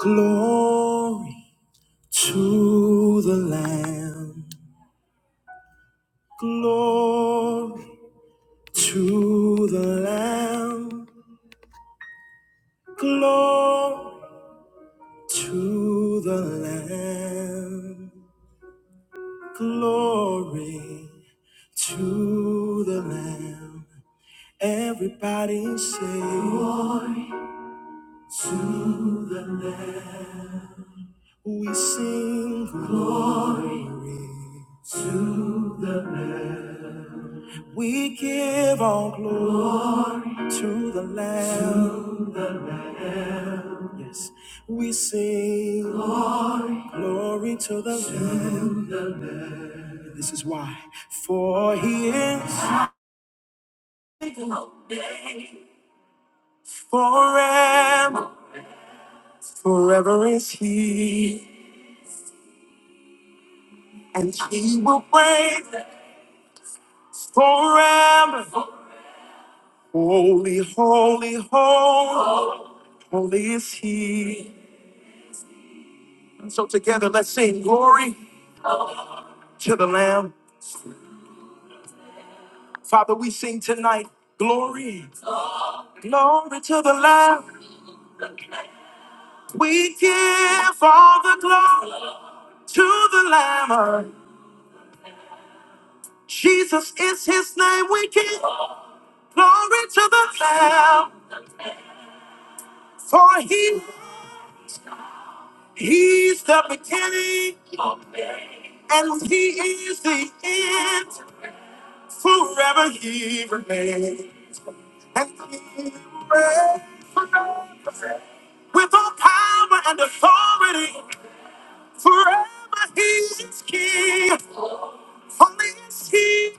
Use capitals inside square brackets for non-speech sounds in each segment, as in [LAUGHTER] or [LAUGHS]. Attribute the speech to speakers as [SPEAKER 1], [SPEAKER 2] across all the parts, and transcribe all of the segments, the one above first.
[SPEAKER 1] Glory to the Lamb. Glory to the Lamb. Glory to the Lamb. Glory to the Lamb. Everybody say, Glory to the Lamb. We sing glory to. We give all glory to the Lamb. Yes, we sing glory, glory to the Lamb. This is why, for He is forever, forever is He, and He will reign forever. Holy, holy, holy, holy is He. So together, let's sing glory to the Lamb. Father, we sing tonight, glory, glory to the Lamb. We give all the glory to the Lamb. Jesus is his name. We give glory to the Lamb. For he, he's the beginning and he is the end. Forever he remains. And he reigns with all power and authority. Forever he is king. Holy is He,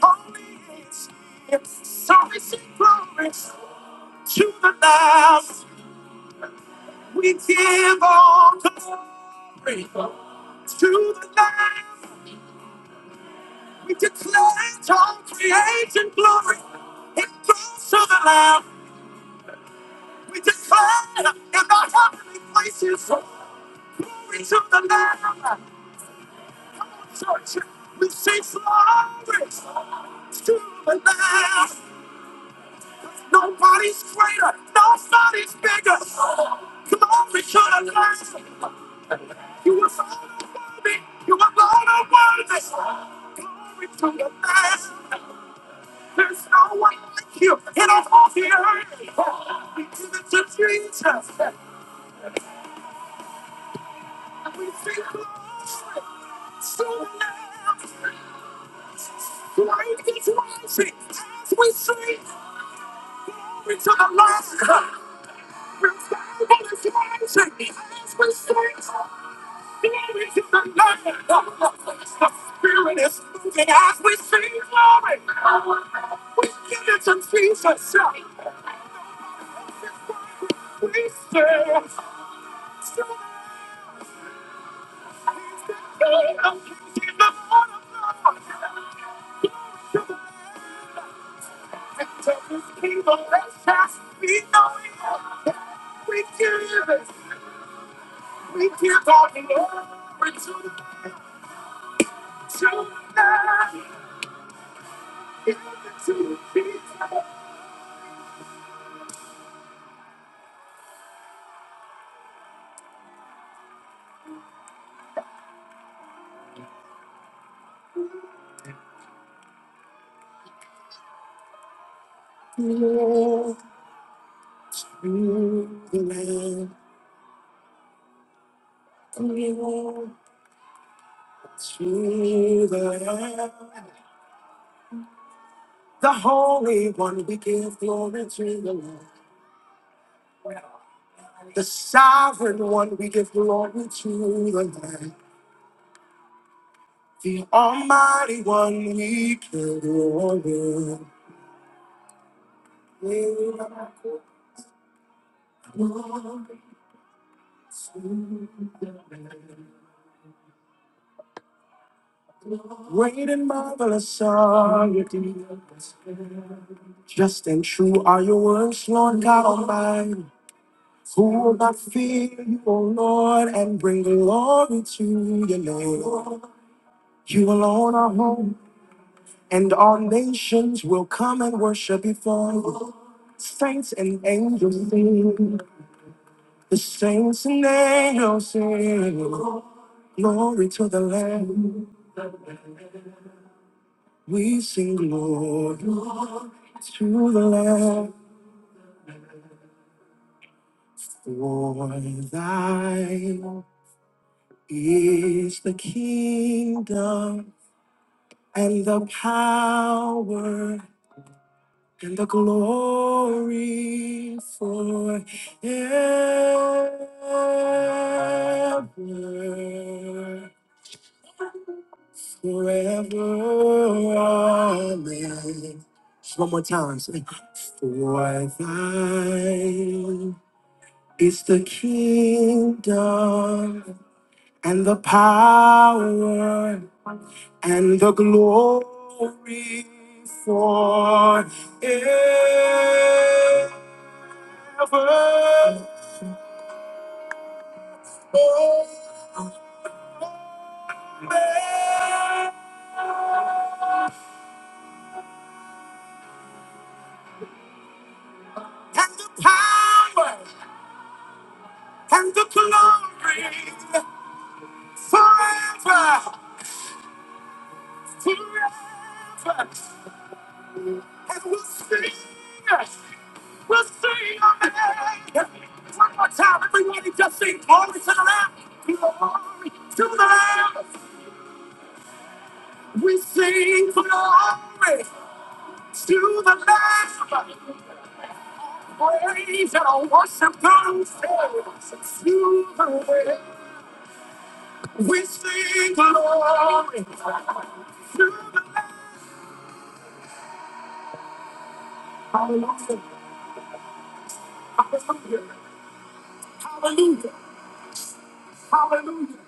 [SPEAKER 1] holy is He. Service and glory to the Lamb. We give all glory to the Lamb. We declare it all creation glory. It goes to the Lamb. We declare in the heavenly places. Glory to the Lamb. Church, we say glory to the Lamb. Nobody's greater. Nobody's bigger. Come on, we should have learned. You were born worthy. You were born worthy. Glory to your name. There's no one like you in all of the earth. We give it to Jesus. And we sing glory to the Lamb. Great is mercy as we sing. Glory to the Lamb. Revival is rising as we sing. Glory to the Lamb. The Spirit is moving as we sing glory. We give it to Jesus. We serve. He's in the heart of God. To his kingdom, let's pass. We know it. We give it. We give our glory to the children. Give it to Jesus. through The land, land, the land. the Holy One, we give glory to the Lord. The Sovereign One, we give glory to the Lord. The Almighty One, we give glory. Great and marvelous are your deeds. Just and true are your words, Lord God Almighty. Who will not fear you, O Lord, and bring glory to your name? You alone are home, and all nations will come and worship before you. Saints and angels sing, the saints and angels sing. Glory to the Lamb, we sing glory to the Lamb. For thine is the kingdom and the power and the glory forever, forever. Amen. Just One more time, say, for thine is the kingdom and the power and the glory for ever. And the power and the glory forever, forever. And we'll sing. Yes. We'll sing on the land. One more time, everybody just sing glory to the Lamb. Glory to the Lamb. We sing glory to the Lamb. Praise and worship God to the Lamb. We sing glory to the Lamb. Hallelujah. Hallelujah. Hallelujah. Hallelujah.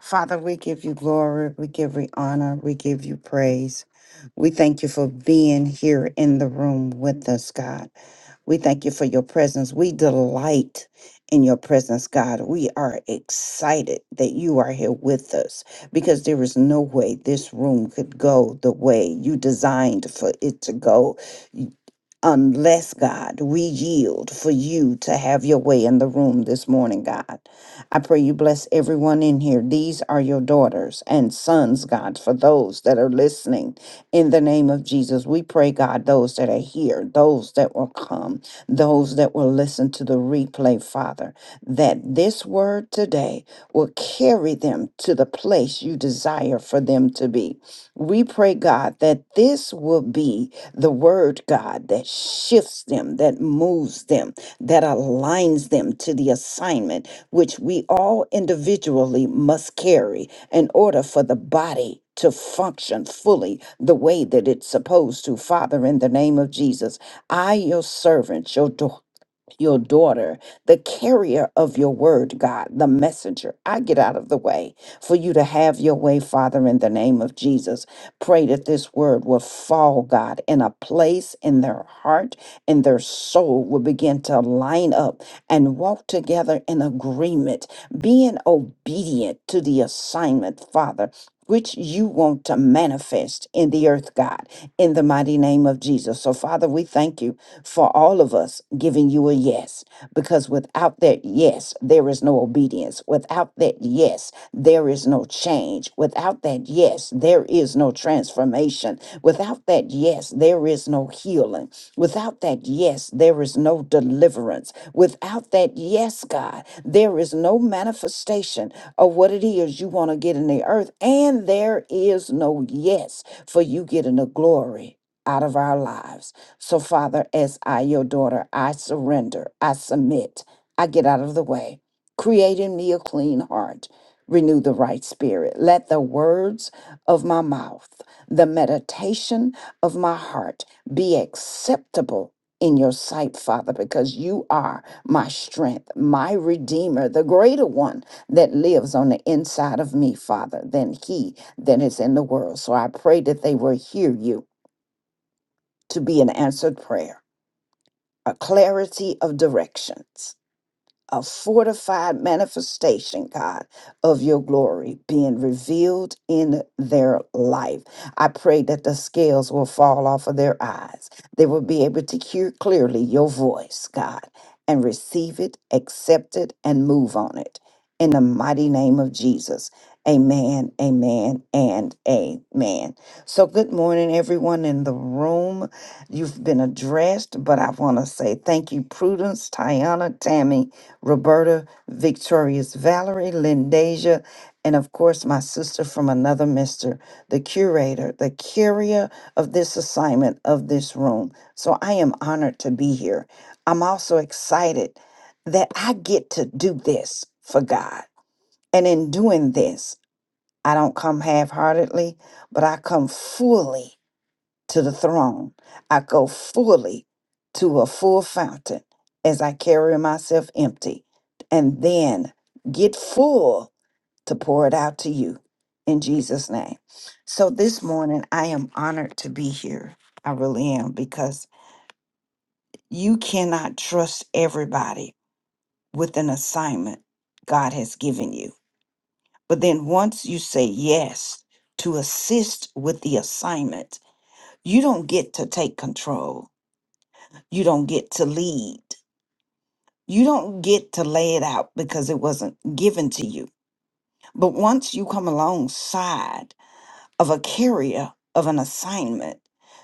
[SPEAKER 1] Father, we give you glory, we give you honor, we give you praise. We thank you for being here in the room with us, God. We thank you for your presence. We delight in your presence, God. We are excited that you are here with us because there is no way this room could go the way you designed for it to go unless God we yield for you to have your way in the room this morning, God. I pray you bless everyone in here. These are your daughters and sons, God, for those that are listening in the name of Jesus. We pray, God, those that are here, those that will come, those that will listen to the replay, Father, that this word today will carry them to the place you desire for them to be. We pray, God, that this will be the word, God, that shifts them, that moves them, that aligns them to the assignment which we all individually must carry in order for the body to function fully the way that it's supposed to. Father, in the name of Jesus, I, your servant, your daughter, your daughter, the carrier of your word, God, the messenger. I get out of the way for you to have your way, Father, in the name of Jesus. Pray that this word will fall, God, in a place in their heart and their soul will begin to line up and walk together in agreement, being obedient to the assignment, Father which you want to manifest in the earth, God, in the mighty name of Jesus. So, Father, we thank you for all of us giving you a yes, because without that yes, there is no obedience. Without that yes, there is no change. Without that yes, there is no transformation. Without that yes, there is no healing. Without that yes, there is no deliverance. Without that yes, God, there is no manifestation of what it is you want to get in the earth. And there is no yes for you getting the glory out of our lives. So, Father, as I, your daughter, I surrender, I submit, I get out of the way. Create in me a clean heart. Renew the right spirit. Let the words of my mouth, the meditation of my heart, be acceptable in your sight, Father, because you are my strength, my Redeemer, the greater one that lives on the inside of me, Father, than he that is in the world. So I pray that they will hear you to be an answered prayer, a clarity of directions a fortified manifestation, God, of your glory being revealed in their life. I pray that the scales will fall off of their eyes. They will be able to hear clearly your voice, God, and receive it, accept it, and move on it. In the mighty name of Jesus. Amen, amen, and amen. So, good morning, everyone in the room. You've been addressed, but I want to say thank you, Prudence, Tiana, Tammy, Roberta, Victorious Valerie, Lindasia, and of course, my sister from another mister, the curator, the carrier of this assignment of this room. So I am honored to be here. I'm also excited that I get to do this for God. And in doing this, I don't come half heartedly, but I come fully to the throne. I go fully to a full fountain as I carry myself empty and then get full to pour it out to you in Jesus' name. So this morning, I am honored to be here. I really am because you cannot trust everybody with an assignment God has given you. But then once you say yes to assist with the assignment, you don't get to take control You don't get to lead. You don't get to lay it out because it wasn't given to you. But once you come alongside of a carrier of an assignment,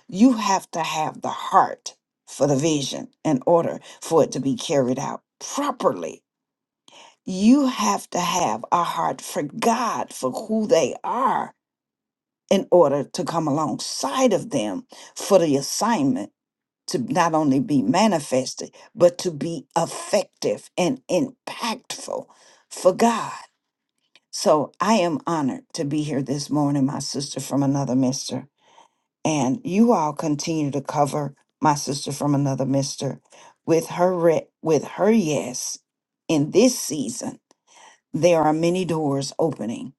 [SPEAKER 1] you have to have the heart for the vision in order for it to be carried out properly. You have to have a heart for God, for who they are, in order to come alongside of them for the assignment to not only be manifested, but to be effective and impactful for God. So I am honored to be here this morning, my sister from another mister. And you all continue to cover my sister from another mister with her re- with her yes in this season. There are many doors opening,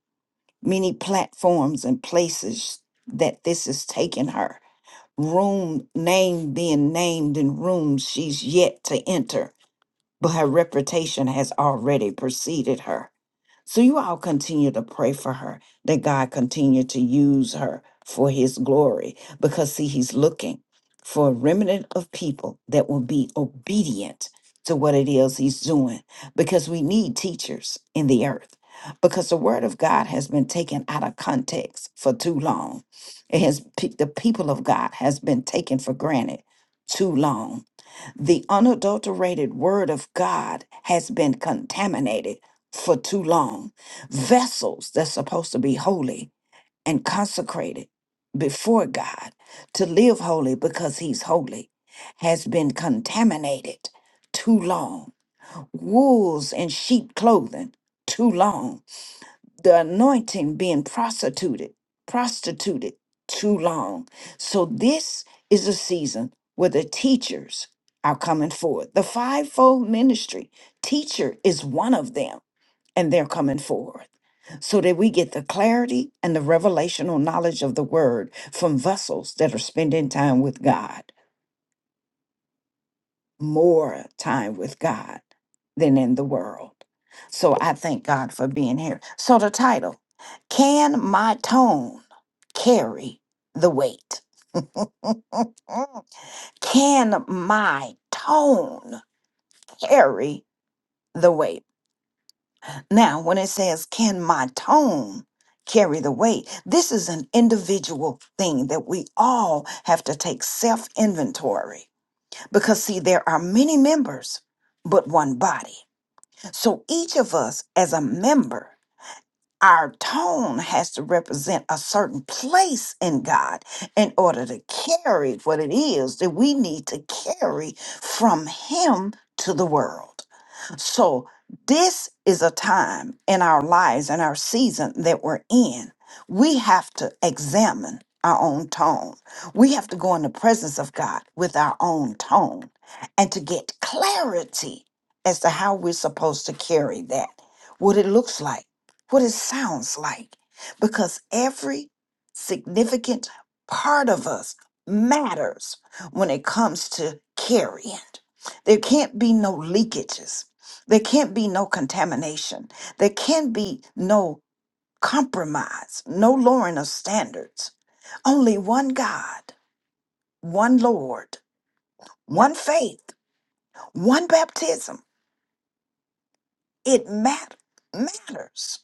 [SPEAKER 1] many platforms and places that this has taken her room name being named in rooms she's yet to enter, but her reputation has already preceded her. So you all continue to pray for her that God continue to use her for his glory because see he's looking for a remnant of people that will be obedient to what it is he's doing because we need teachers in the earth because the word of God has been taken out of context for too long. It has pe- the people of God has been taken for granted too long the unadulterated word of God has been contaminated for too long. Vessels that's supposed to be holy and consecrated before God to live holy because he's holy has been contaminated too long. Wolves in sheep clothing too long the anointing being prostituted, prostituted too long. So this is a season where the teachers are coming forward. The fivefold ministry teacher is one of them, and they're coming forward. So that we get the clarity and the revelational knowledge of the word from vessels that are spending time with God more time with God than in the world. So I thank God for being here. So the title, Can My Tone Carry the Weight? [LAUGHS] Can my tone carry the weight? Now, when it says, Can my tone carry the weight? This is an individual thing that we all have to take self inventory because, see, there are many members, but one body. So each of us as a member, our tone has to represent a certain place in God in order to carry what it is that we need to carry from Him to the world. So, this is a time in our lives and our season that we're in. We have to examine our own tone. We have to go in the presence of God with our own tone and to get clarity as to how we're supposed to carry that, what it looks like, what it sounds like, because every significant part of us matters when it comes to carrying. There can't be no leakages. There can't be no contamination. There can't be no compromise, no lowering of standards. Only one God, one Lord, one faith, one baptism. It mat matters.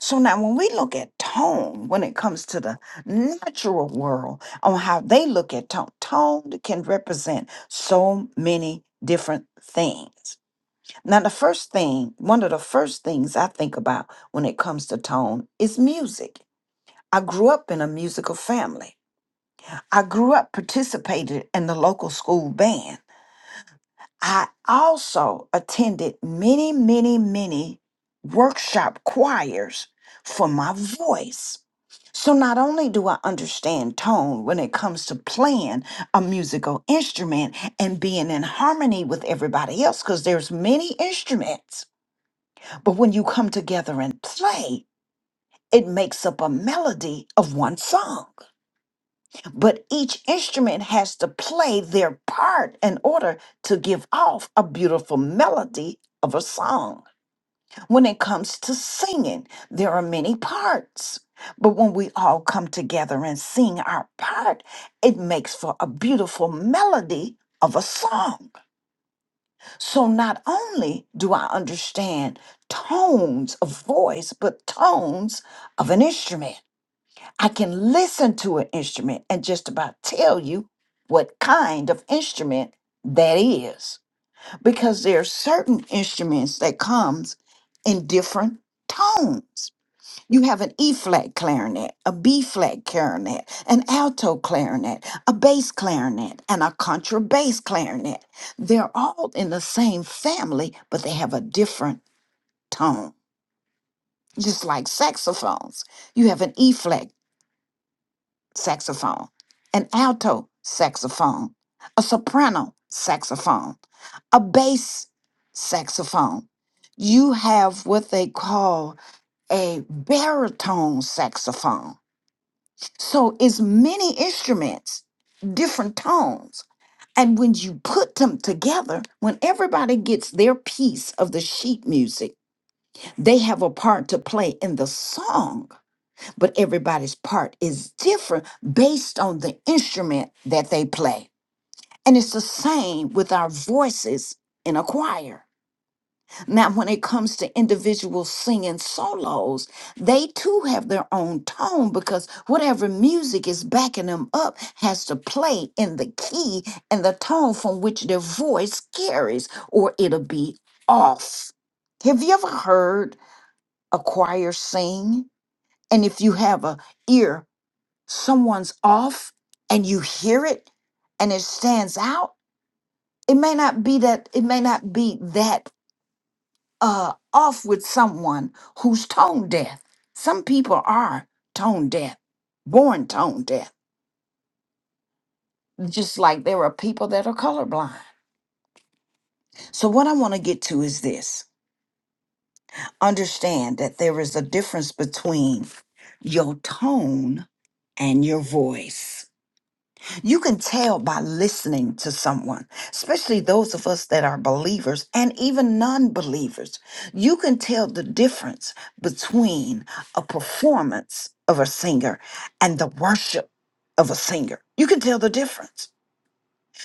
[SPEAKER 1] So now, when we look at tone, when it comes to the natural world, on how they look at tone, tone can represent so many different things. Now, the first thing, one of the first things I think about when it comes to tone is music. I grew up in a musical family. I grew up participated in the local school band. I also attended many, many, many workshop choirs for my voice. So not only do I understand tone when it comes to playing a musical instrument and being in harmony with everybody else, because there's many instruments, but when you come together and play, it makes up a melody of one song. But each instrument has to play their part in order to give off a beautiful melody of a song. When it comes to singing, there are many parts. But when we all come together and sing our part, it makes for a beautiful melody of a song. So not only do I understand tones of voice, but tones of an instrument. I can listen to an instrument and just about tell you what kind of instrument that is because there are certain instruments that comes in different tones you have an E flat clarinet, a B flat clarinet, an alto clarinet, a bass clarinet, and a contrabass clarinet. They're all in the same family, but they have a different tone. Just like saxophones, you have an E flat saxophone, an alto saxophone, a soprano saxophone, a bass saxophone. You have what they call a baritone saxophone So it's many instruments, different tones. And when you put them together, when everybody gets their piece of the sheet music, they have a part to play in the song, but everybody's part is different based on the instrument that they play. And it's the same with our voices in a choir. Now, when it comes to individuals singing solos, they too have their own tone because whatever music is backing them up has to play in the key and the tone from which their voice carries, or it'll be off. Have you ever heard a choir sing? And if you have a ear, someone's off and you hear it and it stands out, it may not be that, it may not be that uh, off with someone who's tone deaf. Some people are tone deaf, born tone deaf, just like there are people that are colorblind. So, what I want to get to is this understand that there is a difference between your tone and your voice. You can tell by listening to someone, especially those of us that are believers and even non believers. You can tell the difference between a performance of a singer and the worship of a singer. You can tell the difference.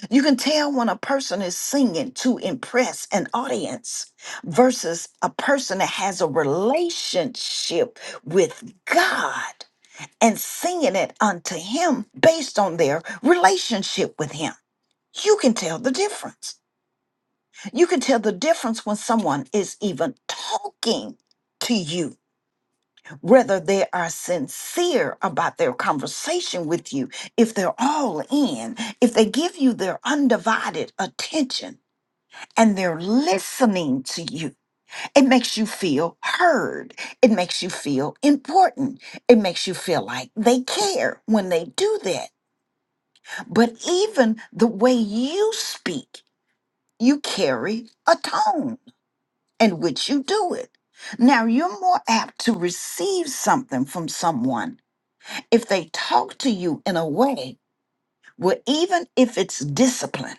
[SPEAKER 1] You can tell when a person is singing to impress an audience versus a person that has a relationship with God and singing it unto him based on their relationship with him. You can tell the difference. You can tell the difference when someone is even talking to you, whether they are sincere about their conversation with you, if they're all in, if they give you their undivided attention and they're listening to you. It makes you feel heard. It makes you feel important. It makes you feel like they care when they do that But even the way you speak, you carry a tone in which you do it. Now, you're more apt to receive something from someone if they talk to you in a way where, even if it's discipline,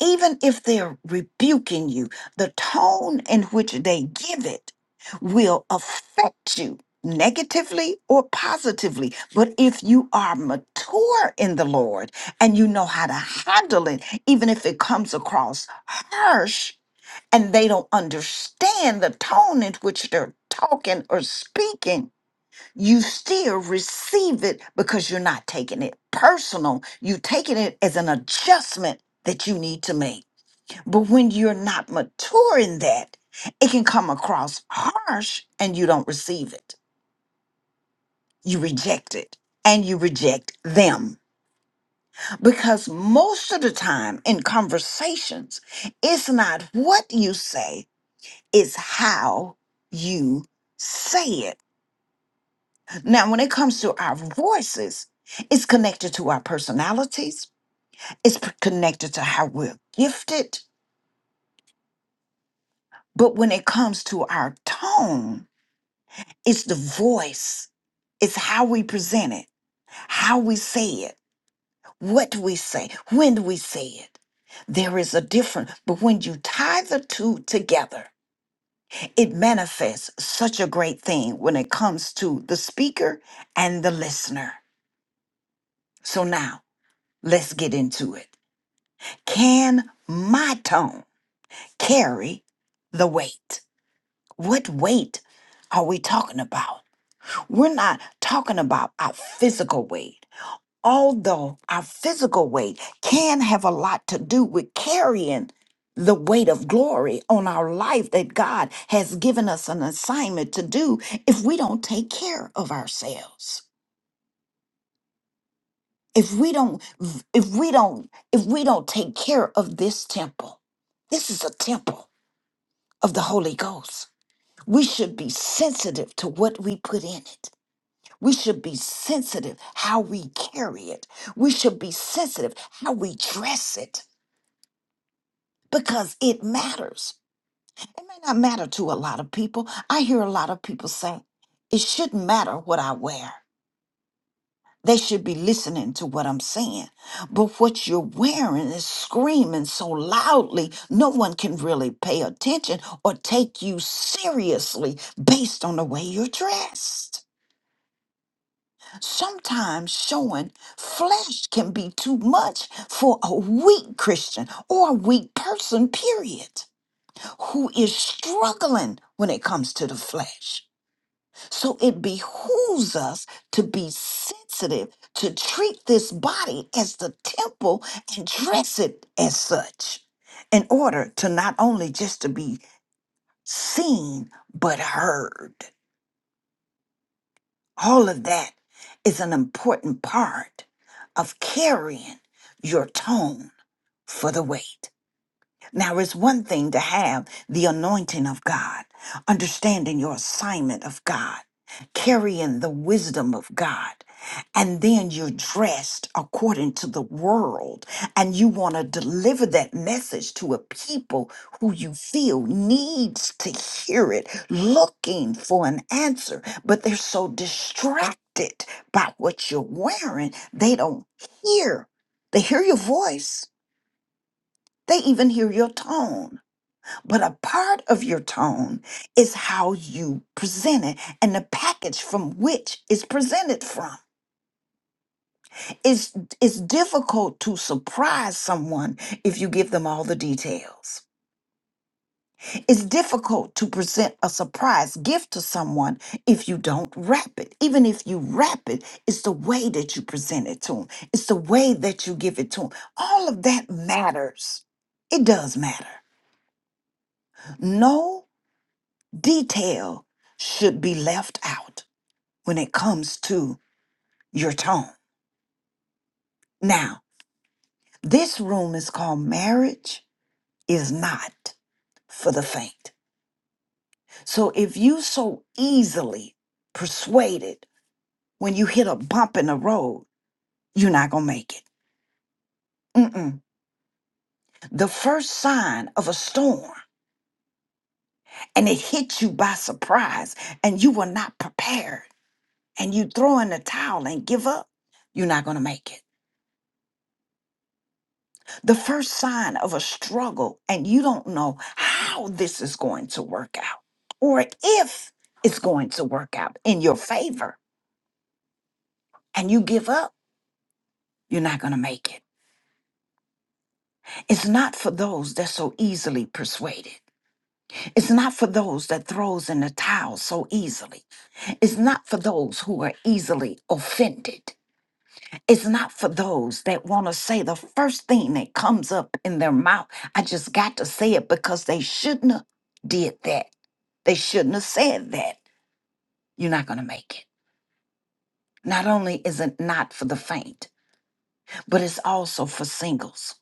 [SPEAKER 1] even if they're rebuking you, the tone in which they give it will affect you negatively or positively. But if you are mature in the Lord and you know how to handle it, even if it comes across harsh and they don't understand the tone in which they're talking or speaking, you still receive it because you're not taking it personal. You're taking it as an adjustment that you need to make. But when you're not mature in that, it can come across harsh and you don't receive it. You reject it and you reject them. Because most of the time in conversations, it's not what you say, it's how you say it. Now, when it comes to our voices, it's connected to our personalities, it's p- connected to how we're gifted. But when it comes to our tone, It's the voice. It's how we present it, how we say it, what do we say, when do we say it. There is a difference, but when you tie the two together, it manifests such a great thing when it comes to the speaker and the listener. So now let's get into it. Can my tone carry the weight? What weight are we talking about? We're not talking about our physical weight. although our physical weight can have a lot to do with carrying the weight of glory on our life that God has given us an assignment to do if we don't take care of ourselves. If we don't if we don't if we don't take care of this temple. This is a temple of the Holy Ghost. We should be sensitive to what we put in it. We should be sensitive how we carry it. We should be sensitive how we dress it. because it matters. It may not matter to a lot of people. I hear a lot of people say, it shouldn't matter what I wear. They should be listening to what I'm saying. But what you're wearing is screaming so loudly, no one can really pay attention or take you seriously based on the way you're dressed. Sometimes showing flesh can be too much for a weak Christian or a weak person, period. who is struggling when it comes to the flesh. So it behooves us to be sensitive, to treat this body as the temple and dress it as such in order to not only just to be seen, but heard. All of that is an important part of carrying your tone for the weight. Now, it's one thing to have the anointing of God, understanding your assignment of God, carrying the wisdom of God, and then you're dressed according to the world, and you want to deliver that message to a people who you feel needs to hear it, looking for an answer, but they're so distracted by what you're wearing, they don't hear. They hear your voice, they even hear your tone but a part of your tone is how you present it and the package from which it's presented from. It's, it's difficult to surprise someone if you give them all the details. It's difficult to present a surprise gift to someone if you don't wrap it. Even if you wrap it, it's the way that you present it to them, it's the way that you give it to them. All of that matters. It does matter. No Detail should be left out when it comes to your tone. Now, this room is called Marriage is Not for the Faint. So if you so easily persuaded when you hit a bump in the road, you're not going to make it. Mm-mm. The first sign of a storm, and it hits you by surprise, and you were not prepared, and you throw in the towel and give up, you're not going to make it. the first sign of a struggle and you don't know how this is going to work out or if it's going to work out in your favor and you give up, you're not going to make it. It's not for those that so easily persuaded. It's not for those that throws in the towel so easily. It's not for those who are easily offended. It's not for those that want to say the first thing that comes up in their mouth. I just got to say it because they shouldn't have did that They shouldn't have said that. You're not going to make it. Not only is it not for the faint, but it's also for singles.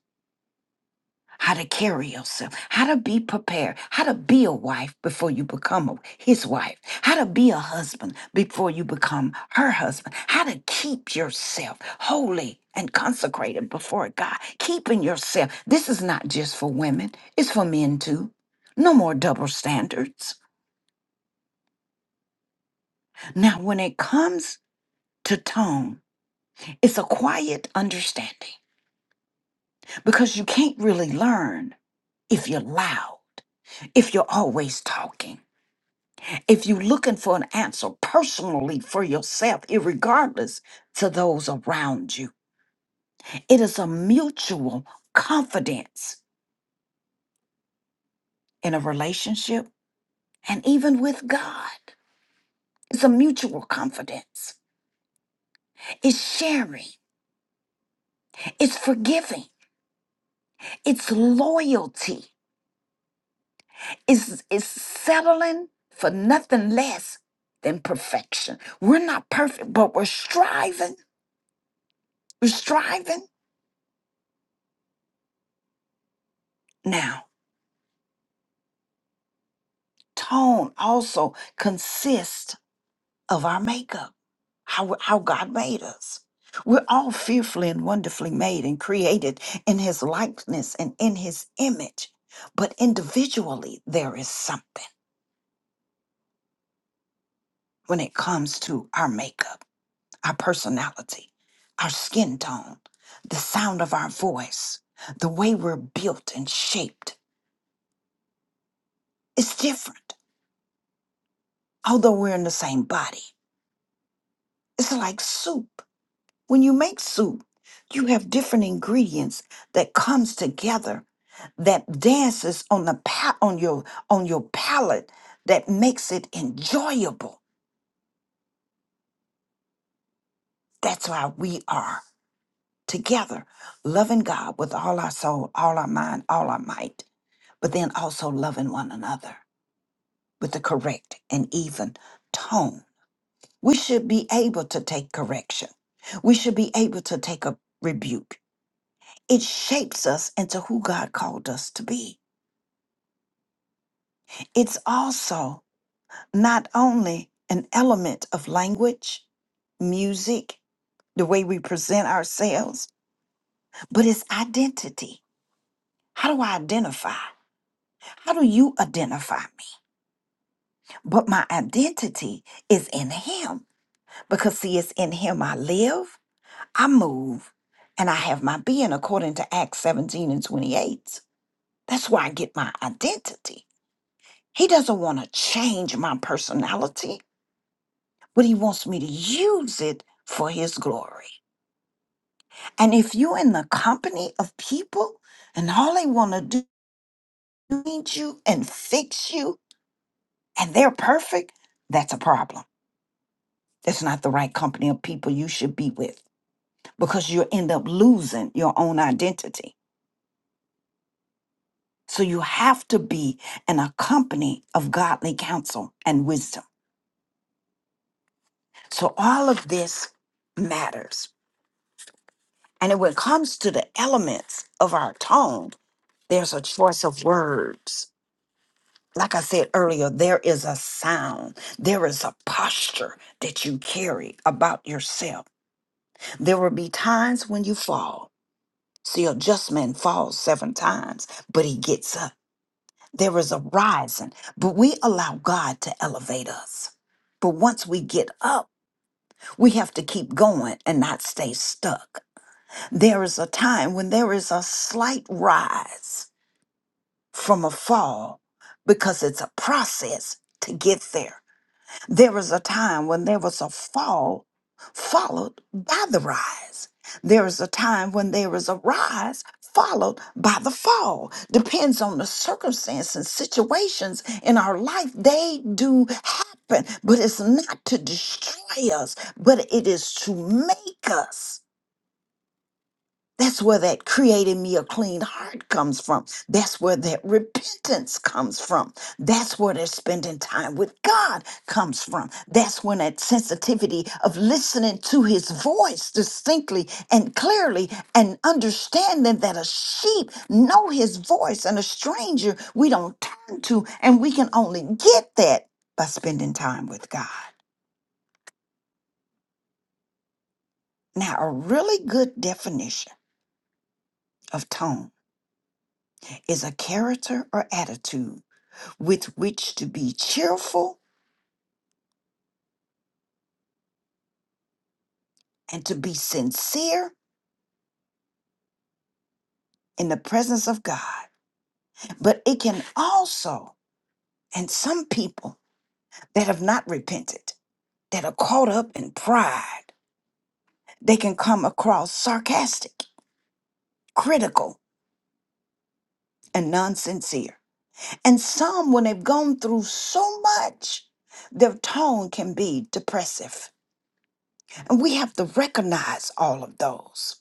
[SPEAKER 1] How to carry yourself, how to be prepared, how to be a wife before you become a, his wife, how to be a husband before you become her husband, how to keep yourself holy and consecrated before God. Keeping yourself. This is not just for women, it's for men too. No more double standards. Now, when it comes to tone, It's a quiet understanding because you can't really learn if you're loud, if you're always talking, if you're looking for an answer personally for yourself, irregardless to those around you. It is a mutual confidence in a relationship and even with God. It's a mutual confidence. It's sharing. It's forgiving. It's loyalty. is is settling for nothing less than perfection. We're not perfect, but we're striving. We're striving. Now, tone also consists of our makeup, how how God made us. We're all fearfully and wonderfully made and created in his likeness and in his image. But individually, there is something when it comes to our makeup. our personality, our skin tone, the sound of our voice, the way we're built and shaped. It's different, although we're in the same body. It's like soup. When you make soup, you have different ingredients that comes together that dances on the pa- on your on your palate that makes it enjoyable. That's why we are together, loving God with all our soul, all our mind, all our might but then also loving one another with the correct and even tone. We should be able to take correction. We should be able to take a rebuke. It shapes us into who God called us to be. It's also not only an element of language, music, the way we present ourselves, but it's identity. How do I identify? How do you identify me? But my identity is in Him. Because, see, it's in Him I live, I move, and I have my being, according to Acts 17 and 28. That's where I get my identity. He doesn't want to change my personality, but He wants me to use it for His glory. And if you're in the company of people and all they want to do is change you and fix you, and they're perfect, that's a problem. That's not the right company of people you should be with because you end up losing your own identity. So you have to be in a company of godly counsel and wisdom. So all of this matters. And when it comes to the elements of our tone, there's a choice of words. Like I said earlier, there is a sound, there is a posture that you carry about yourself. There will be times when you fall. See, a just man falls seven times, but he gets up. There is a rising, but we allow God to elevate us. But once we get up, we have to keep going and not stay stuck. There is a time when there is a slight rise from a fall because it's a process to get there. There is a time when there was a fall followed by the rise. There is a time when there is a rise followed by the fall. Depends on the circumstance and situations in our life. They do happen, but it's not to destroy us, but it is to make us. That's where that creating me a clean heart comes from. That's where that repentance comes from. That's where that spending time with God comes from. That's when that sensitivity of listening to his voice distinctly and clearly and understanding that a sheep know his voice and a stranger we don't turn to and we can only get that by spending time with God. Now, a really good definition of tone is a character or attitude with which to be cheerful and to be sincere in the presence of God. But it can also, and some people that have not repented, that are caught up in pride, they can come across sarcastic, critical, and non sincere. And some, when they've gone through so much, their tone can be depressive. And we have to recognize all of those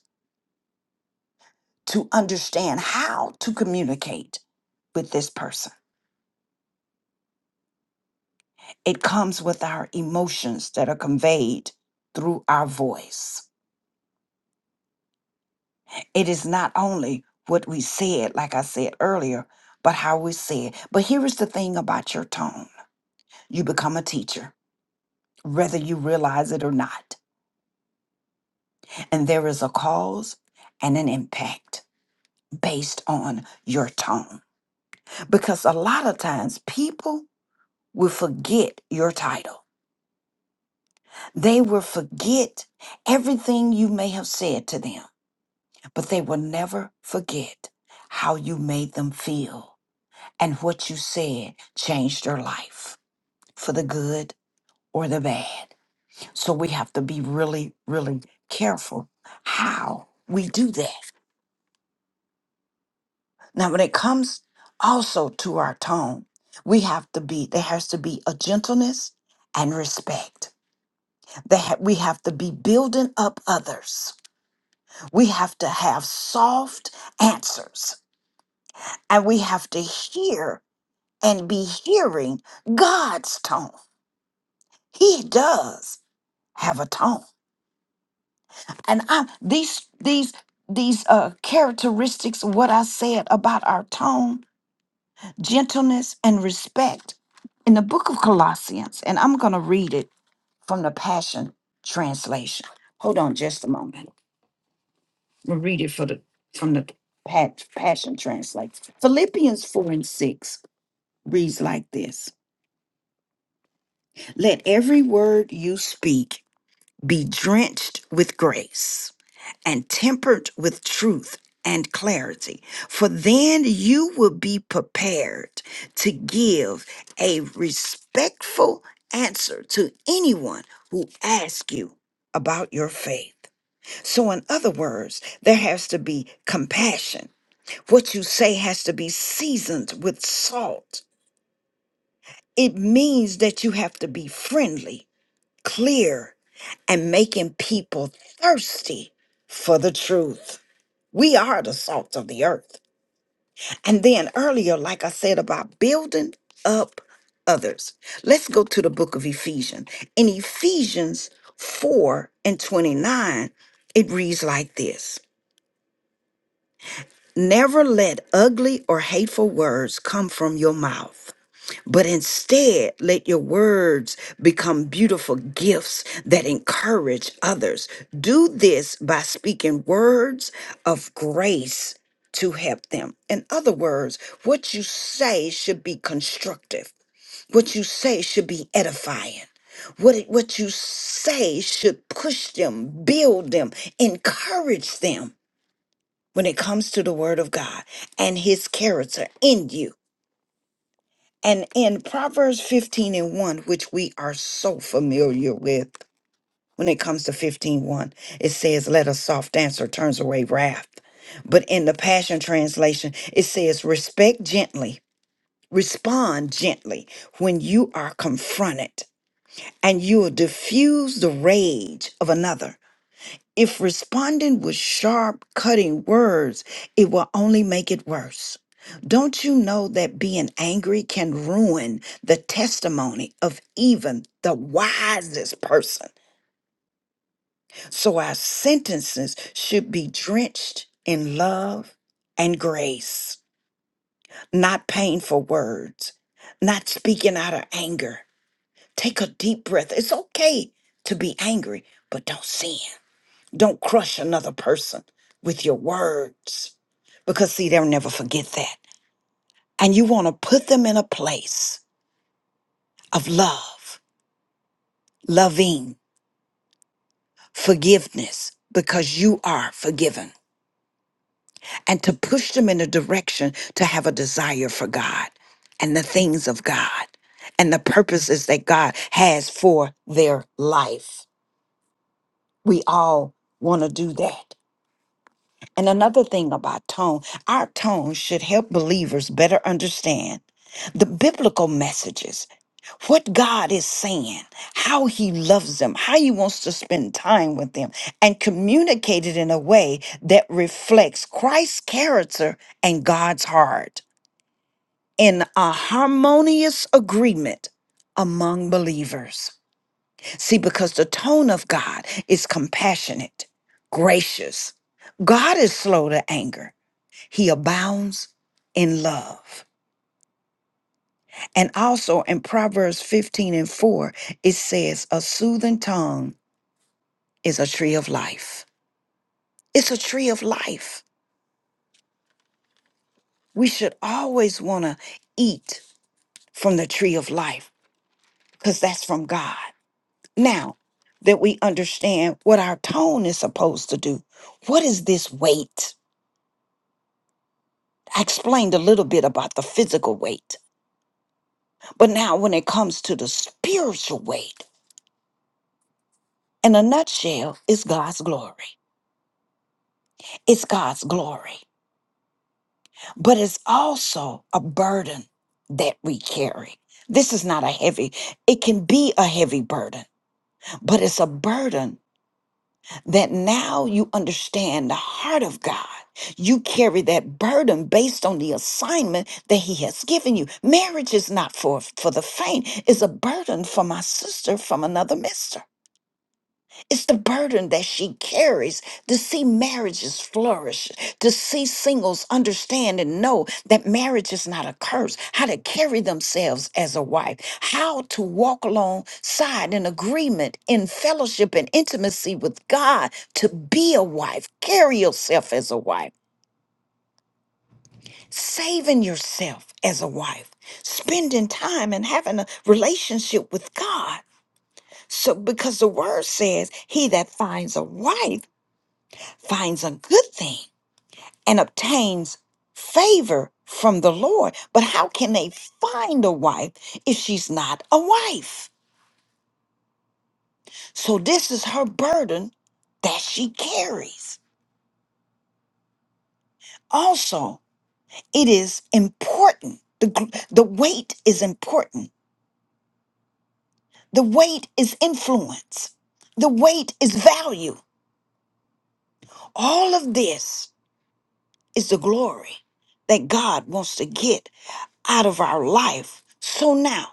[SPEAKER 1] to understand how to communicate with this person. It comes with our emotions that are conveyed through our voice. It is not only what we said, like I said earlier, but how we say it. But here is the thing about your tone you become a teacher, whether you realize it or not. And there is a cause and an impact based on your tone. Because a lot of times people will forget your title, they will forget everything you may have said to them but they will never forget how you made them feel and what you said changed their life for the good or the bad. So we have to be really, really careful how we do that. Now, when it comes also to our tone, we have to be, there has to be a gentleness and respect. That we have to be building up others. We have to have soft answers and we have to hear and be hearing God's tone. He does have a tone. And I'm these these these uh characteristics what I said about our tone, gentleness and respect in the book of Colossians and I'm going to read it from the Passion translation. Hold on just a moment. We'll read it for the from the Pa- Passion translation. Philippians 4 and 6 reads like this. Let every word you speak be drenched with grace and tempered with truth and clarity, for then you will be prepared to give a respectful answer to anyone who asks you about your faith. So, in other words, there has to be compassion. What you say has to be seasoned with salt. It means that you have to be friendly clear and making people thirsty for the truth. We are the salt of the earth. And then earlier, like I said about building up others, let's go to the book of Ephesians. In Ephesians 4 and 29, it reads like this Never let ugly or hateful words come from your mouth But instead, let your words become beautiful gifts that encourage others. Do this by speaking words of grace to help them. In other words, what you say should be constructive. What you say should be edifying. What, it- what you say should push them, build them, encourage them when it comes to the Word of God and His character in you. And in Proverbs 15 and 1, which we are so familiar with when it comes to fifteen one, it says, Let a soft answer turns away wrath. But in the Passion Translation, it says, Respect gently, respond gently when you are confronted, and you will diffuse the rage of another if responding with sharp, cutting words, it will only make it worse. Don't you know that being angry can ruin the testimony of even the wisest person? So our sentences should be drenched in love and grace, not painful words, not speaking out of anger. Take a deep breath. It's okay to be angry, but don't sin. Don't crush another person with your words because, see, they'll never forget that. And you want to put them in a place of love, loving, forgiveness because you are forgiven, and to push them in a direction to have a desire for God and the things of God and the purposes that God has for their life. We all want to do that. And another thing about tone, our tone should help believers better understand the biblical messages, what God is saying, how He loves them, how He wants to spend time with them, and communicate it in a way that reflects Christ's character and God's heart in a harmonious agreement among believers. See, because the tone of God is compassionate, gracious, God is slow to anger. He abounds in love. And also in Proverbs 15 and 4, it says, A soothing tongue is a tree of life. It's a tree of life. We should always want to eat from the tree of life because that's from God. Now that we understand what our tone is supposed to do, what is this weight? I explained a little bit about the physical weight, but now when it comes to the spiritual weight, In a nutshell, it's God's glory. It's God's glory, but it's also a burden that we carry. This is not a heavy, it can be a heavy burden, but it's a burden that now you understand the heart of God. You carry that burden based on the assignment that He has given you. Marriage is not for, for the faint, it's a burden for my sister from another mister. It's the burden that she carries to see marriages flourish, to see singles understand and know that marriage is not a curse, how to carry themselves as a wife, how to walk alongside in agreement, in fellowship and intimacy with God, to be a wife, carry yourself as a wife, saving yourself as a wife, spending time and having a relationship with God. So, because the word says, He that finds a wife finds a good thing and obtains favor from the Lord. But how can they find a wife if she's not a wife? So this is her burden that she carries. Also, it is important. The, gr- the weight is important. The weight is influence. The weight is value. All of this is the glory that God wants to get out of our life. So now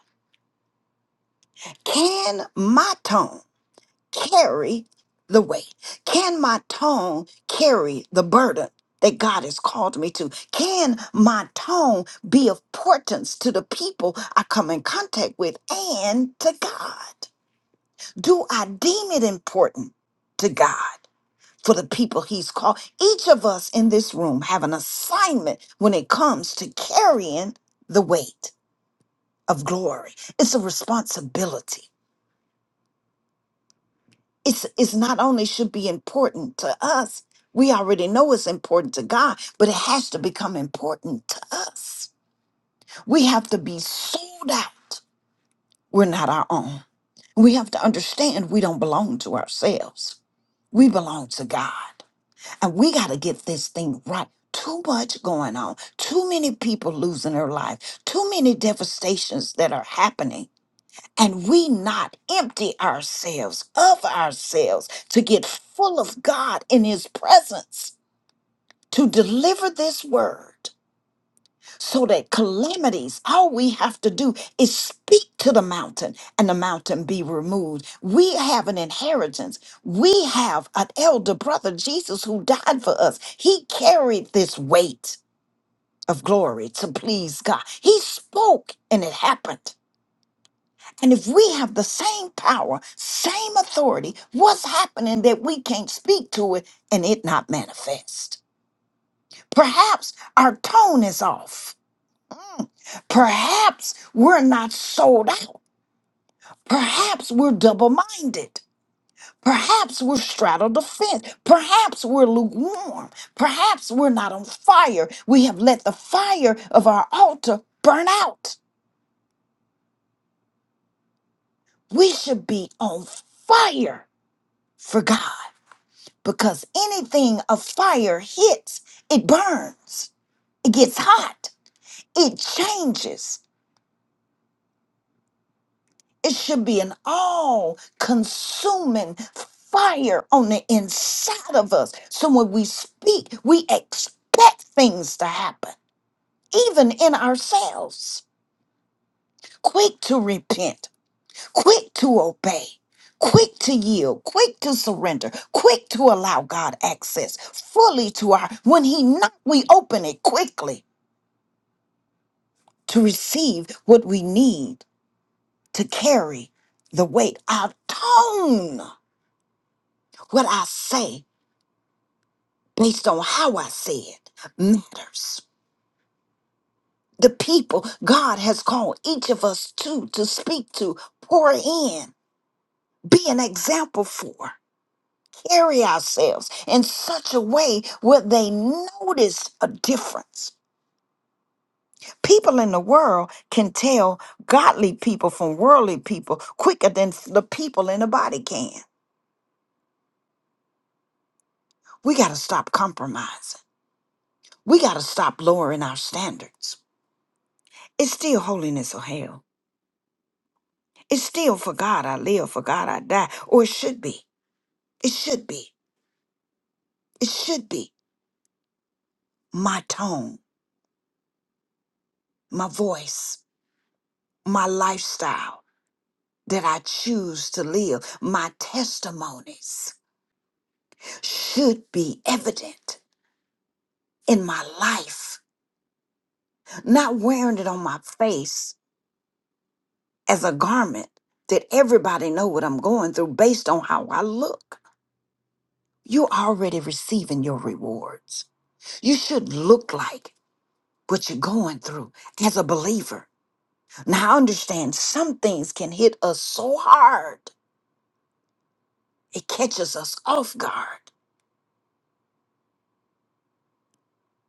[SPEAKER 1] Can my tongue carry the weight? Can my tongue carry the burden that God has called me to? Can my tongue be of importance to the people I come in contact with and to God? Do I deem it important to God? For the people he's called. Each of us in this room have an assignment when it comes to carrying the weight of glory. It's a responsibility. it's it's not only should be important to us we already know it's important to god but it has to become important to us we have to be sold out we're not our own we have to understand we don't belong to ourselves we belong to god and we got to get this thing right too much going on too many people losing their life too many devastations that are happening and we not empty ourselves of ourselves to get full of God in His presence to deliver this word so that calamities, all we have to do is speak to the mountain and the mountain be removed. We have an inheritance. We have an elder brother, Jesus, who died for us. He carried this weight of glory to please God. He spoke and it happened. And if we have the same power, same authority, what's happening that we can't speak to it and it not manifest? Perhaps our tone is off. Perhaps we're not sold out. Perhaps we're double minded. Perhaps we're straddled the fence. Perhaps we're lukewarm. Perhaps we're not on fire. We have let the fire of our altar burn out. We should be on fire for God. because anything a fire hits, it burns, it gets hot, it changes. It should be an all consuming fire on the inside of us. So when we speak, we expect things to happen, even in ourselves. Quick to repent, quick to obey. Quick to yield, quick to surrender, quick to allow God access fully to our. When He knocks, we open it quickly to receive what we need to carry the weight. Our tone, what I say based on how I say it, matters. The people God has called each of us to, to speak to, pour in, be an example for, carry ourselves in such a way where they notice a difference. People in the world can tell godly people from worldly people quicker than the people in the body can. We got to stop compromising. We got to stop lowering our standards. It's still holiness or hell. It's still for God I live, for God I die, or it should be. It should be. It should be my tone, my voice, my lifestyle that I choose to live, my testimonies should be evident in my life, not wearing it on my face as a garment that everybody know what I'm going through based on how I look. You're already receiving your rewards. You should look like what you're going through as a believer. Now, I understand some things can hit us so hard, it catches us off guard,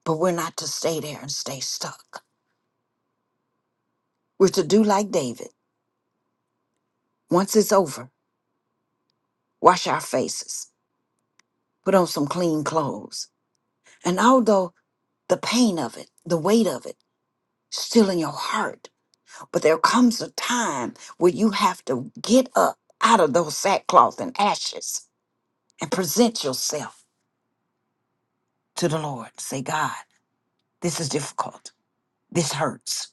[SPEAKER 1] but we're not to stay there and stay stuck. We're to do like David. Once it's over, wash our faces, put on some clean clothes. And although the pain of it, the weight of it, still in your heart, But there comes a time where you have to get up out of those sackcloth and ashes and present yourself to the Lord. Say, God, this is difficult. This hurts.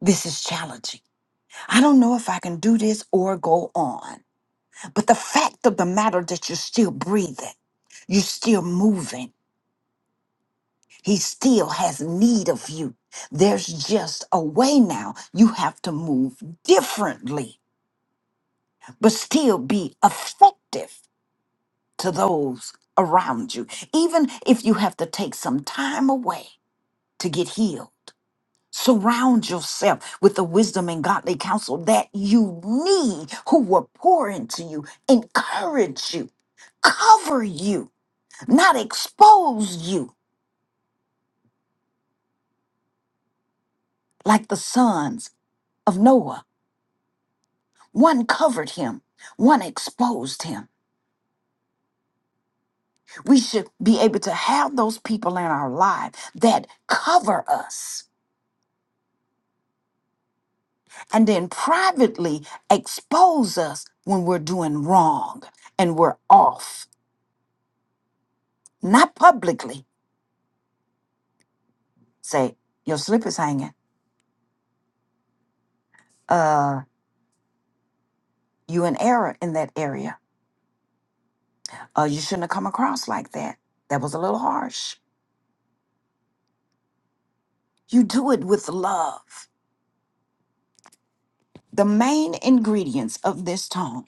[SPEAKER 1] This is challenging. I don't know if I can do this or go on. But the fact of the matter that you're still breathing, you're still moving. He still has need of you. There's just a way now. You have to move differently, but still be effective to those around you. Even if you have to take some time away to get healed, surround yourself with the wisdom and godly counsel that you need, who will pour into you, encourage you, cover you, not expose you like the sons of Noah. One covered him, one exposed him. We should be able to have those people in our life that cover us and then privately expose us when we're doing wrong and we're off. Not publicly say, your slip is hanging. Uh, you in error in that area. Uh, you shouldn't have come across like that. That was a little harsh. You do it with love. The main ingredients of this tongue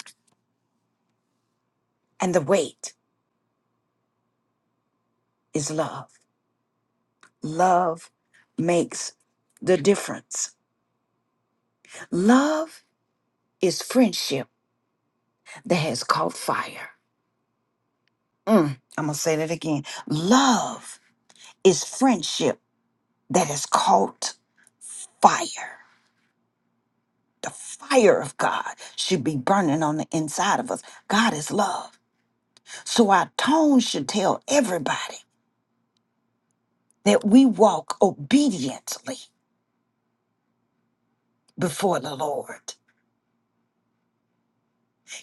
[SPEAKER 1] and the weight is love. Love makes the difference. Love is friendship that has caught fire. Mm, I'm going to say that again. Love is friendship that has caught fire. The fire of God should be burning on the inside of us. God is love. So our tone should tell everybody that we walk obediently before the Lord.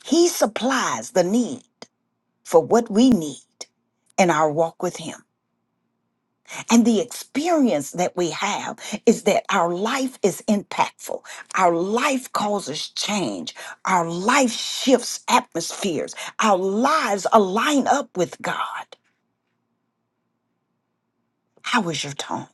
[SPEAKER 1] He supplies the need for what we need in our walk with Him. And the experience that we have is that our life is impactful. Our life causes change. Our life shifts atmospheres. Our lives align up with God. How is your tone?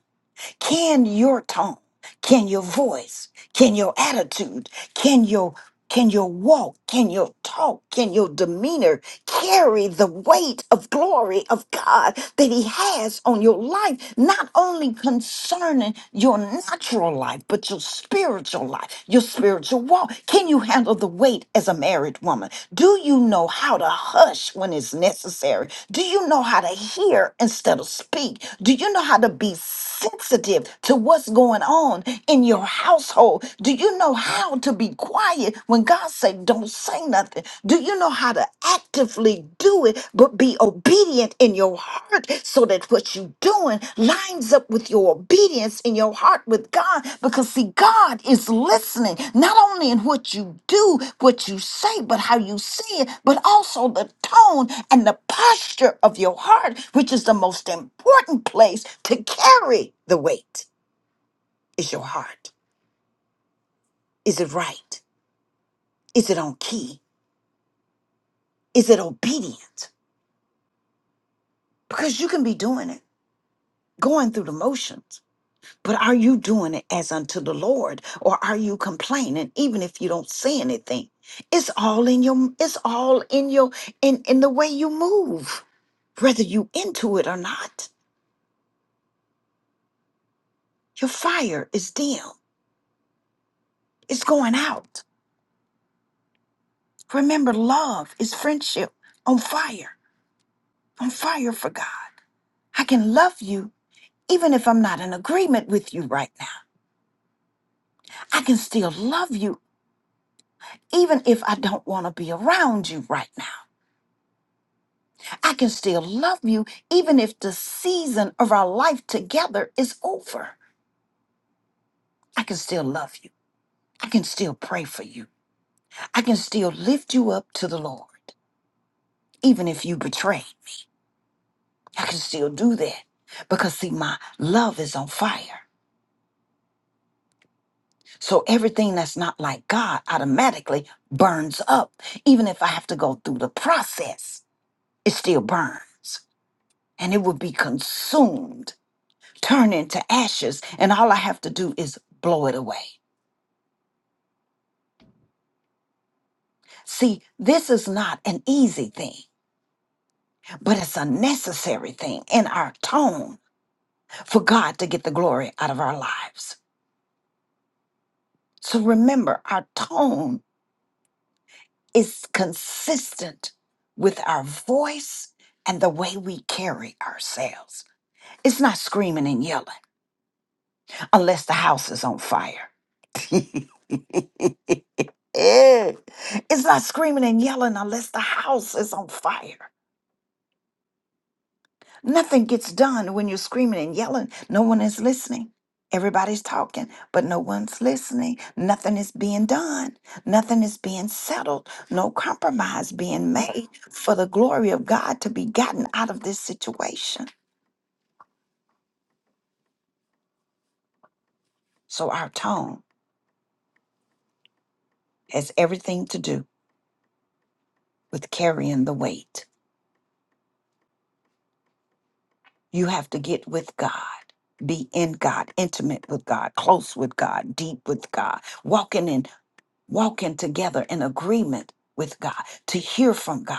[SPEAKER 1] Can your tone, can your voice, can your attitude, can your can your walk, can your talk, can your demeanor carry the weight of glory of God that He has on your life, not only concerning your natural life, but your spiritual life, your spiritual walk? Can you handle the weight as a married woman? Do you know how to hush when it's necessary? Do you know how to hear instead of speak? Do you know how to be sensitive to what's going on in your household? Do you know how to be quiet when God say don't say nothing? Do you know how to actively do it but be obedient in your heart so that what you're doing lines up with your obedience in your heart with God? Because see, God is listening not only in what you do, what you say, but how you say it, but also the tone and the posture of your heart, which is the most important place to carry the weight is your heart. Is it right? Is it on key? Is it obedient? Because you can be doing it, going through the motions. But are you doing it as unto the Lord or are you complaining even if you don't say anything? It's all in your it's all in your in in the way you move. Whether you into it or not, your fire is dim. It's going out. Remember love is friendship on fire. On fire for God. I can love you even if I'm not in agreement with you right now. I can still love you even if I don't want to be around you right now. I can still love you even if the season of our life together is over. I can still love you. I can still pray for you. I can still lift you up to the Lord even if you betrayed me. I can still do that because see my love is on fire. So everything that's not like God automatically burns up even if I have to go through the process. It still burns. and it will be consumed, turn into ashes, and all I have to do is blow it away. See, this is not an easy thing, but it's a necessary thing in our tone for God to get the glory out of our lives. So remember, our tone is consistent with our voice and the way we carry ourselves. It's not screaming and yelling unless the house is on fire. [LAUGHS] Eh, It's not screaming and yelling unless the house is on fire. Nothing gets done when you're screaming and yelling. No one is listening. Everybody's talking, but no one's listening. Nothing is being done. Nothing is being settled. No compromise being made for the glory of God to be gotten out of this situation. So our tone has everything to do with carrying the weight. You have to get with God, be in God, intimate with God, close with God, deep with God, walking in, walking together in agreement with God, to hear from God.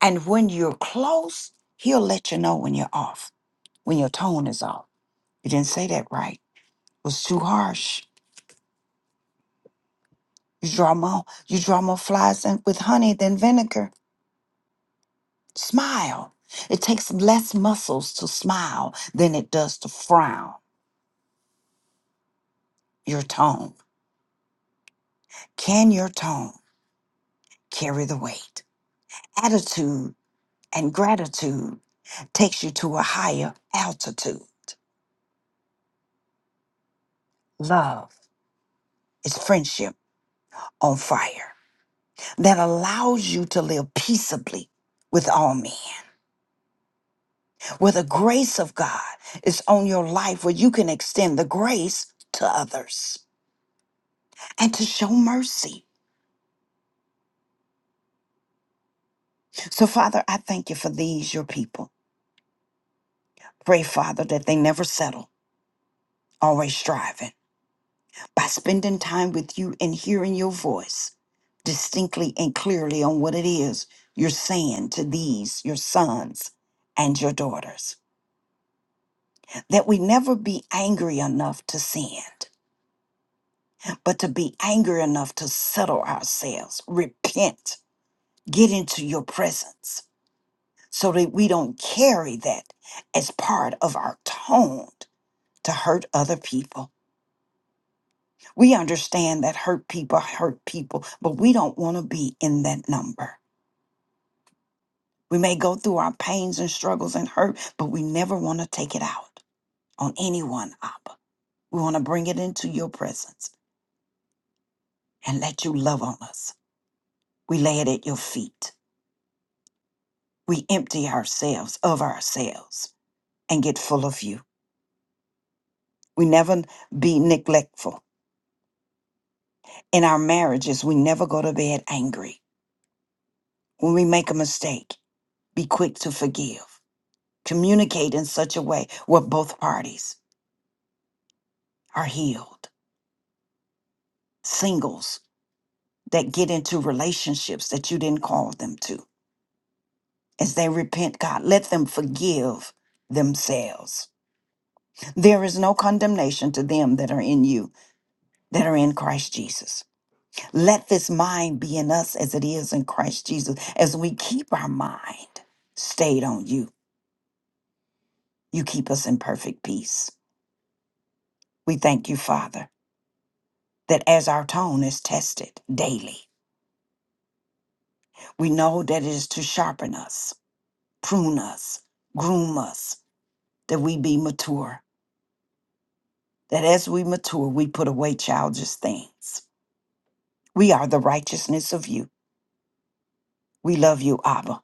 [SPEAKER 1] And when you're close, He'll let you know when you're off, when your tone is off. You didn't say that right. It was too harsh. You draw more, you draw more flies in, with honey than vinegar. Smile. It takes less muscles to smile than it does to frown your tone. Can your tone? carry the weight. Attitude and gratitude takes you to a higher altitude. Love is friendship on fire that allows you to live peaceably with all men, where the grace of God is on your life, where you can extend the grace to others and to show mercy. So, Father, I thank you for these, your people. Pray, Father, that they never settle, always striving. by spending time with you and hearing your voice distinctly and clearly on what it is you're saying to these, your sons and your daughters. That we never be angry enough to sin, but to be angry enough to settle ourselves, repent, get into your presence, so that we don't carry that as part of our tone to hurt other people. We understand that hurt people hurt people, but we don't want to be in that number. We may go through our pains and struggles and hurt, but we never want to take it out on anyone, Abba. We want to bring it into your presence and let you love on us. We lay it at your feet. We empty ourselves of ourselves and get full of you. We never be neglectful. In our marriages, we never go to bed angry. When we make a mistake, be quick to forgive. Communicate in such a way where both parties are healed. Singles that get into relationships that you didn't call them to. As they repent, God, let them forgive themselves. There is no condemnation to them that are in you, that are in Christ Jesus. Let this mind be in us as it is in Christ Jesus. As we keep our mind stayed on you, you keep us in perfect peace. We thank you, Father, that as our tone is tested daily, we know that it is to sharpen us, prune us, groom us, that we be mature that as we mature, we put away childish things. We are the righteousness of you. We love you, Abba,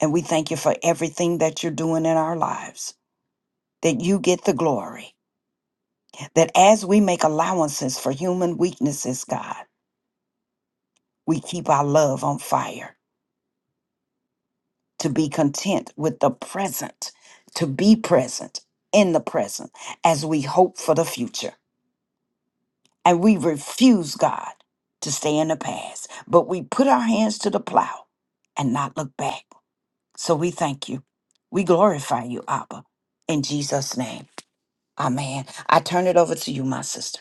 [SPEAKER 1] and we thank you for everything that you're doing in our lives, that you get the glory, that as we make allowances for human weaknesses, God, we keep our love on fire to be content with the present, to be present in the present as we hope for the future. And we refuse, God, to stay in the past, but we put our hands to the plow and not look back. So we thank you. We glorify you, Abba. In Jesus' name, amen. I turn it over to you, my sister.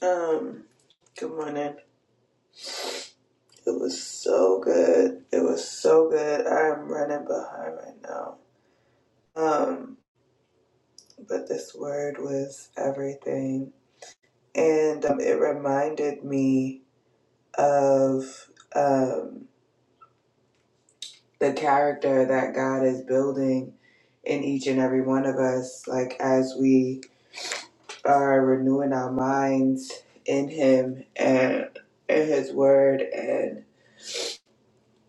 [SPEAKER 2] Um, good morning. It was so good. It was so good. I'm running behind right now. Um, but this word was everything. And um, it reminded me of um, the character that God is building in each and every one of us, like as we are renewing our minds in Him and in His Word. and.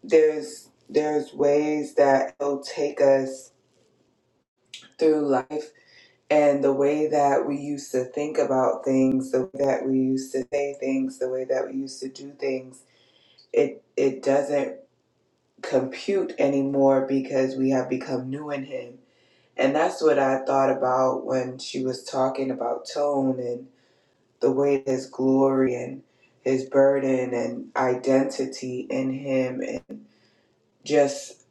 [SPEAKER 2] there's there's ways that will take us through life and the way that we used to think about things the way that we used to say things the way that we used to do things it it doesn't compute anymore because we have become new in him and that's what i thought about when she was talking about tone and the way his glory and his burden and identity in him and just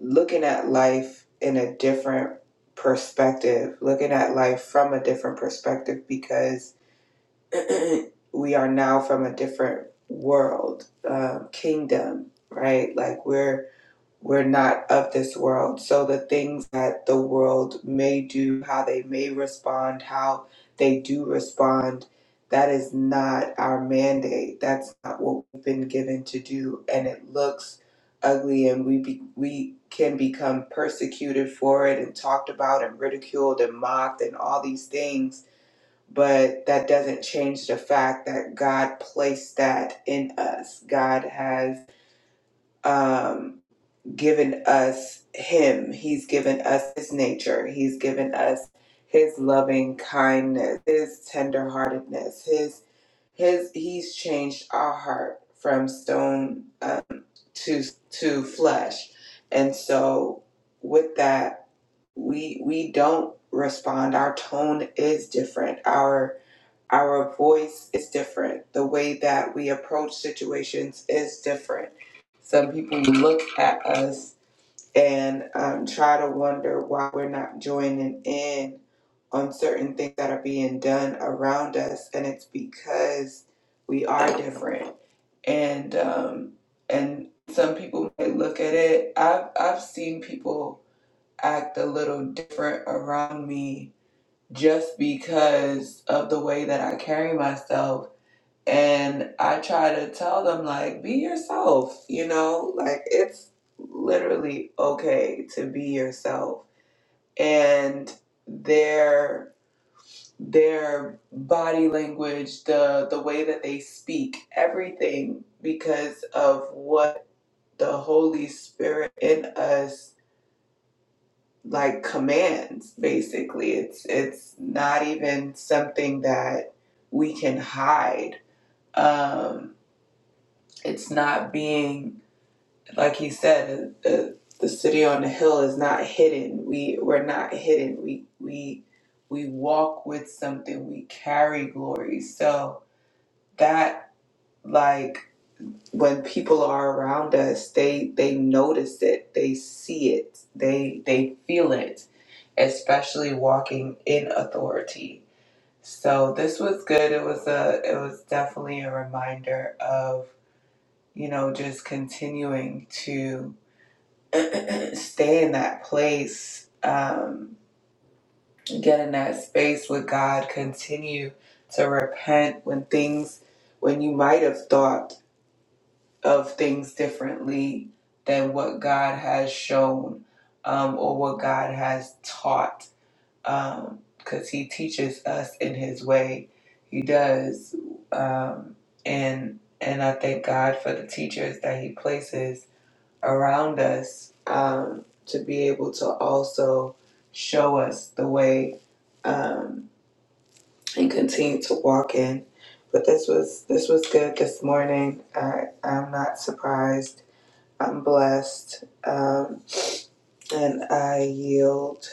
[SPEAKER 2] looking at life in a different perspective, looking at life from a different perspective because [CLEARS THROAT] we are now from a different world, um, kingdom, right? Like we're we're not of this world. So the things that the world may do, how they may respond, how they do respond, that is not our mandate. That's not what we've been given to do. And it looks ugly and we be, we can become persecuted for it and talked about and ridiculed and mocked and all these things but that doesn't change the fact that God placed that in us. God has um, given us Him. He's given us His nature. He's given us His loving kindness, His tenderheartedness, His His. He's changed our heart from stone um, to to flesh, and so with that, we we don't respond. Our tone is different. Our our voice is different. The way that we approach situations is different. Some people look at us and um, try to wonder why we're not joining in on certain things that are being done around us, and it's because we are different. And um, and some people might look at it. I've I've seen people act a little different around me just because of the way that I carry myself and I try to tell them, like, be yourself, you know, like it's literally okay to be yourself. And their their body language, the the way that they speak, everything because of what the Holy Spirit in us like commands basically. It's it's not even something that we can hide. Um it's not being like he said, uh, uh, the city on the hill is not hidden. We we're not hidden. We we we walk with something. We carry glory. So that like when people are around us, they they notice it. They see it. They they feel it, especially walking in authority. So this was good. It was a it was definitely a reminder of you know just continuing to [CLEARS THROAT] stay in that place, um, get in that space with God, continue to repent when things, when you might have thought of things differently than what God has shown um, or what God has taught, because He teaches us in His way. He does. Um, and and I thank God for the teachers that He places around us um, to be able to also show us the way um, and continue to walk in. But this was this was good this morning. I, I'm not surprised. I'm blessed, um, and I yield.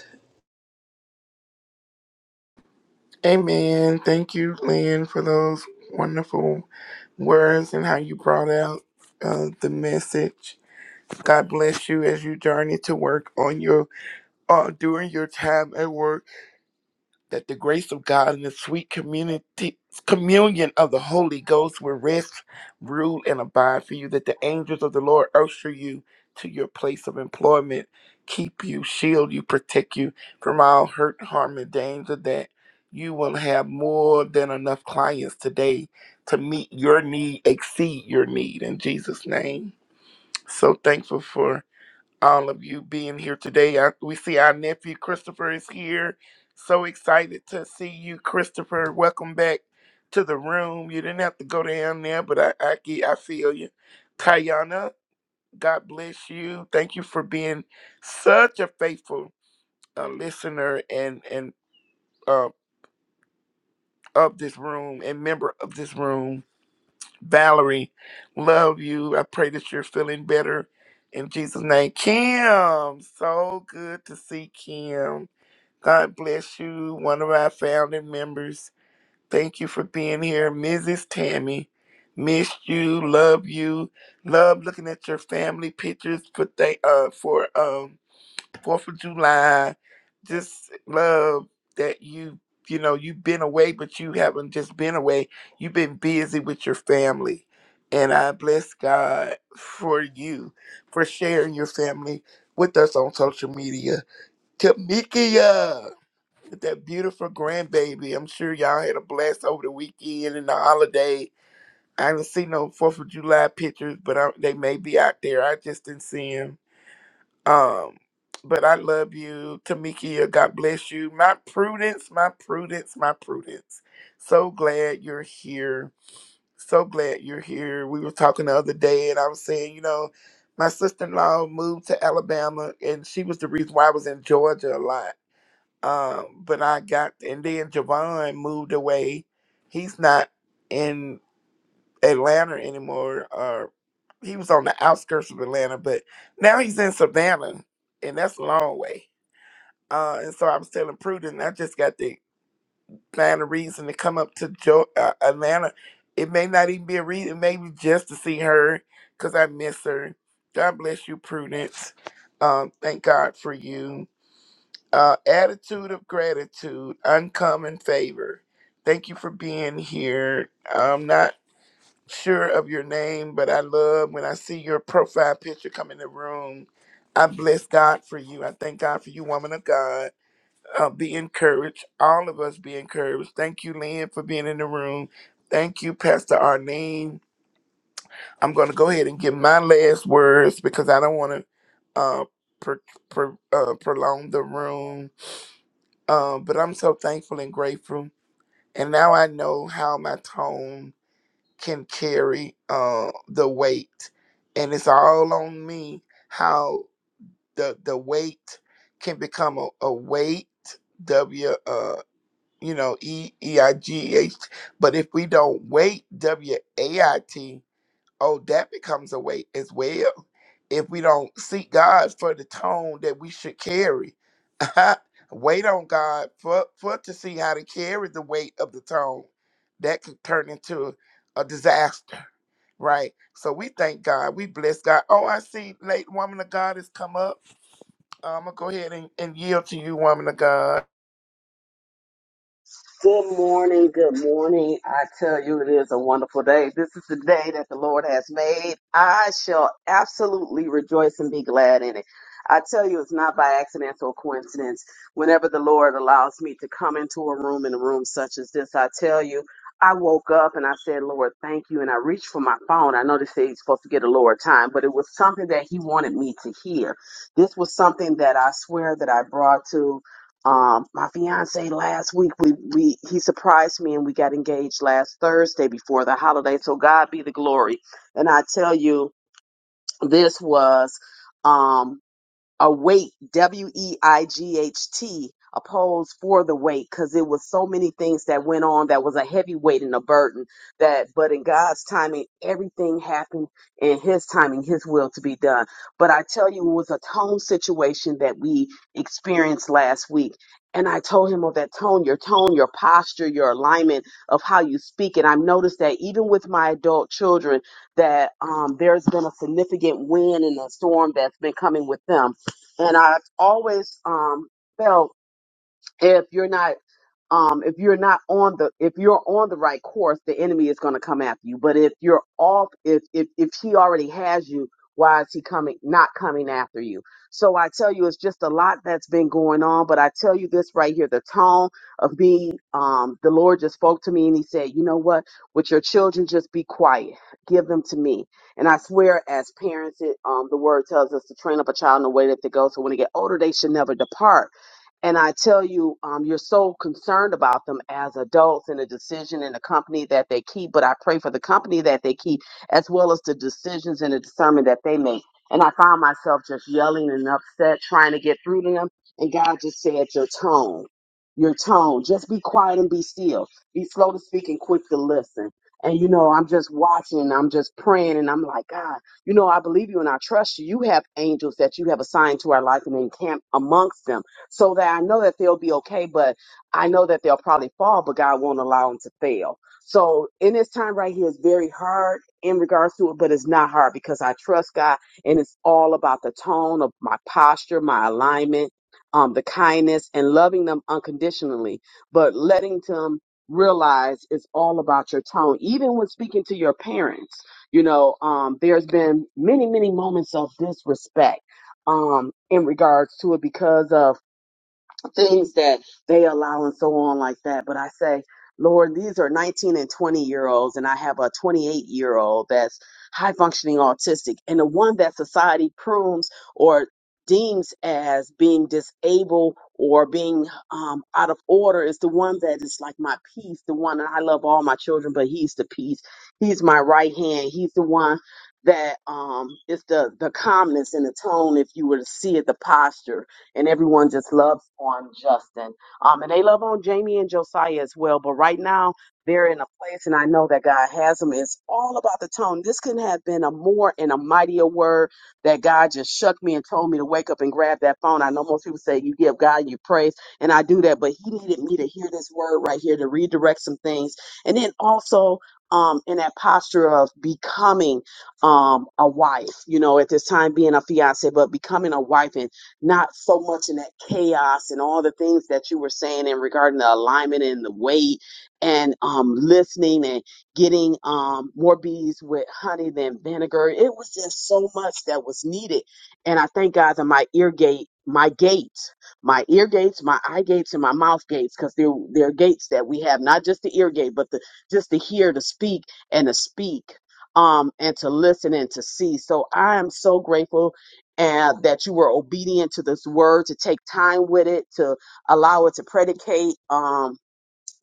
[SPEAKER 3] Good morning, good morning. I tell you, it is a wonderful day. This is the day that the Lord has made. I shall absolutely rejoice and be glad in it. I tell you, it's not by accident or coincidence. Whenever the Lord allows me to come into a room in a room such as this, I tell you, I woke up and I said, Lord, thank you. And I reached for my phone. I know they say you're supposed to get a lower time, but it was something that He wanted me to hear. This was something that I swear that I brought to. Um, my fiance last week we we he surprised me and we got engaged last Thursday before the holiday. So God be the glory. And I tell you, this was. Um, a weight, W E I G H T, opposed for the weight because it was so many things that went on that was a heavy weight and a burden. That, but in God's timing, everything happened in His timing, His will to be done. But I tell you, it was a tone situation that we experienced last week. And I told him of that tone, your tone, your posture, your alignment of how you speak. And I've noticed that even with my adult children, that um, there's been a significant wind and a storm that's been coming with them and I've always um, felt if you're not um, if you're not on the if you're on the right course, the enemy is going to come after you. But if you're off, if if if he already has you, why is he coming not coming after you? So I tell you, it's just a lot that's been going on. But I tell you this right here, the tone of me, um, the Lord just spoke to me and He said, you know what? With your children, just be quiet, give them to me. And I swear, as parents, it, um, the Word tells us to train up a child in the way that they go, so when they get older, they should never depart. And I tell you, um, you're so concerned about them as adults and the decision and the company that they keep. But I pray for the company that they keep, as well as the decisions and the discernment that they make. And I found myself just yelling and upset, trying to get through to them. And God just said, Your tone, your tone, just be quiet and be still. Be slow to speak and quick to listen. And you know, I'm just watching and I'm just praying and I'm like, God, you know, I believe you and I trust you. You have angels that you have assigned to our life and encamp amongst them so that I know that they'll be okay, but I know that they'll probably fall, but God won't allow them to fail. So in this time right here is very hard in regards to it, but it's not hard because I trust God and it's all about the tone of my posture, my alignment, um, the kindness and loving them unconditionally, but letting them realize it's all about your tone. Even when speaking to your parents, you know, um, there's been many, many moments of disrespect um in regards to it because of things that they allow and so on like that. But I say, Lord, these are 19 and 20 year olds, and I have a 28 year old that's high functioning autistic, and the one that society prunes or deems as being disabled or being um, out of order is the one that is like my peace, the one, and I love all my children, but he's the peace. He's my right hand. He's the one that um, is the, the calmness and the tone, if you were to see it, the posture and everyone just loves on Justin. Um, and they love on Jamie and Josiah as well. But right now, they're in a place, and I know that God has them. It's all about the tone. This couldn't have been a more and a mightier word that God just shook me and told me to wake up and grab that phone. I know most people say you give God your praise, and I do that, but He needed me to hear this word right here to redirect some things, and then also. Um, in that posture of becoming um, a wife, you know, at this time being a fiance, but becoming a wife and not so much in that chaos and all the things that you were saying in regarding the alignment and the weight and um, listening and getting um, more bees with honey than vinegar. It was just so much that was needed. And I thank God that my ear gate, my gates, my ear gates, my eye gates, and my mouth gates, because they're, they're gates that we have, not just the ear gate, but the, just to hear, to speak, and to speak. Um, and to listen and to see. So I am so grateful and that you were obedient to this word to take time with it to allow it to predicate. Um,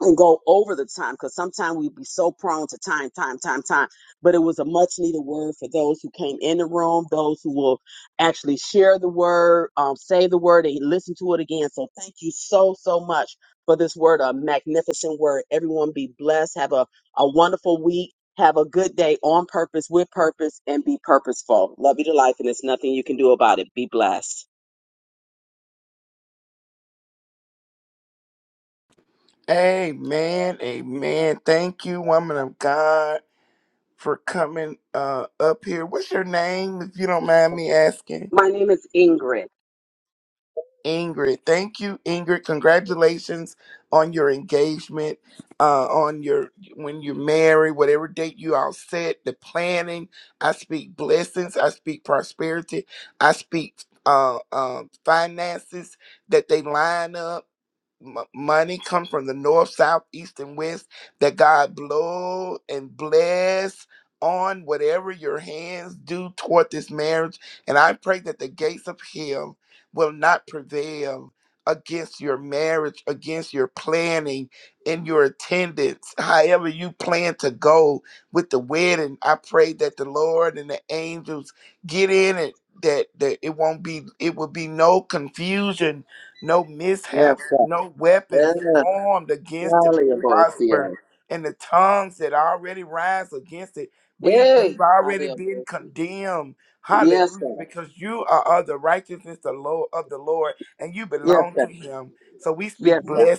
[SPEAKER 3] and go over the time because sometimes we'd be so prone to time, time, time, time. But it was a much needed word for those who came in the room, those who will actually share the word, um, say the word, and listen to it again. So thank you so, so much for this word, a magnificent word. Everyone be blessed. Have a, a wonderful week. Have a good day on purpose, with purpose, and be purposeful. Love you to life, and there's nothing you can do about it. Be blessed. My name is Ingrid. Yes, God. Yeah, Hey, hallelujah. Yes, God. Yes, God. Yes, God.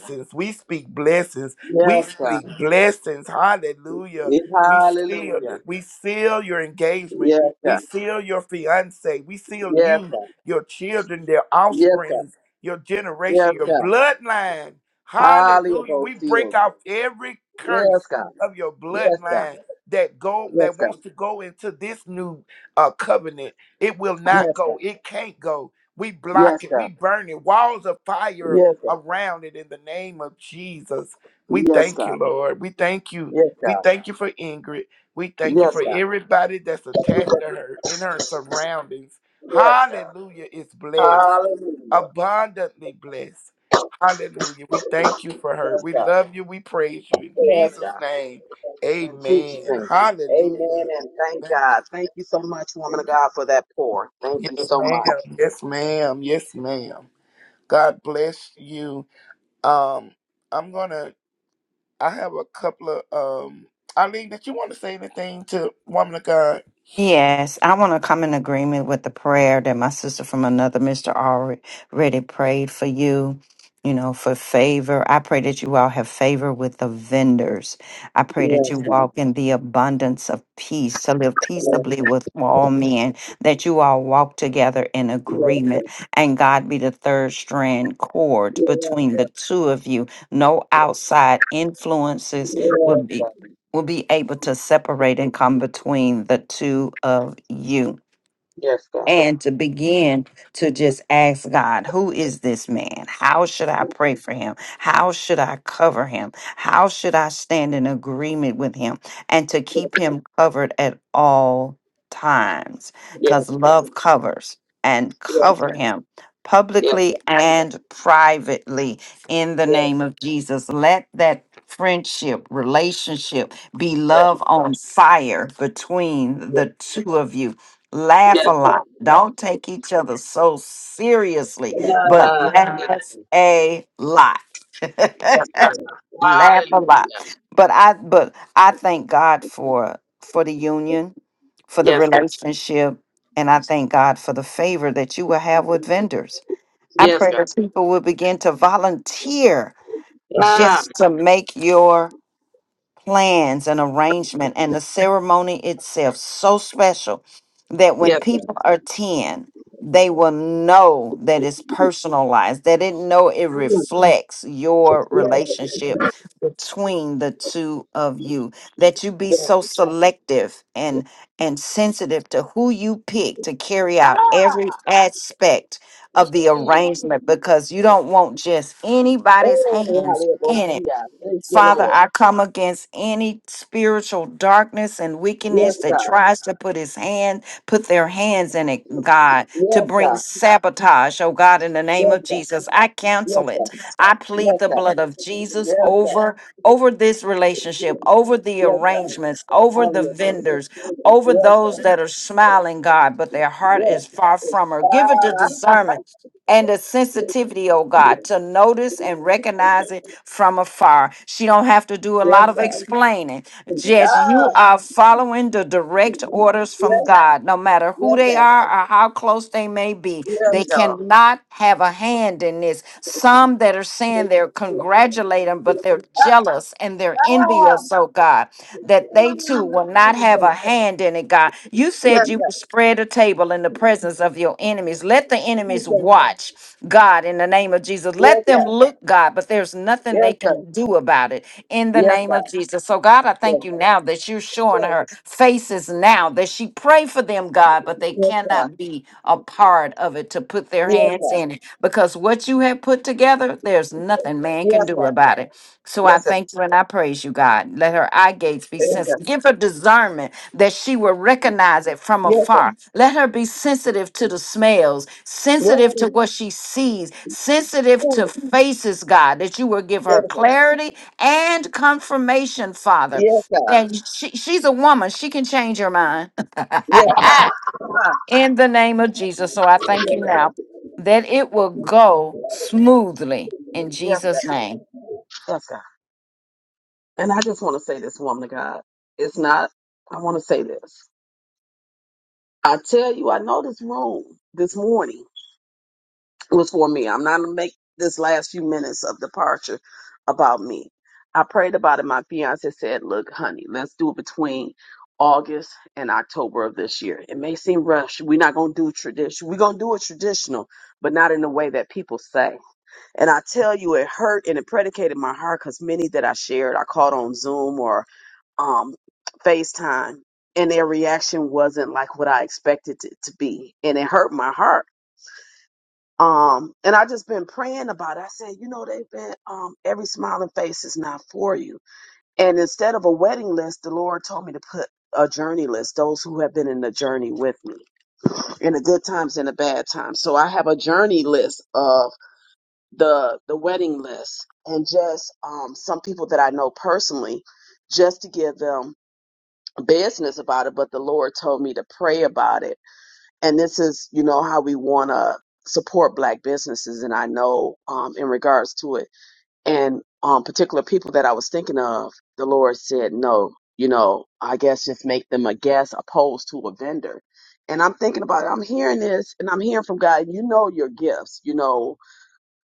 [SPEAKER 3] Yes, God. Eh, Hallelujah. Yes, God. Yes, God. Yes, God. Yes, God. Hallelujah, both seals. Yes, God. Yes, God. Yes, God. Yes, God. Yes, God. Yes, God. Yes, God. Yes, God. Yes, God. Yes, God. Hallelujah. Yes, God. Yes, God. In Jesus' name. Amen and thank God. Thank you so much, woman of God, for that pour. Thank you so much.
[SPEAKER 1] Yes, I want to come in agreement with the prayer that my sister from another mister already prayed for you, you know, for favor. I pray that you all have favor with the vendors. I pray that you
[SPEAKER 3] Yes,
[SPEAKER 1] Amen. walk
[SPEAKER 3] God.
[SPEAKER 1] in the abundance of peace, to live peaceably with all men, that you all walk together in
[SPEAKER 3] Yes,
[SPEAKER 1] agreement, and God be the third strand cord
[SPEAKER 3] yes,
[SPEAKER 1] between the two of you. No outside influences will
[SPEAKER 3] yes,
[SPEAKER 1] be
[SPEAKER 3] God.
[SPEAKER 1] will be able to separate and come between the two of you
[SPEAKER 3] Yes, God.
[SPEAKER 1] and to begin to just ask God, who is this man? How should I pray for him? How should I cover him? How should I stand in agreement with him and to keep him covered at all times? Because
[SPEAKER 3] Yes, God.
[SPEAKER 1] love covers and
[SPEAKER 3] Yes,
[SPEAKER 1] cover
[SPEAKER 3] God.
[SPEAKER 1] him
[SPEAKER 3] Yes,
[SPEAKER 1] publicly and privately in the name of Jesus. Let that friendship, relationship be
[SPEAKER 3] yes,
[SPEAKER 1] love on fire between
[SPEAKER 3] yes,
[SPEAKER 1] the two of you laugh a
[SPEAKER 3] yes, yes,
[SPEAKER 1] lot.
[SPEAKER 3] God.
[SPEAKER 1] Don't take each other so seriously, but
[SPEAKER 3] Ah, yes,
[SPEAKER 1] laugh a lot. [LAUGHS]
[SPEAKER 3] yes, God.
[SPEAKER 1] laugh a lot.
[SPEAKER 3] Hallelujah.
[SPEAKER 1] But I but I thank God for for the union, for the
[SPEAKER 3] Yes, God.
[SPEAKER 1] relationship, and I thank God for the favor that you will have with vendors. I
[SPEAKER 3] Yes,
[SPEAKER 1] pray
[SPEAKER 3] God.
[SPEAKER 1] that people will begin to volunteer
[SPEAKER 3] Ah,
[SPEAKER 1] just to make your plans and arrangement and the ceremony itself so special that when
[SPEAKER 3] yes, God.
[SPEAKER 1] people attend, they will know that it's personalized. They didn't know it
[SPEAKER 3] Mm,
[SPEAKER 1] reflects your
[SPEAKER 3] Yes,
[SPEAKER 1] relationship between the two of you. That you be
[SPEAKER 3] yes.
[SPEAKER 1] so selective and and sensitive to who you pick to carry out every
[SPEAKER 3] Ah,
[SPEAKER 1] aspect
[SPEAKER 3] yes.
[SPEAKER 1] of the arrangement because you don't want just anybody's
[SPEAKER 3] Hey,
[SPEAKER 1] hands in it
[SPEAKER 3] hallelujah. Thank you,
[SPEAKER 1] Father,
[SPEAKER 3] Lord.
[SPEAKER 1] I come against any spiritual darkness and wickedness
[SPEAKER 3] Yes,
[SPEAKER 1] that
[SPEAKER 3] God.
[SPEAKER 1] tries to put his hand, put their hands in it, God, to
[SPEAKER 3] Yes,
[SPEAKER 1] bring
[SPEAKER 3] God.
[SPEAKER 1] sabotage. Oh God, in the name
[SPEAKER 3] Yes,
[SPEAKER 1] of
[SPEAKER 3] God.
[SPEAKER 1] Jesus, I cancel
[SPEAKER 3] Yes, God.
[SPEAKER 1] it. I plead
[SPEAKER 3] Yes,
[SPEAKER 1] the
[SPEAKER 3] God.
[SPEAKER 1] blood of Jesus
[SPEAKER 3] Yes, God.
[SPEAKER 1] over over this relationship, over the
[SPEAKER 3] Yes, God.
[SPEAKER 1] arrangements, over the
[SPEAKER 3] Hallelujah.
[SPEAKER 1] vendors, over
[SPEAKER 3] Yes,
[SPEAKER 1] those
[SPEAKER 3] God.
[SPEAKER 1] that are smiling, God, but their heart
[SPEAKER 3] Yes.
[SPEAKER 1] is far from her. Give it the
[SPEAKER 3] Ah.
[SPEAKER 1] discernment and the sensitivity, oh God, to notice and recognize it from afar. She don't have to do a
[SPEAKER 3] Yes,
[SPEAKER 1] lot of
[SPEAKER 3] God.
[SPEAKER 1] explaining. Jess, you
[SPEAKER 3] Ah.
[SPEAKER 1] are following the direct orders from
[SPEAKER 3] Yes,
[SPEAKER 1] God, no matter who
[SPEAKER 3] yes,
[SPEAKER 1] they
[SPEAKER 3] God.
[SPEAKER 1] are or how close they may be.
[SPEAKER 3] Yes,
[SPEAKER 1] They
[SPEAKER 3] God.
[SPEAKER 1] cannot have a hand in this. Some that are saying they're congratulating, but they're jealous and they're
[SPEAKER 3] Ah, ah.
[SPEAKER 1] envious, oh God, that they too
[SPEAKER 3] Ah,
[SPEAKER 1] will not have a
[SPEAKER 3] Jesus.
[SPEAKER 1] hand in it, God. You
[SPEAKER 3] Yes,
[SPEAKER 1] said you would
[SPEAKER 3] God.
[SPEAKER 1] spread a table in the presence of your enemies. Let the enemies watch, God, in the name of Jesus. Let them
[SPEAKER 3] Jesus.
[SPEAKER 1] look, God, but there's nothing they
[SPEAKER 3] Yes, God.
[SPEAKER 1] can do about it in the
[SPEAKER 3] Yes, God. Yes,
[SPEAKER 1] name of
[SPEAKER 3] God.
[SPEAKER 1] Jesus. So, God, I thank
[SPEAKER 3] Yes,
[SPEAKER 1] thank you now that you're showing her faces now that she pray for them, God, but they
[SPEAKER 3] yes, God.
[SPEAKER 1] cannot be a part of it to put their
[SPEAKER 3] Yes,
[SPEAKER 1] hands in it because what you have put together, there's nothing man can do
[SPEAKER 3] God.
[SPEAKER 1] about it. So I
[SPEAKER 3] Yes, God. Yes,
[SPEAKER 1] thank you and I praise you, God. Let her eye gates be
[SPEAKER 3] God.
[SPEAKER 1] sensitive. Give her discernment that she will recognize it from afar. Let her be sensitive to the smells,
[SPEAKER 3] Yes, God. Yes,
[SPEAKER 1] sensitive to what she sees, sensitive
[SPEAKER 3] God.
[SPEAKER 1] to faces, God, that you will give her
[SPEAKER 3] Yes, God.
[SPEAKER 1] clarity and confirmation, Father,
[SPEAKER 3] Yes, God. Yes, God. Yes, God.
[SPEAKER 1] that she, she's a woman. She can change her mind. [LAUGHS] I,
[SPEAKER 3] Ah,
[SPEAKER 1] in the name of Jesus. So I thank you
[SPEAKER 3] yes, God.
[SPEAKER 1] now that it will go smoothly in
[SPEAKER 3] Yes,
[SPEAKER 1] Jesus'
[SPEAKER 3] God.
[SPEAKER 1] name.
[SPEAKER 3] Yes, God. And I just want to say this, woman of God. It's not, I want to say this. I tell you, I know this room this morning was for me. I'm not gonna make this last few minutes of departure about me. I prayed about it. My fiance said, Look, honey, let's do it between August and October of this year. It may seem rushed. We're not gonna do tradition. We're gonna do it traditional, but not in the way that people say. And I tell you, it hurt and it predicated my heart because many that I shared, I called on Zoom or um, FaceTime, and their reaction wasn't like what I expected it to be, and it hurt my heart. Um, and I just been praying about it. I said, you know, they've been um, every smiling face is not for you. And instead of a wedding list, the Lord told me to put a journey list, those who have been in the journey with me in the good times and the bad times. So I have a journey list of the the wedding list and just um, some people that I know personally, just to give them business about it. But the Lord told me to pray about it, and this is you know how we want to support Black businesses, and I know um, in regards to it, and um, particular people that I was thinking of, the Lord said no. You know, I guess just make them a guest opposed to a vendor. And I'm thinking about it. I'm hearing this and I'm hearing from God, you know your gifts, you know,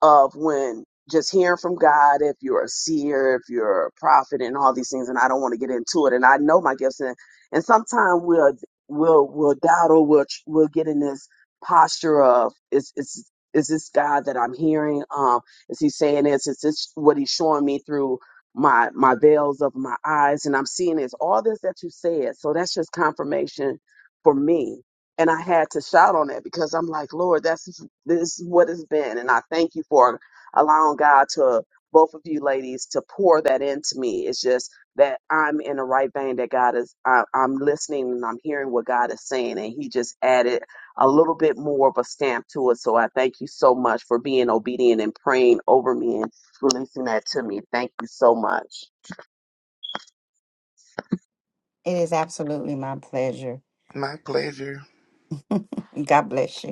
[SPEAKER 3] of when just hearing from God, if you're a seer, if you're a prophet, and all these things, and I don't want to get into it, and I know my gifts, and and sometimes we'll we'll we'll doubt or we'll tr- we'll get in this posture of is is is this God that I'm hearing? Um, is He saying this? Is this what He's showing me through my my veils of my eyes? And I'm seeing this all this that you said. So that's just confirmation for me, and I had to shout on that because I'm like, Lord, that's this is what it's been. And I thank you for allowing God to, both of you ladies, to pour that into me. It's just that I'm in the right vein that God is, I, I'm listening and I'm hearing what God is saying. And He just added a little bit more of a stamp to it. So I thank you so much for being obedient and praying over me and releasing that to me. Thank you so much.
[SPEAKER 1] Sure. God bless you.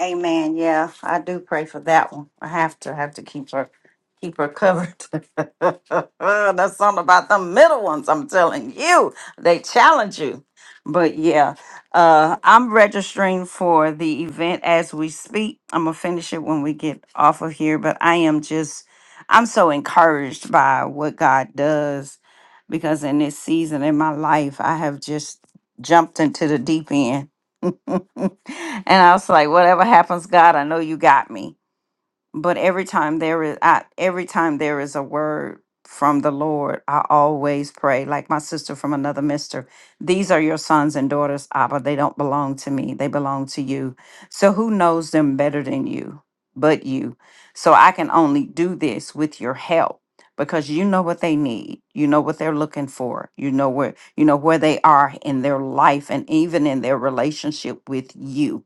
[SPEAKER 1] Amen. Yeah, I do pray for that one. I have to have to keep her keep her covered. [LAUGHS] That's something about the middle ones. I'm telling you, they challenge you. But yeah, uh, I'm registering for the event as we speak. I'm gonna finish it when we get off of here. But I am just, I'm so encouraged by what God does because in this season in my life, I have just jumped into the deep end [LAUGHS] and I was like, whatever happens, God, I know you got me but every time there is I, every time there is a word from the lord i always pray like my sister from another mister these are your sons and daughters abba they don't belong to me they belong to you so who knows them better than you but you so i can only do this with your help because you know what they need you know what they're looking for you know where you know where they are in their life and even in their relationship with you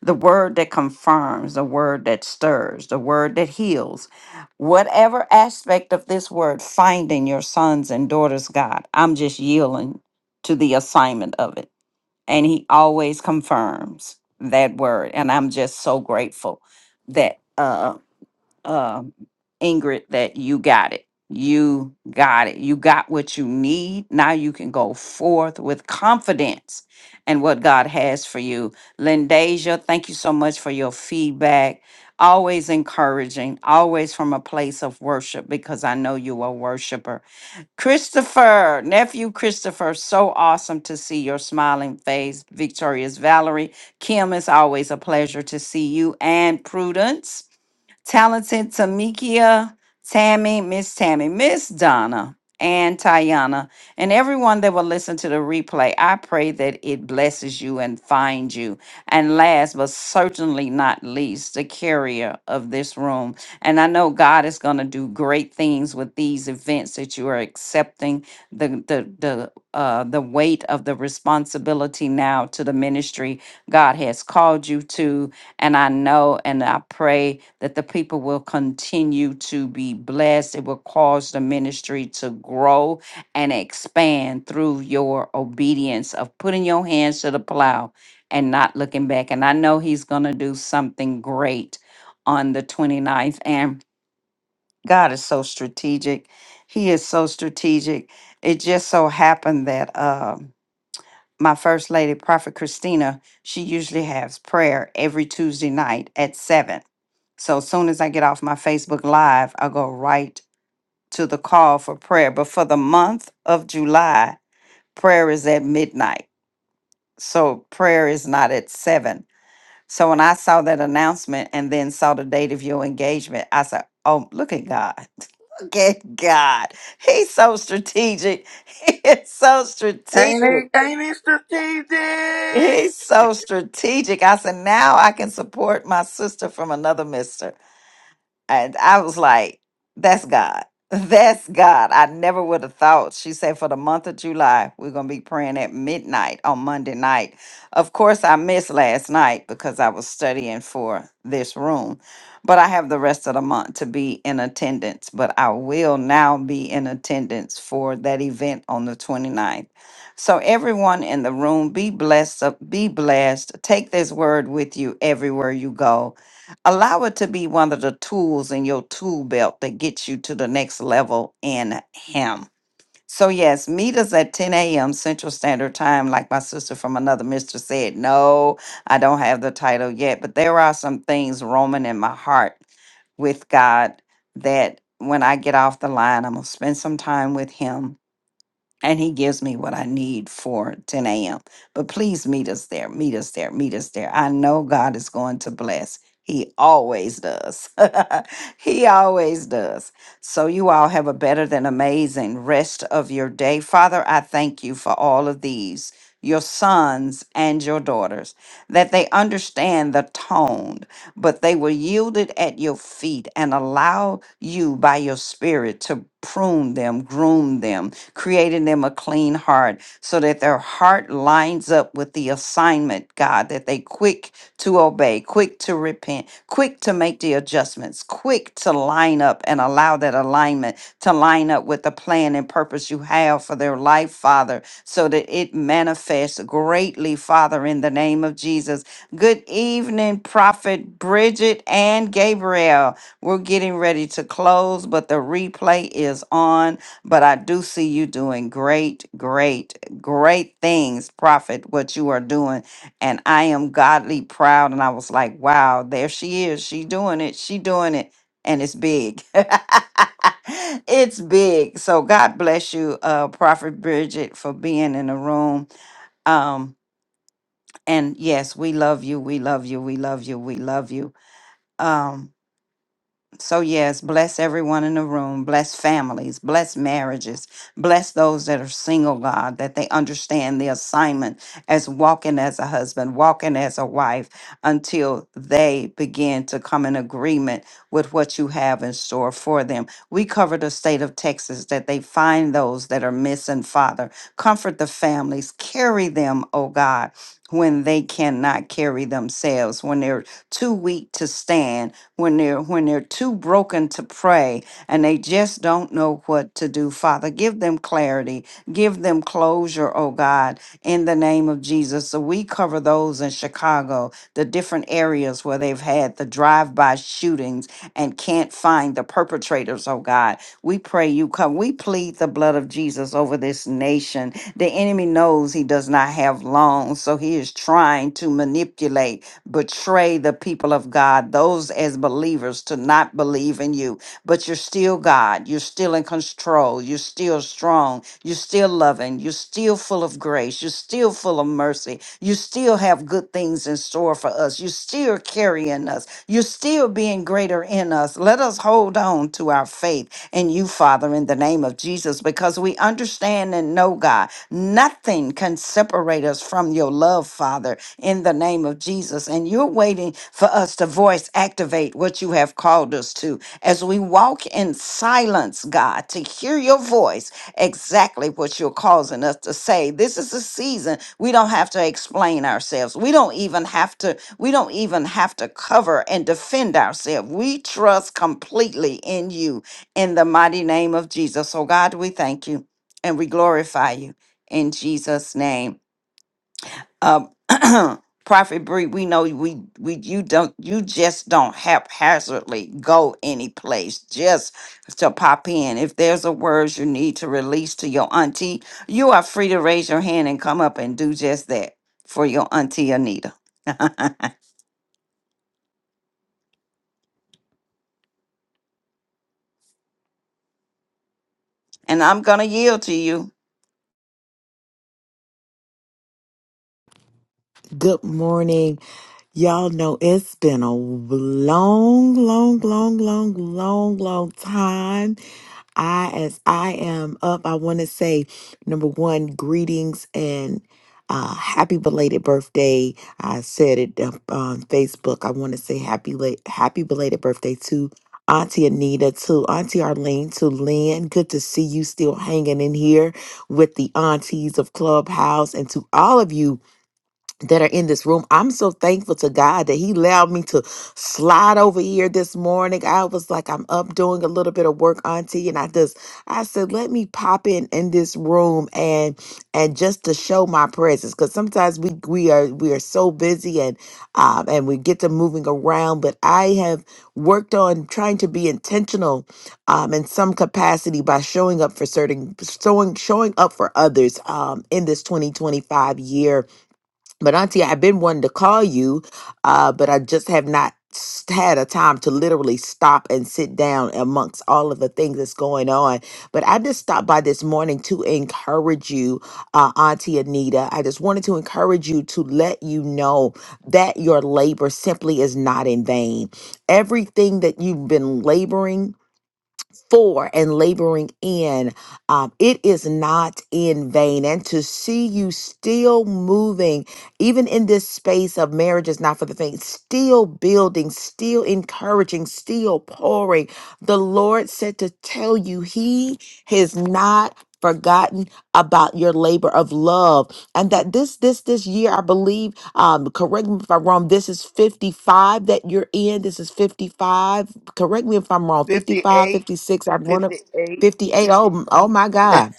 [SPEAKER 1] the word that confirms, the word that stirs, the word that heals. Whatever aspect of this word, finding your sons and daughters, God, I'm just yielding to the assignment of it. And He always confirms that word. And I'm just so grateful that. Um, um, Ingrid, that you got it. You got it. You got what you need. Now you can go forth with confidence and what God has for you. Lindasia, thank you so much for your feedback. Always encouraging, always from a place of worship because I know you are a worshiper. Christopher, nephew Christopher, so awesome to see your smiling face. Victorious Valerie, Kim, it's always a pleasure to see you and Prudence talented Tamikia, Tammy, Miss Tammy, Miss Donna, and Tayana, and everyone that will listen to the replay. I pray that it blesses you and finds you. And last but certainly not least, the carrier of this room. And I know God is going to do great things with these events that you are accepting the the the uh, the weight of the responsibility now to the ministry God has called you to and I know and I pray that the people will continue to be blessed. It will cause the ministry to grow and expand through your obedience of putting your hands to the plow and not looking back. And I know He's going to do something great on the twenty ninth. And God is so strategic. He is so strategic. It just so happened that um, my first lady, Prophet Christina, she usually has prayer every Tuesday night at 7 so as soon as I get off my Facebook Live, I'll go right to the call for prayer. But for the month of July, prayer is at midnight. So prayer is not at seven. So when I saw that announcement and then saw the date of your engagement, I said, Oh, look at God. [LAUGHS] Look at God. He's so strategic. [LAUGHS] He is so strategic. He's so strategic. I said, now I can support my sister from another mister. And I was like, that's God. [LAUGHS] That's God. I never would have thought. She said, for the month of July, we're going to be praying at midnight on Monday night. Of course, I missed last night because I was studying for this room, but I have the rest of the month to be in attendance. But I will now be in attendance for that event on the 29th. So, everyone in the room, be blessed. Be blessed. Take this word with you everywhere you go allow it to be one of the tools in your tool belt that gets you to the next level in him so yes meet us at 10 a.m central standard time like my sister from another mister said no i don't have the title yet but there are some things roaming in my heart with god that when i get off the line i'm going to spend some time with him and he gives me what I need for 10 a.m. But please meet us there, meet us there, meet us there. I know God is going to bless. He always does. [LAUGHS] he always does. So, you all have a better than amazing rest of your day. Father, I thank you for all of these, your sons and your daughters, that they understand the tone, but they will yield it at your feet and allow you by your spirit to prune them, groom them, creating them a clean heart so that their heart lines up with the assignment, God, that they quick to obey, quick to repent, quick to make the adjustments, quick to line up and allow that alignment to line up with the plan and purpose you have for their life, Father, so that it manifests greatly, Father, in the name of Jesus. Good evening, Prophet Bridget and Gabriel. We're getting ready to close, but the replay is on but I do see you doing great, great, great things, Prophet, what you are doing. And I am godly proud. And I was like, wow, there she is. She doing it. She doing it. And it's big. [LAUGHS] it's big. So God bless you, uh, Prophet Bridget, for being in the room. Um, and yes, we love you. We love you. We love you. We love you. Um, so, yes, bless everyone in the room, bless families, bless marriages, bless those that are single, God, that they understand the assignment as walking as a husband, walking as a wife, until they begin to come in agreement with what you have in store for them. We cover the state of Texas that they find those that are missing, Father. Comfort the families, carry them, oh God. When they cannot carry themselves, when they're too weak to stand, when they're when they're too broken to pray and they just don't know what to do. Father, give them clarity, give them closure, oh God, in the name of Jesus. So we cover those in Chicago, the different areas where they've had the drive by shootings and can't find the perpetrators, oh God. We pray you come. We plead the blood of Jesus over this nation. The enemy knows he does not have long, so he is trying to manipulate, betray the people of God, those as believers to not believe in you in you, but you're still God. You're still in control. You're still strong. You're still loving. You're still full of grace. You're still full of mercy. You still have good things in store for us. You're still carrying us. You're still being greater in us. Let us hold on to our faith in you, Father, in the name of Jesus, because we understand and know, God, nothing can separate us from from your love, Father, in the name of Jesus. And you're waiting for us to voice activate what you have called us to as we walk in silence, God, to hear your voice, exactly what you're causing us to say. This is a season we don't have to explain ourselves. We don't even have to, we don't even have to cover and defend ourselves. We trust completely in you in the mighty name of Jesus. So, God, we thank you and we glorify you in Jesus' name um, [CLEARS THROAT] Prophet Bree, we know we we you don't you just don't haphazardly go any place just to pop in. If there's a word you need to release to your auntie, you are free to raise your hand and come up and do just that for your auntie Anita. [LAUGHS] and I'm gonna yield to you.
[SPEAKER 4] Good morning. Y'all know it's been a long, long, long, long, long, long time. I, as I am up, I want to say number one, greetings and uh, happy belated birthday. I said it up on Facebook. I want to say happy, late, happy belated birthday to Auntie Anita, to Auntie Arlene, to Lynn. Good to see you still hanging in here with the aunties of Clubhouse and to all of you that are in this room. I'm so thankful to God that He allowed me to slide over here this morning. I was like, I'm up doing a little bit of work, Auntie, and I just, I said, let me pop in in this room and and just to show my presence, because sometimes we we are we are so busy and um and we get to moving around, but I have worked on trying to be intentional um in some capacity by showing up for certain showing showing up for others um in this 2025 year but Auntie, I've been wanting to call you, uh, but I just have not s- had a time to literally stop and sit down amongst all of the things that's going on. But I just stopped by this morning to encourage you, uh, Auntie Anita. I just wanted to encourage you to let you know that your labor simply is not in vain. Everything that you've been laboring for and laboring in. Um, it is not in vain. And to see you still moving, even in this space of marriage is not for the faint, still building, still encouraging, still pouring. The Lord said to tell you, He has not forgotten about your labor of love and that this this this year i believe um correct me if i'm wrong this is 55 that you're in this is 55 correct me if I'm wrong, Fifty-five, fifty-six, I'd want to 58. Oh, m- oh my God.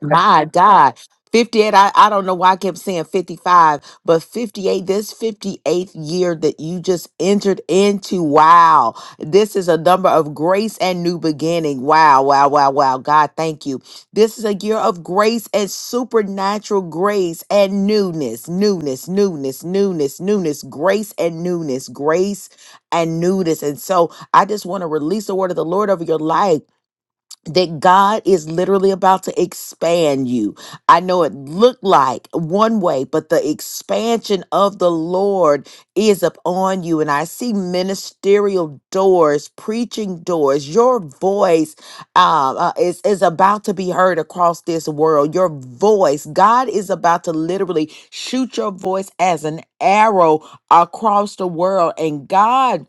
[SPEAKER 4] My God. 58, I, I don't know why I kept saying 55, but 58, this 58th year that you just entered into, wow. This is a number of grace and new beginning. Wow, wow, wow, wow. God, thank you. This is a year of grace and supernatural grace and newness, newness, newness, newness, newness, grace and newness, grace and newness. And so I just want to release the word of the Lord over your life that God is literally about to expand you. I know it looked like one way, but the expansion of the Lord is upon you. And I see ministerial doors, preaching doors. Your voice uh, uh, is, is about to be heard across this world. Your voice, God is about to literally shoot your voice as an arrow across the world. And God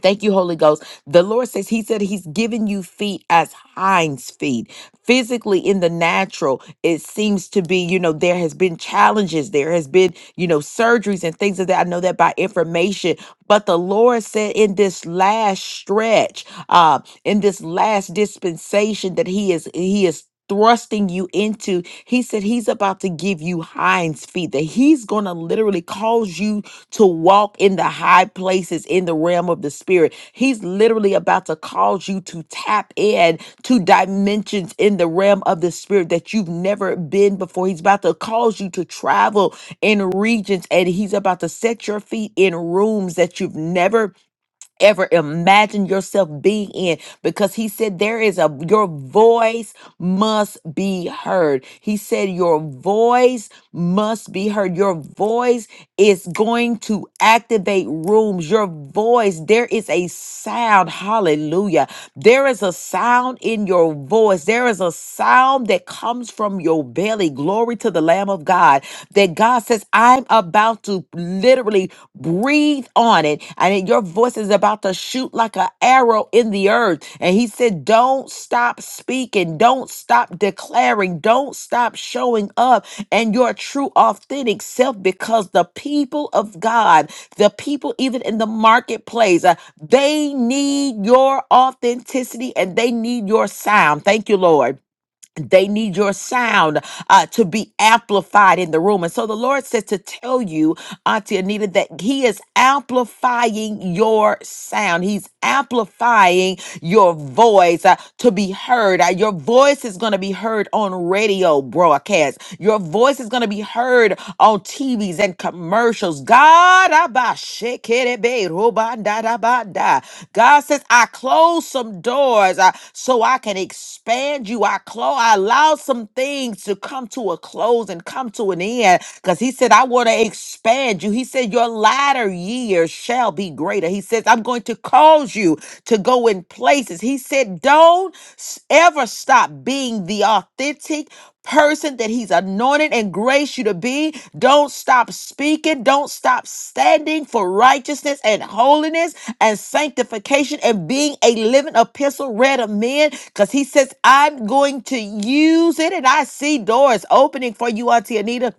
[SPEAKER 4] Thank you, Holy Ghost. The Lord says, He said He's given you feet as hinds feet. Physically, in the natural, it seems to be, you know, there has been challenges, there has been, you know, surgeries and things of that. I know that by information, but the Lord said in this last stretch, uh, in this last dispensation that He is, He is thrusting you into he said he's about to give you hinds feet that he's going to literally cause you to walk in the high places in the realm of the spirit. He's literally about to cause you to tap in to dimensions in the realm of the spirit that you've never been before. He's about to cause you to travel in regions and he's about to set your feet in rooms that you've never ever imagined yourself being in because he said there is a your voice must be heard. He said your voice must be heard. Your voice is going to activate rooms. Your voice, there is a sound. Hallelujah. There is a sound in your voice. There is a sound that comes from your belly. Glory to the Lamb of God. That God says, I'm about to literally breathe on it. And your voice is about to shoot like an arrow in the earth. And He said, Don't stop speaking. Don't stop declaring. Don't stop showing up and your true authentic self because the people of God, the people even in the marketplace, uh, they need your authenticity and they need your sound. Thank you, Lord they need your sound uh, to be amplified in the room. And so the Lord says to tell you, Auntie Anita, that He is amplifying your sound. He's amplifying your voice uh, to be heard. Uh, your voice is going to be heard on radio broadcasts, your voice is going to be heard on TVs and commercials. God, abba, God says, I close some doors uh, so I can expand expand you. I close, I allow some things to come to a close and come to an end. Because he said, I want to expand you. He said, Your latter years shall be greater. He says, I'm going to cause you to go in places. He said, Don't s- ever stop being the authentic person that he's anointed and graced you to be. Don't stop speaking. Don't stop standing for righteousness and holiness and sanctification and being a living epistle read of men because he says, I'm going to use it. And I see doors opening for you, Auntie Anita.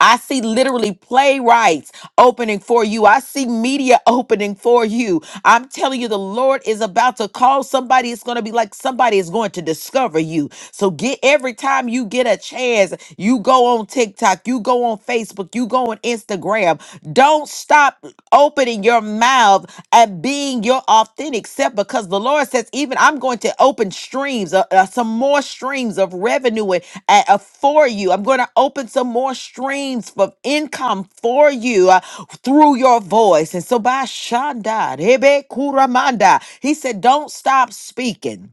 [SPEAKER 4] I see literally playwrights opening for you. I see media [LAUGHS] opening for you. I'm telling you, the Lord is about to call somebody. It's going to be like somebody is going to discover you. So get every time you get a chance, you go on TikTok, you go on Facebook, you go on Instagram. Don't stop opening your mouth and being your authentic self because the Lord says, even I'm going to open streams, uh, uh, some more streams of revenue and, uh, uh, for you. I'm going to open some more streams of income for you. Uh, through your voice. And so by Shanda, Rebe Kuramanda, he said, Don't stop speaking.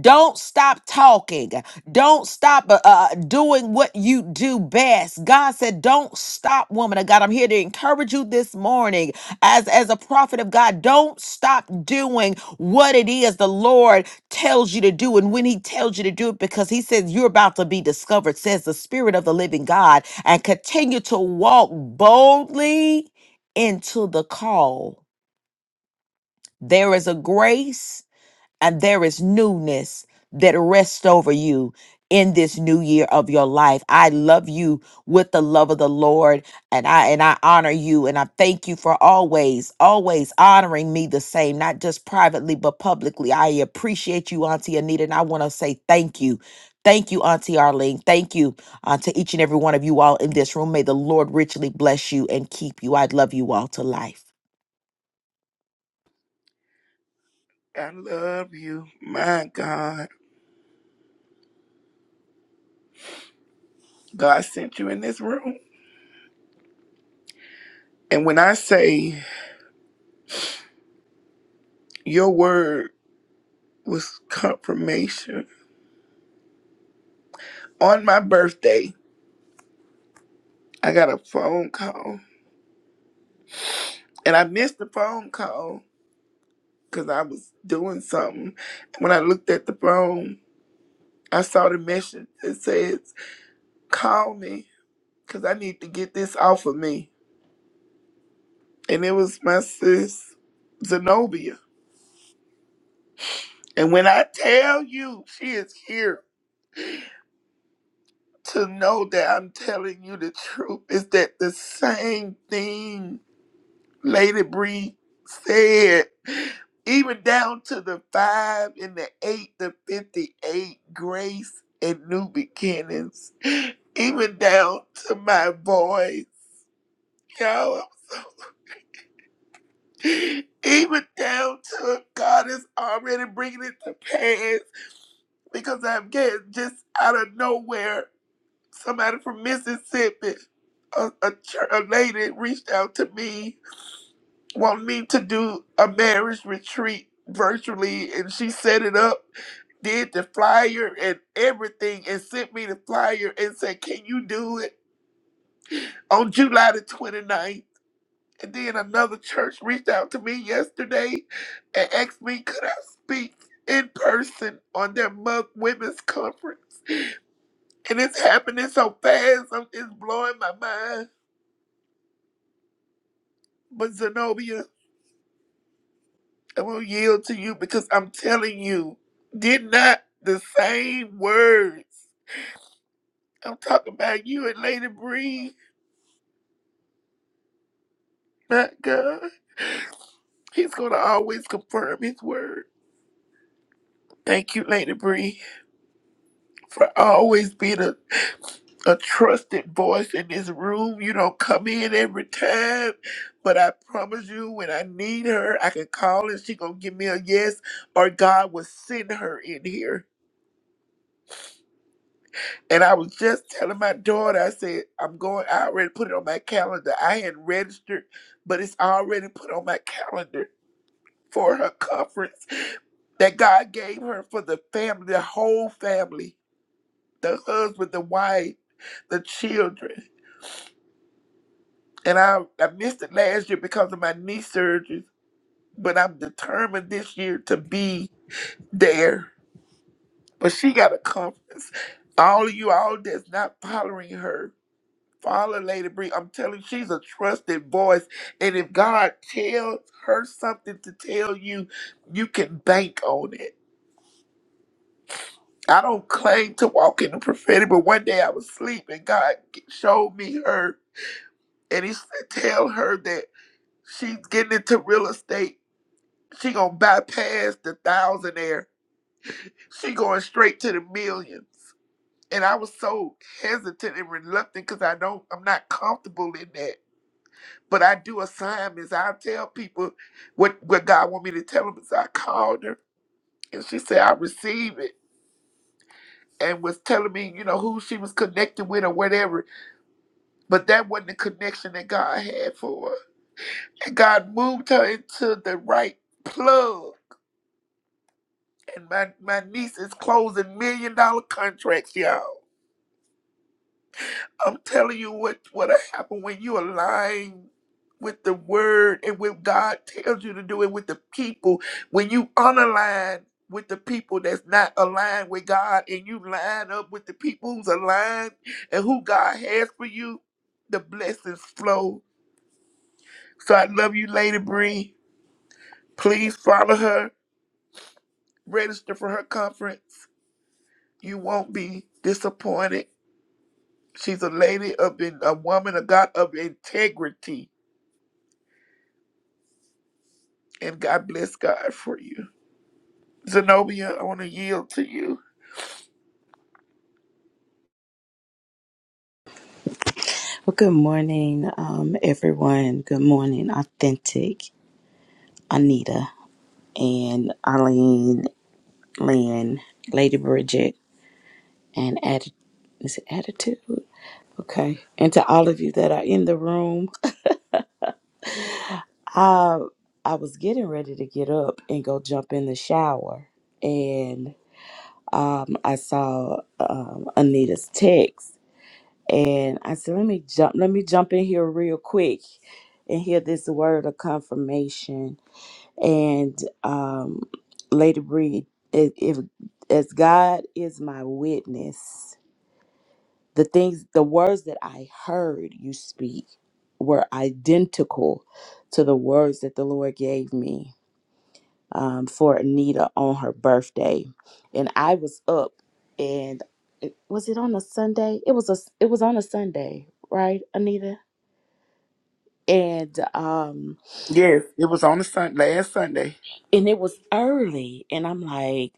[SPEAKER 4] Don't stop talking. Don't stop uh, uh, doing what you do best. God said, "Don't stop, woman of God." I'm here to encourage you this morning, as as a prophet of God. Don't stop doing what it is the Lord tells you to do, and when He tells you to do it, because He says you're about to be discovered. Says the Spirit of the Living God, and continue to walk boldly into the call. There is a grace and there is newness that rests over you in this new year of your life. I love you with the love of the Lord and I and I honor you and I thank you for always always honoring me the same not just privately but publicly. I appreciate you Auntie Anita and I want to say thank you. Thank you Auntie Arlene. Thank you uh, to each and every one of you all in this room. May the Lord richly bless you and keep you. I love you all to life.
[SPEAKER 5] Well, good morning, um, everyone. Good morning, Authentic Anita and Eileen, Lynn, Lady Bridget, and Atti- is it Attitude? Okay. And to all of you that are in the room, I, I was getting ready to get up and go jump in the shower. And um, I saw um, Anita's text. And I said, let me jump, let me jump in here real quick and hear this word of confirmation and um, Lady Breed, if, if as God is my witness, the things, the words that I heard you speak were identical to the words that the Lord gave me um, for Anita on her birthday, and I was up, and it, was it on a Sunday? It was a, it was on a Sunday, right, Anita? And um, and it was early, and I'm like.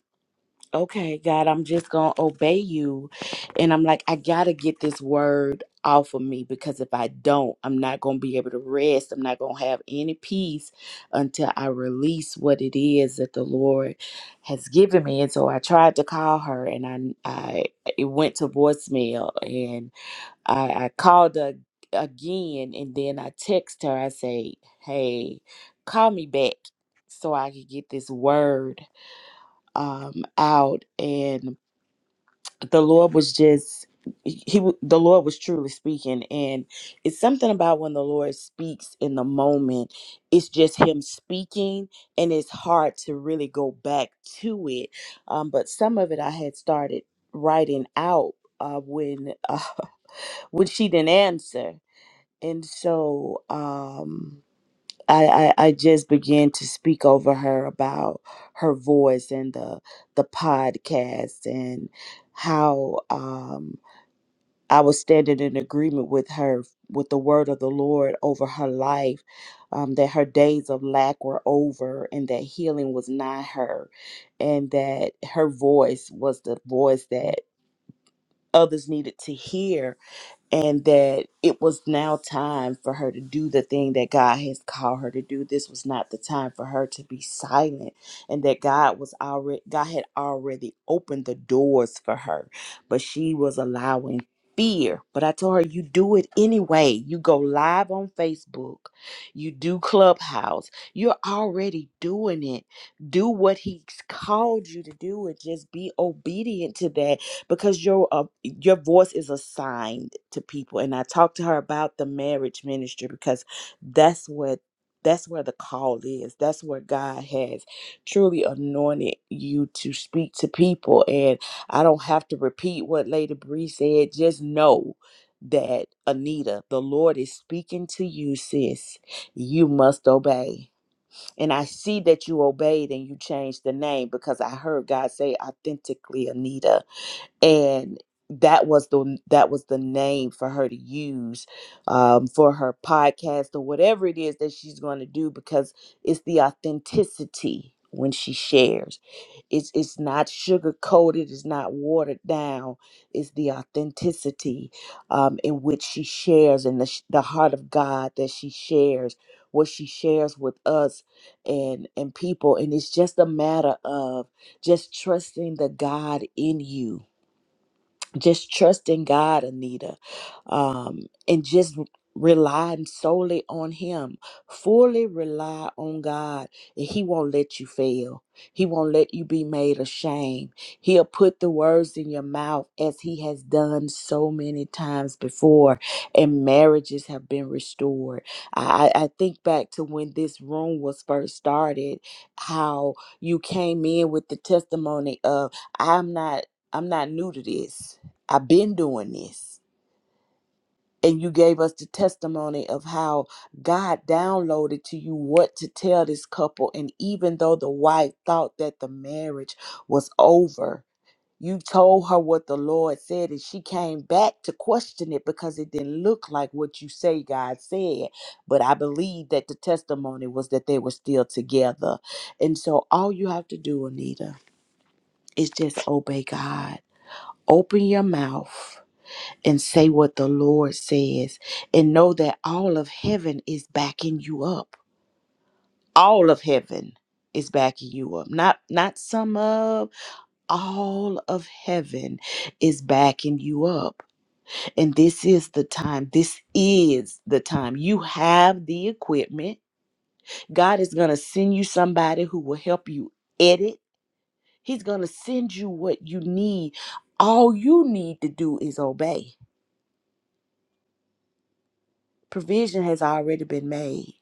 [SPEAKER 5] okay, God, I'm just going to obey you. And I'm like, I got to get this word off of me because if I don't, I'm not going to be able to rest. I'm not going to have any peace until I release what it is that the Lord has given me. And so I tried to call her and I, I it went to voicemail and I, I called her again and then I text her. I say, hey, call me back so I can get this word um, out, and the Lord was just he w- the lord was truly speaking and it's something about when the lord speaks in the moment it's just him speaking and it's hard to really go back to it um, but some of it i had started writing out uh, when uh, [LAUGHS] when she didn't answer and so um I, I, I just began to speak over her about her voice and the the podcast and how um, I was standing in agreement with her with the word of the Lord over her life, um, that her days of lack were over and that healing was nigh her, and that her voice was the voice that others needed to hear and that it was now time for her to do the thing that God has called her to do. This was not the time for her to be silent, and that God was already God had already opened the doors for her, but she was allowing fear. But I told her, you do it anyway. You go live on Facebook, you do Clubhouse. You're already doing it. Do what He's called you to do, and just be obedient to that because your uh, your voice is assigned to people and i talked to her about the marriage ministry because that's what that's where the call is that's where god has truly anointed you to speak to people and i don't have to repeat what lady bree said just know that anita the lord is speaking to you sis you must obey and i see that you obeyed and you changed the name because i heard god say authentically anita and that was the that was the name for her to use um, for her podcast or whatever it is that she's going to do because it's the authenticity when she shares it's it's not sugar coated it's not watered down it's the authenticity um, in which she shares and the, sh- the heart of god that she shares what she shares with us and and people and it's just a matter of just trusting the god in you just trust in God, Anita, um, and just relying solely on Him. Fully rely on God, and He won't let you fail. He won't let you be made ashamed. He'll put the words in your mouth as He has done so many times before, and marriages have been restored. I, I I think back to when this room was first started, how you came in with the testimony of, I'm not. I'm not new to this. I've been doing this. And you gave us the testimony of how God downloaded to you what to tell this couple. And even though the wife thought that the marriage was over, you told her what the Lord said, and she came back to question it because it didn't look like what you say God said. But I believe that the testimony was that they were still together. And so all you have to do, Anita, is just obey God. Open your mouth and say what the Lord says and know that all of heaven is backing you up. All of heaven is backing you up. Not not some of, all of heaven is backing you up. And this is the time. This is the time. You have the equipment. God is going to send you somebody who will help you edit. He's going to send you what you need. All you need to do is obey. Provision has already been made.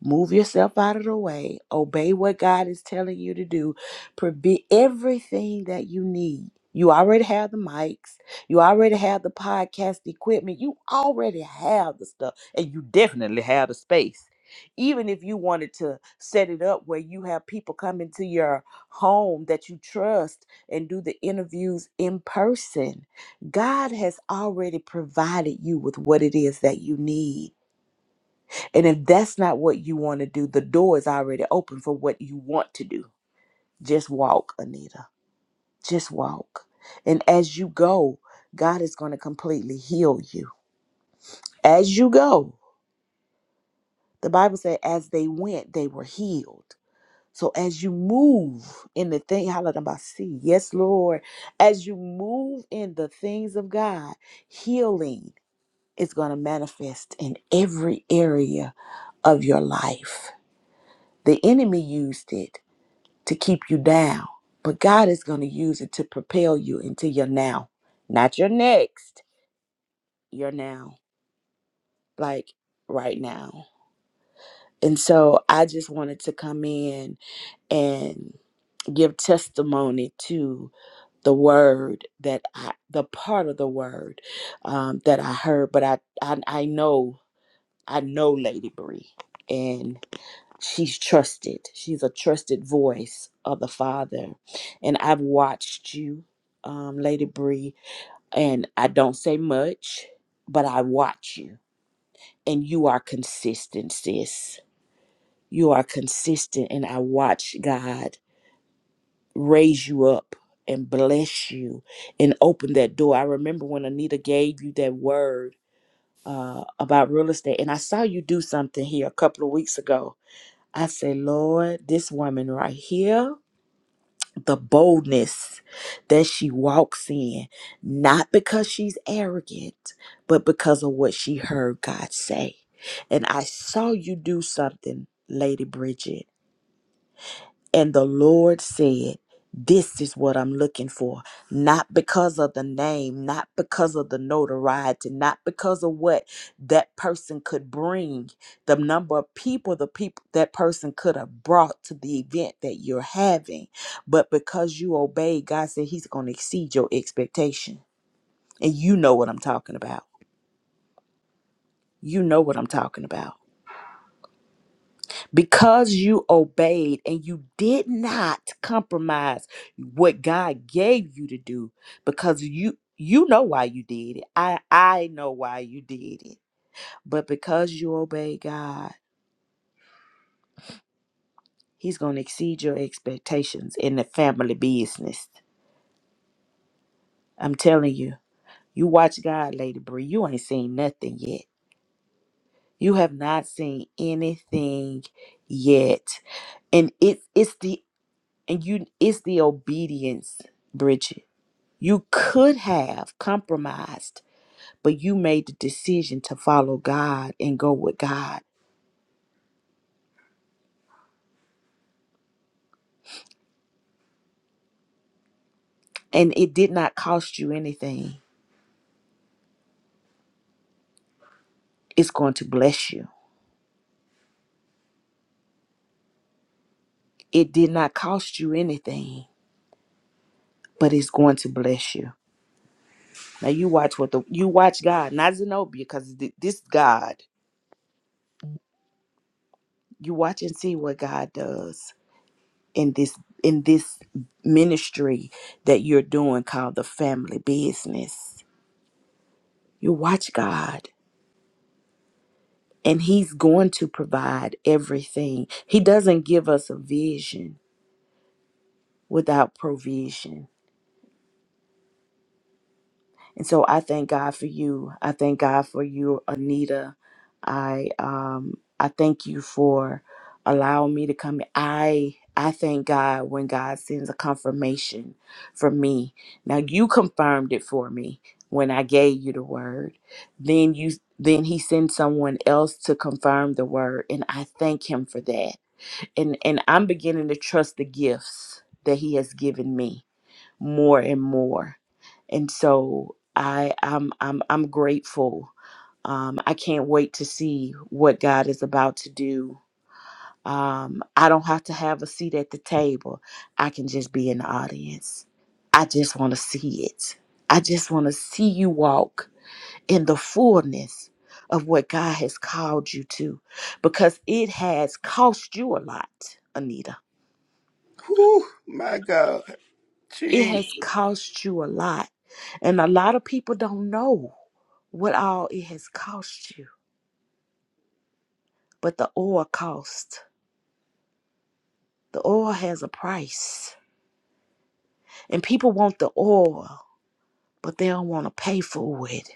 [SPEAKER 5] Move yourself out of the way. Obey what God is telling you to do. Prove everything that you need. You already have the mics. You already have the podcast equipment. You already have the stuff. And you definitely have the space. Even if you wanted to set it up where you have people come into your home that you trust and do the interviews in person, God has already provided you with what it is that you need and if that's not what you want to do, the door is already open for what you want to do. Just walk, Anita. Just walk. And as you go, God is going to completely heal you. As you go, the Bible said, as they went, they were healed. So as you move in the thing, see, yes, Lord, as you move in the things of God, healing is going to manifest in every area of your life. The enemy used it to keep you down, but God is going to use it to propel you into your now, not your next, your now, like right now. And so I just wanted to come in and give testimony to the word that I, the part of the word um, that I heard, but I, I, I know, I know Lady Bree. and. she's trusted. She's a trusted voice of the Father. And I've watched you, um, Lady Bree, and I don't say much, but I watch you. And you are consistent, sis. You are consistent, and I watch God raise you up and bless you and open that door. I remember when Anita gave you that word uh, about real estate, and I saw you do something here a couple of weeks ago. I said, Lord, this woman right here the boldness that she walks in, not because she's arrogant, but because of what she heard God say. And I saw you do something, Lady Bridget. And the Lord said, This is what I'm looking for. Not because of the name, not because of the notoriety, not because of what that person could bring, the number of people the people that person could have brought to the event that you're having. But because you obey, God said He's going to exceed your expectation. And you know what I'm talking about. You know what I'm talking about. because you obeyed and you did not compromise what God gave you to do because you you know why you did it. I I know why you did it. But because you obey God, he's going to exceed your expectations in the family business. I'm telling you. You watch God, Lady Bree. You ain't seen nothing yet. You have not seen anything yet. And it's it's the and you it's the obedience, Bridget. You could have compromised, but you made the decision to follow God and go with God. And it did not cost you anything. It's going to bless you. It did not cost you anything, but it's going to bless you. Now you watch what the you watch God, not Zenobia, because this God, you watch and see what God does in this in this ministry that you're doing called the family business. You watch God. and he's going to provide everything. He doesn't give us a vision without provision. And so I thank God for you. I thank God for you, Anita. I um I thank you for allowing me to come. I I thank God when God sends a confirmation for me. Now you confirmed it for me when I gave you the word. Then you then he sends someone else to confirm the word and I thank him for that. and and I'm beginning to trust the gifts that he has given me more and more. And so I I'm I'm I'm grateful. Um I can't wait to see what God is about to do. Um I don't have to have a seat at the table. I can just be in the audience. I just want to see it. I just want to see you walk in the fullness of what God has called you to because it has cost you a lot, Anita It has cost you a lot. And a lot of people don't know what all it has cost you. But the oil cost. The oil has a price. And people want the oil, but they don't want to pay for it.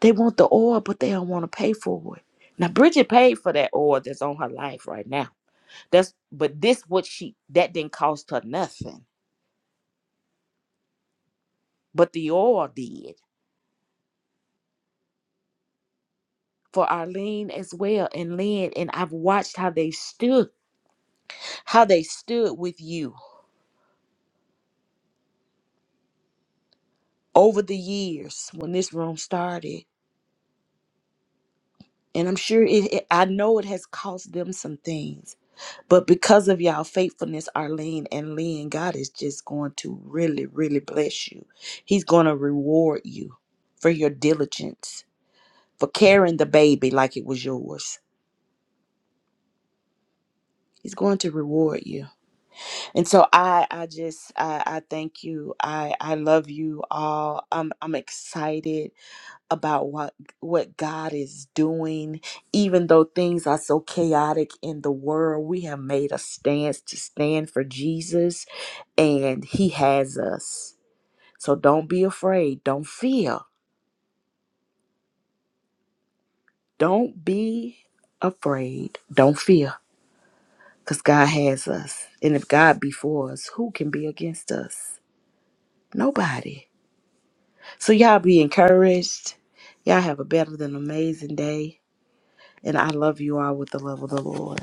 [SPEAKER 5] They want the oil, but they don't want to pay for it. Now Bridget paid for that oil that's on her life right now. That's but this what she that didn't cost her nothing. But the oil did for Arlene as well and Lynn. And I've watched how they stood how they stood with you over the years when this room started. And I'm sure it, it I know it has cost them some things. But because of y'all faithfulness, Arlene and Lynn, God is just going to really, really bless you. He's going to reward you for your diligence, for carrying the baby like it was yours. He's going to reward you. And so I I just I, I thank you. I I love you all. I'm I'm excited about what what God is doing even though things are so chaotic in the world we have made a stance to stand for Jesus and he has us so don't be afraid don't fear don't be afraid don't fear cuz God has us and if God be for us who can be against us nobody so y'all be encouraged y'all have a better than amazing day and I love you all with the love of the Lord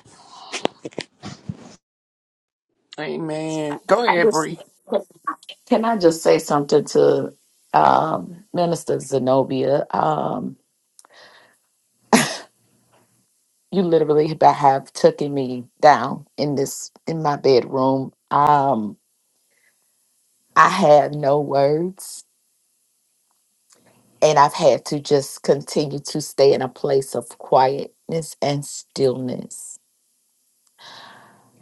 [SPEAKER 4] I just can I just uh, minister? here? you literally ba- have taken me down in this in my bedroom um i have no words and i've had to just continue to stay in a place of quietness and stillness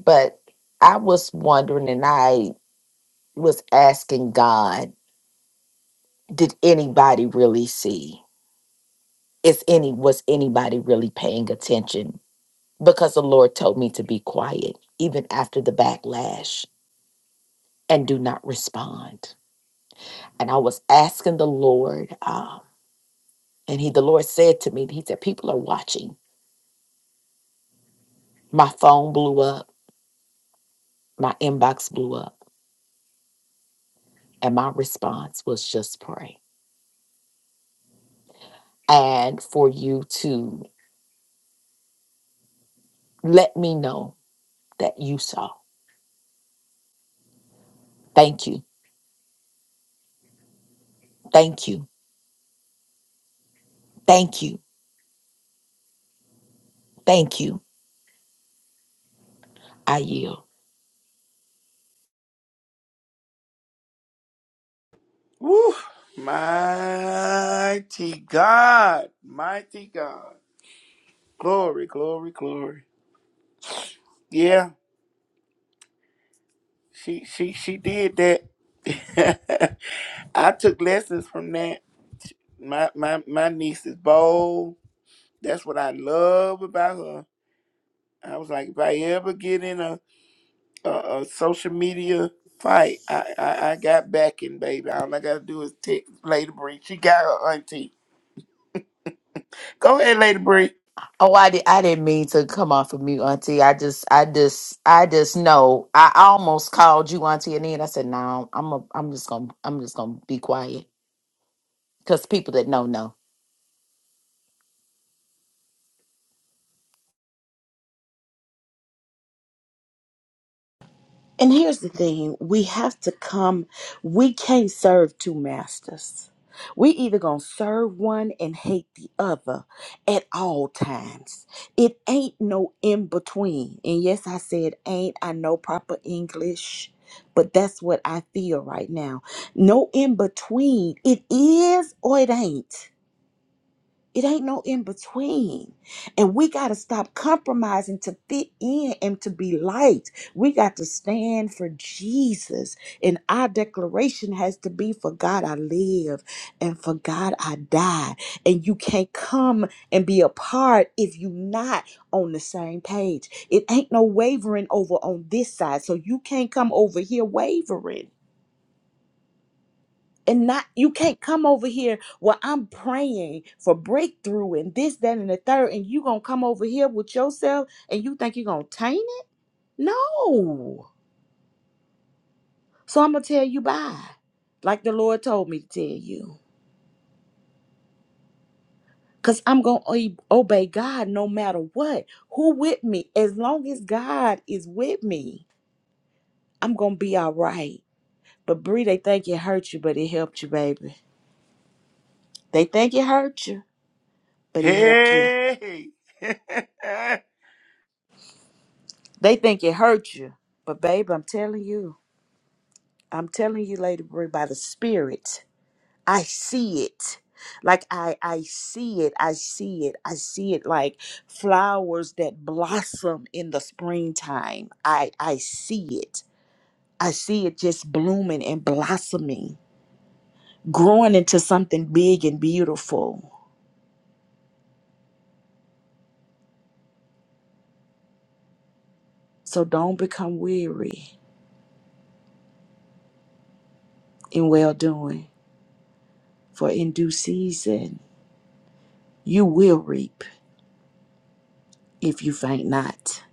[SPEAKER 4] but i was wondering and i was asking god did anybody really see is any was anybody really paying attention because the lord told me to be quiet even after the backlash and do not respond and I was asking the Lord, um, and He, the Lord said to me, He said, "People are watching." My phone blew up, my inbox blew up, and my response was just pray and for you to let me know that you saw. Thank you, thank you, thank you, thank you. I yield. Oh, I did. I didn't mean to come off of mute, Auntie. I just, I just, I just know. I almost called you, Auntie, and then I said, "No, I'm, a, I'm just gonna, I'm just gonna be quiet." Because people that know know.
[SPEAKER 5] And here's the thing we have to come, we can't serve two masters. We either gonna serve one and hate the other at all times. It ain't no in between. And yes, I said ain't. I know proper English, but that's what I feel right now. No in between. It is or it ain't. It ain't no in between. And we got to stop compromising to fit in and to be liked. We got to stand for Jesus. And our declaration has to be for God I live and for God I die. And you can't come and be a part if you not on the same page. It ain't no wavering over on this side. So you can't come over here wavering and not you can't come over here well i'm praying for breakthrough and this that and the third and you gonna come over here with yourself and you think you're gonna taint it no so i'm gonna tell you bye like the lord told me to tell you because i'm gonna o- obey god no matter what who with me as long as god is with me i'm gonna be all right but Bree, they think it hurt you but it helped you baby they think it hurt you but it helped you They think it hurt you. But babe, I'm telling you, I'm telling you, Lady Bree, by the spirit, I see it. Like I I see it. I see it. I see it like flowers that blossom in the springtime. I I see it. I see it just blooming and blossoming, growing into something big and beautiful. So don't become weary in well doing, for in due season you will reap if you faint not.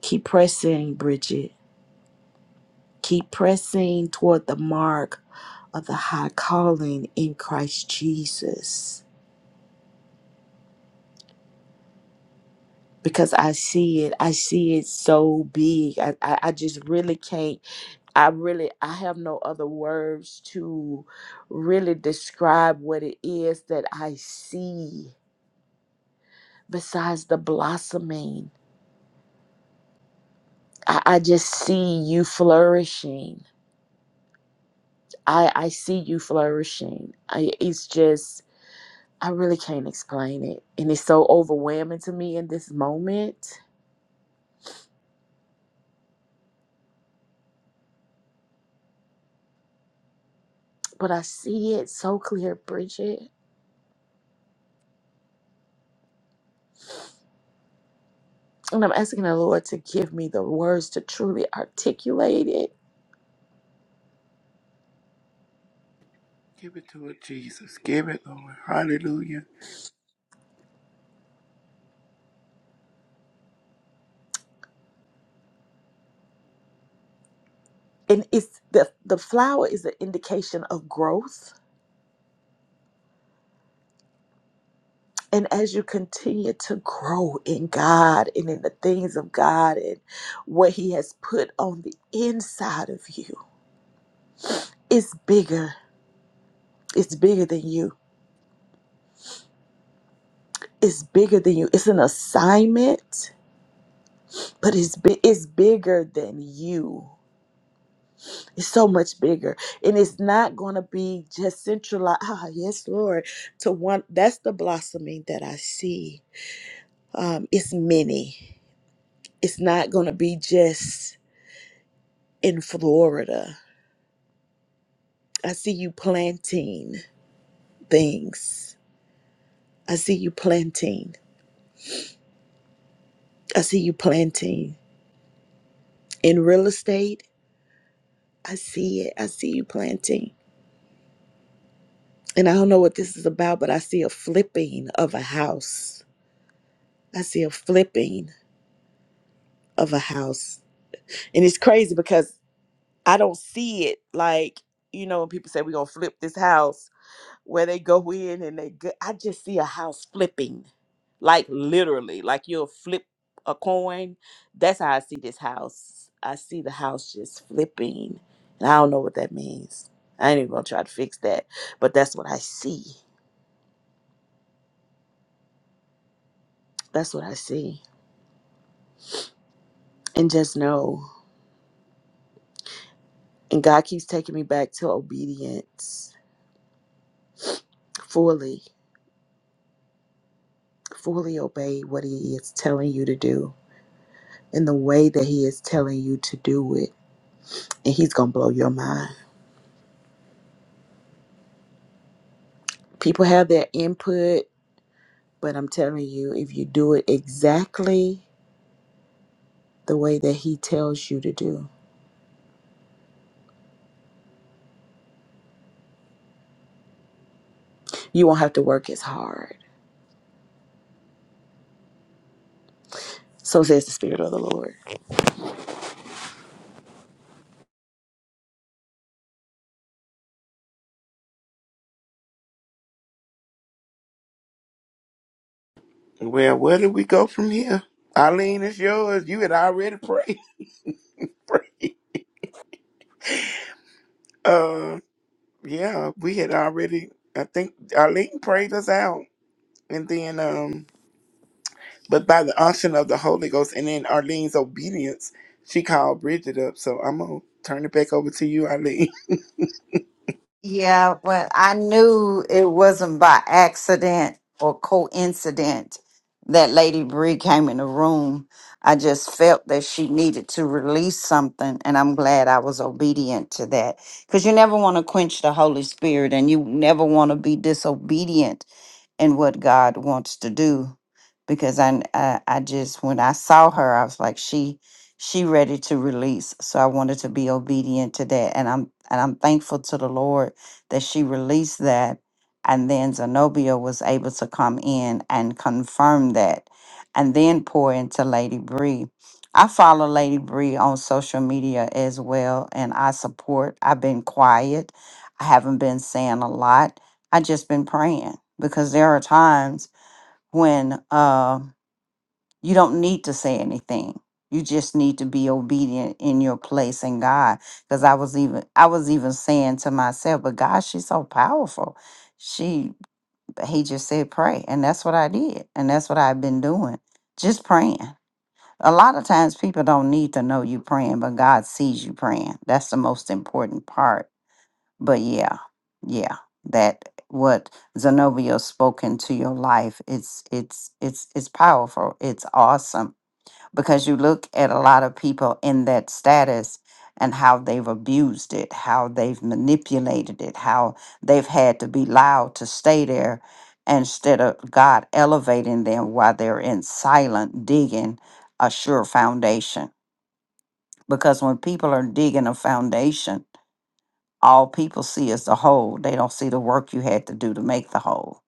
[SPEAKER 5] Keep pressing, Bridget. Keep pressing toward the mark of the high calling in Christ Jesus. Because I see it. I see it so big. I, I, I just really can't. I really, I have no other words to really describe what it is that I see besides the blossoming. I, I just see you flourishing. I, I see you flourishing. I, it's just I really can't explain it. And it's so overwhelming to me in this moment. But I see it so clear, Bridget. And I'm asking the Lord to give me the words to truly articulate it. And it's the the flower is an indication of growth. And as you continue to grow in God and in the things of God and what He has put on the inside of you, it's bigger. It's bigger than you. It's bigger than you. It's an assignment but it's bi- it's bigger than you. It's so much bigger, and it's not going to be just centralized. Ah, yes, Lord. To one, that's the blossoming that I see. Um, it's many. It's not going to be just in Florida. I see you planting things. I see you planting. I see you planting in real estate. I see it. I see you planting. And I don't know what this is about, but I see a flipping of a house. I see a flipping of a house. And it's crazy because I don't see it like, you know, when people say we're going to flip this house where they go in and they go, I just see a house flipping. Like literally, like you'll flip a coin. That's how I see this house. I see the house just flipping. And I don't know what that means. I ain't even going to try to fix that. But that's what I see. That's what I see. And just know. And God keeps taking me back to obedience fully fully obey what he is telling you to do in the way that he is telling you to do it and he's going to blow your mind people have their input but i'm telling you if you do it exactly the way that he tells you to do you won't have to work as hard so says the spirit of the lord
[SPEAKER 1] Yeah, well, I knew it wasn't by accident or coincidence that Lady Bree came in the room. I just felt that she needed to release something, and I'm glad I was obedient to that. Because you never want to quench the Holy Spirit, and you never want to be disobedient and what God wants to do. Because I, I, I just when I saw her, I was like, she, she ready to release. So I wanted to be obedient to that, and I'm and I'm thankful to the Lord that she released that, and then Zenobia was able to come in and confirm that, and then pour into Lady Bree. I follow Lady Bree on social media as well, and I support. I've been quiet. I haven't been saying a lot I just been praying because there are times when uh, you don't need to say anything. You just need to be obedient in your place in God. Because I was even I was even saying to myself, but God, she's so powerful. She he just said pray, and that's what I did, and that's what I've been doing, just praying. A lot of times people don't need to know you praying, but God sees you praying. That's the most important part but yeah, yeah, that what Zenobia spoke into your life, it's it's it's it's powerful. It's awesome because you look at a lot of people in that status and how they've abused it, how they've manipulated it, how they've had to be loud to stay there instead of God elevating them while they're in silent digging a sure foundation. Because when people are digging a foundation, all people see is the whole. They don't see the work you had to do to make the whole.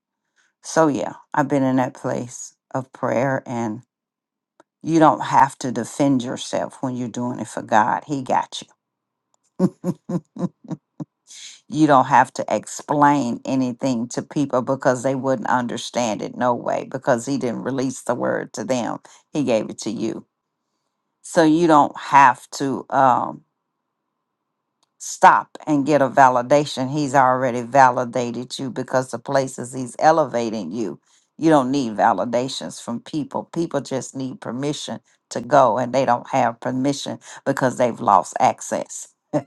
[SPEAKER 1] So, yeah, I've been in that place of prayer, and you don't have to defend yourself when you're doing it for God. He got you. [LAUGHS] you don't have to explain anything to people because they wouldn't understand it, no way, because He didn't release the word to them. He gave it to you. So, you don't have to. Um, stop and get a validation. He's already validated you because the places he's elevating you, you don't need validations from people. People just need permission to go, and they don't have permission because they've lost access. [LAUGHS]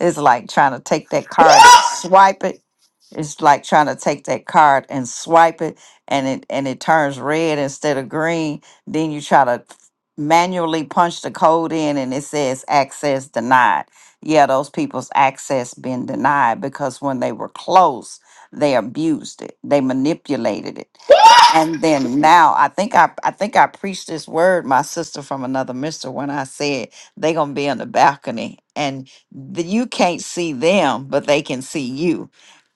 [SPEAKER 1] it's like trying to take that card, swipe it. It's like trying to take that card and swipe it, and it and it turns red instead of green. Then you try to manually punch the code in, and it says access denied yeah, those people's access been denied because when they were close, they abused it, they manipulated it, and then now I think I I think I preached this word, my sister from another mister, when I said they gonna be on the balcony and the, you can't see them, but they can see you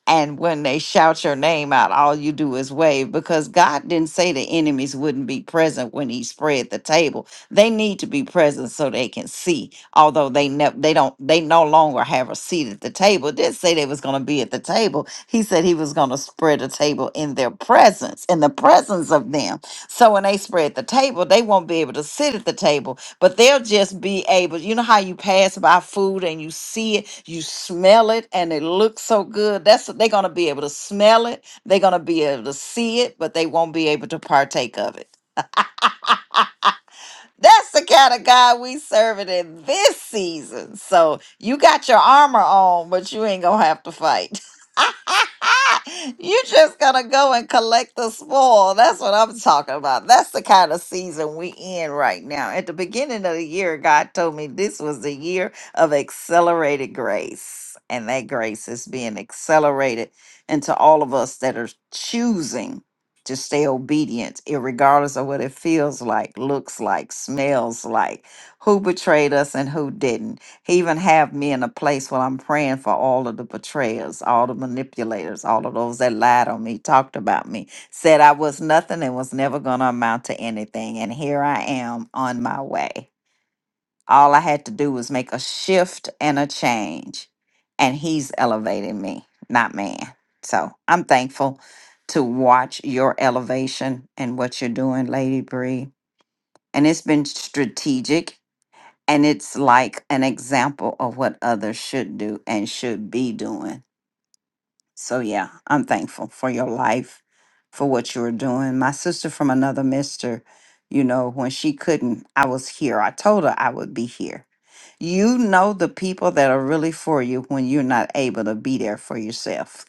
[SPEAKER 1] and when they shout your name out, all you do is wave because God didn't say the enemies wouldn't be present when He spread the table. They need to be present so they can see. Although they never, they don't they no longer have a seat at the table. It didn't say they was going to be at the table. He said He was going to spread a table in their presence, in the presence of them. So when they spread the table, they won't be able to sit at the table but they'll just be able you know how you pass by food and you see it you smell it and it looks so good that's they're going to be able to smell it they're going to be able to see it but they won't be able to partake of it that's the kind of God we serving in this season so you got your armor on but you ain't gonna have to fight [LAUGHS] you just gonna go and collect the spoil. That's what I'm talking about. That's the kind of season we in right now. At the beginning of the year, God told me this was the year of accelerated grace. And that grace is being accelerated into all of us that are choosing to stay obedient, regardless of what it feels like, looks like, smells like, who betrayed us and who didn't. He even have me in a place where I'm praying for all of the betrayers, all the manipulators, all of those that lied on me, talked about me, said I was nothing and was never going to amount to anything. And here I am on my way. All I had to do was make a shift and a change. And he's elevating me, not man. So I'm thankful to watch your elevation and what you're doing, Lady Bree. And it's been strategic and it's like an example of what others should do and should be doing. So yeah, I'm thankful for your life, for what you were doing. My sister from another mister, you know, when she couldn't, I was here. I told her I would be here. You know the people that are really for you when you're not able to be there for yourself.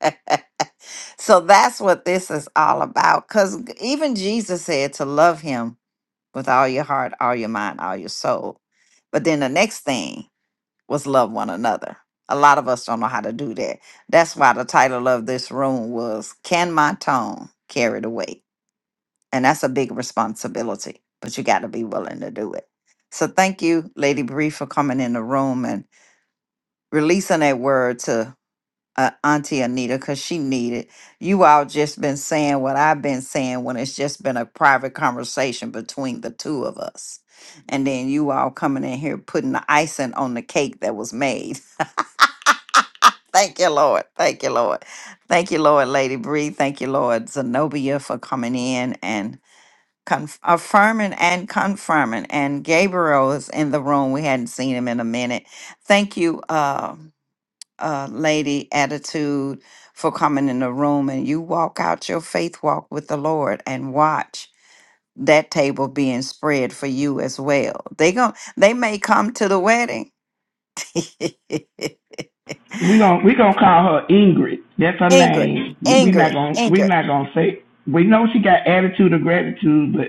[SPEAKER 1] [LAUGHS] so that's what this is all about. Because even Jesus said to love him with all your heart, all your mind, all your soul. But then the next thing was love one another. A lot of us don't know how to do that. That's why the title of this room was Can My Tone Carry the Weight? And that's a big responsibility, but you got to be willing to do it. So thank you, Lady Bree, for coming in the room and releasing that word to uh, Auntie Anita because she needed. You all just been saying what I've been saying when it's just been a private conversation between the two of us. And then you all coming in here putting the icing on the cake that was made. [LAUGHS] Thank you, Lord. Thank you, Lord. Thank you, Lord, Lady Bree. Thank you, Lord, Zenobia, for coming in and conf- affirming and confirming. And Gabriel is in the room. We hadn't seen him in a minute. Thank you. Uh, uh, lady attitude for coming in the room and you walk out your faith walk with the Lord and watch that table being spread for you as well. They going they may come to the wedding. [LAUGHS] Ingrid, Ingrid, Ingrid.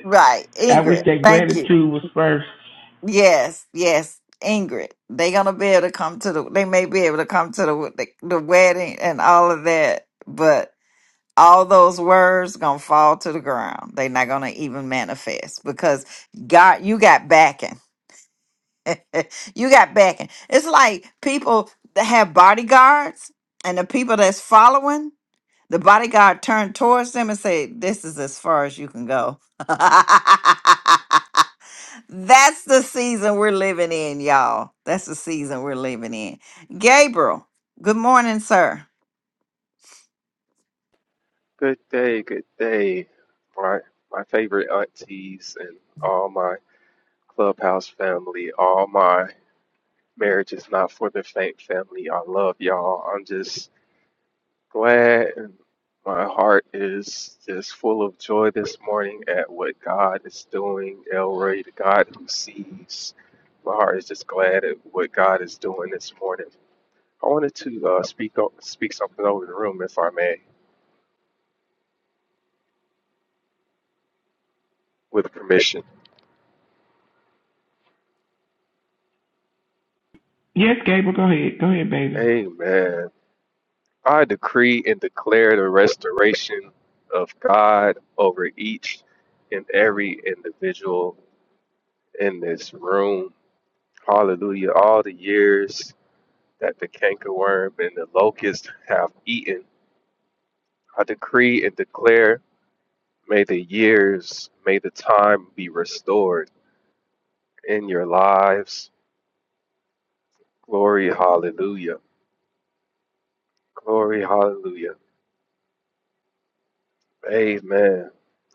[SPEAKER 1] Right, Ingrid. Thank you. Yes, yes, Ingrid. They gonna be able to come to the. They may be able to come to the the, the wedding and all of that, but. all those words gonna fall to the ground. They're not gonna even manifest because God, you got backing. [LAUGHS] you got backing. It's like people that have bodyguards and the people that's following the bodyguard turn towards them and say, "This is as far as you can go." [LAUGHS] that's the season we're living in, y'all. That's the season we're living in. Gabriel, good morning, sir.
[SPEAKER 6] Good day, good day. My my favorite aunties and all my clubhouse family, all my marriage is not for the faint family. I love y'all. I'm just glad and my heart is just full of joy this morning at what God is doing. Elroy, the God who sees. My heart is just glad at what God is doing this morning. I wanted to uh, speak o- speak something over the room, if I may, with permission. Amen. I decree and declare the restoration of God over each and every individual in this room. Hallelujah. All the years that the cankerworm and the locust have eaten, I decree and declare, may the years, may the time be restored in your lives. Glory, hallelujah. Glory, hallelujah. Amen.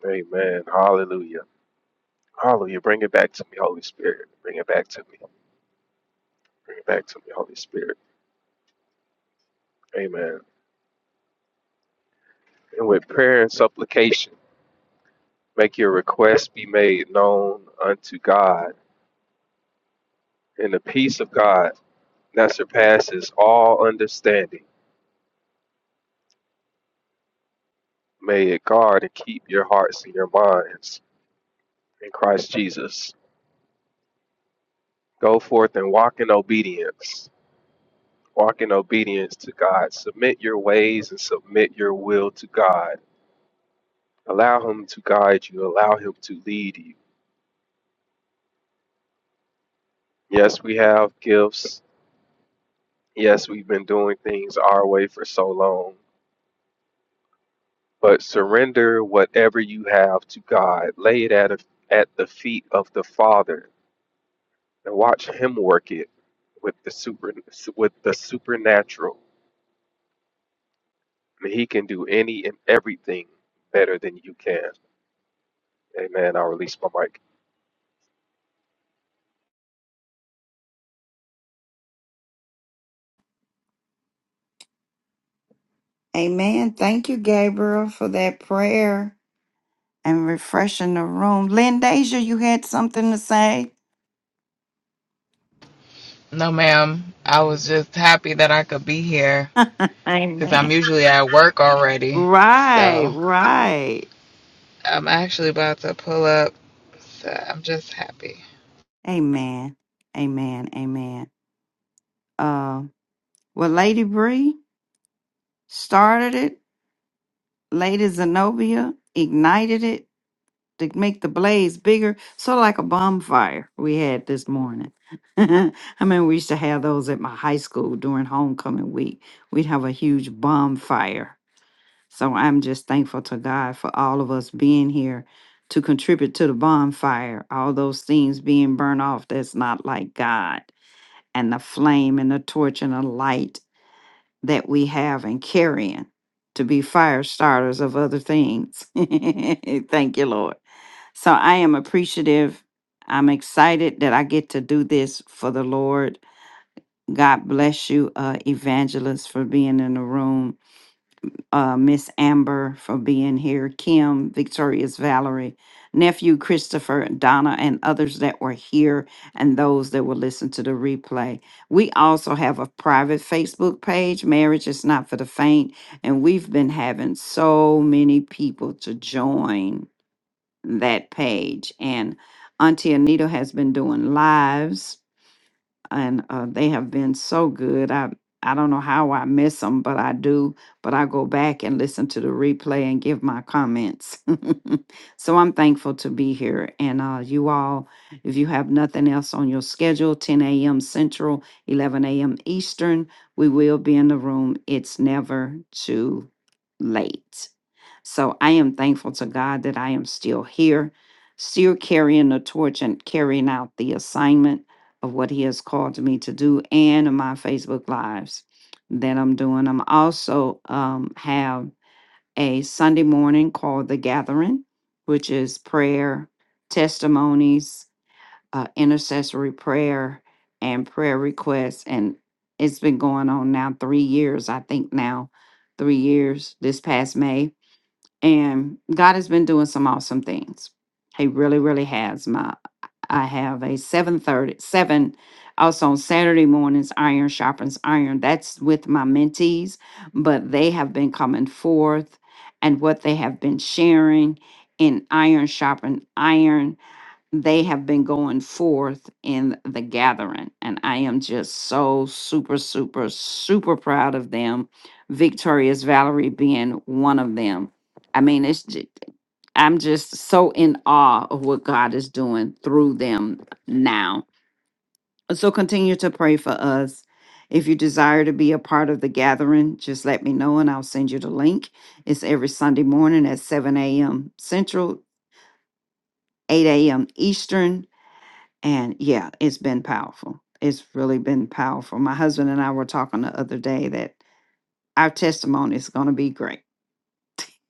[SPEAKER 6] Amen. Hallelujah. Hallelujah. Bring it back to me, Holy Spirit. Bring it back to me. Bring it back to me, Holy Spirit. Amen. And with prayer and supplication, make your requests be made known unto God. And the peace of God that surpasses all understanding, may it guard and keep your hearts and your minds in Christ Jesus. Go forth and walk in obedience. Walk in obedience to God. Submit your ways and submit your will to God. Allow Him to guide you. Allow Him to lead you Yes, we have gifts. Yes, we've been doing things our way for so long. But surrender whatever you have to God. Lay it at, at the feet of the Father and watch Him work it with the super with the supernatural. And he can do any and everything better than you can. Amen. I'll release my mic.
[SPEAKER 1] Amen. Thank you, Gabriel, for that prayer and refreshing the room. Lindasia, you had something to say?
[SPEAKER 2] No, ma'am. I was just happy that I could be here because I'm
[SPEAKER 1] Amen.
[SPEAKER 2] usually at work already.
[SPEAKER 1] Right,
[SPEAKER 2] So
[SPEAKER 1] right.
[SPEAKER 2] I'm actually about to pull up. So I'm just happy.
[SPEAKER 1] Amen. Amen. Amen. Uh, well, Lady Bree started it. Lady Zenobia ignited it to make the blaze bigger, so like a bonfire we had this morning. [LAUGHS] I mean, we used to have those at my high school during homecoming week. We'd have a huge bonfire. So I'm just thankful to God for all of us being here to contribute to the bonfire, all those things being burned off that's not like God, and the flame and the torch and the light that we have and carrying to be fire starters of other things. [LAUGHS] Thank you, Lord. So I am appreciative. I'm excited that I get to do this for the Lord. God bless you, uh, evangelist, for being in the room uh, Miss Amber for being here, Kim, Victorious Valerie, nephew Christopher, Donna, and others that were here, and those that will listen to the replay. We also have a private Facebook page, Marriage is Not for the Faint, and we've been having so many people to join that page. And Auntie Anita has been doing lives and uh, they have been so good. I I don't know how I miss them, but I do. But I go back and listen to the replay and give my comments. [LAUGHS] so I'm thankful to be here. And uh, you all, if you have nothing else on your schedule, 10 a.m. Central, 11 a.m. Eastern, we will be in the room. It's never too late. So I am thankful to God that I am still here, still carrying the torch and carrying out the assignment of what he has called me to do and in my Facebook lives that I'm doing. I'm also um, have a Sunday morning called The Gathering, which is prayer, testimonies, uh, intercessory prayer, and prayer requests. And it's been going on now three years, I think now, three years this past May. And God has been doing some awesome things. He really, really has. my. I have a seven thirty seven. Also on Saturday mornings, Iron Sharpens Iron. That's with my mentees, but they have been coming forth and what they have been sharing in Iron Sharpen Iron they have been going forth in the gathering and i am just so super super super proud of them victorious valerie being one of them i mean it's ju- i'm just so in awe of what god is doing through them now so continue to pray for us if you desire to be a part of the gathering just let me know and i'll send you the link it's every sunday morning at 7 a.m central 8 a.m eastern and yeah, it's been powerful. It's really been powerful. My husband and I were talking the other day that our testimony is going to be great.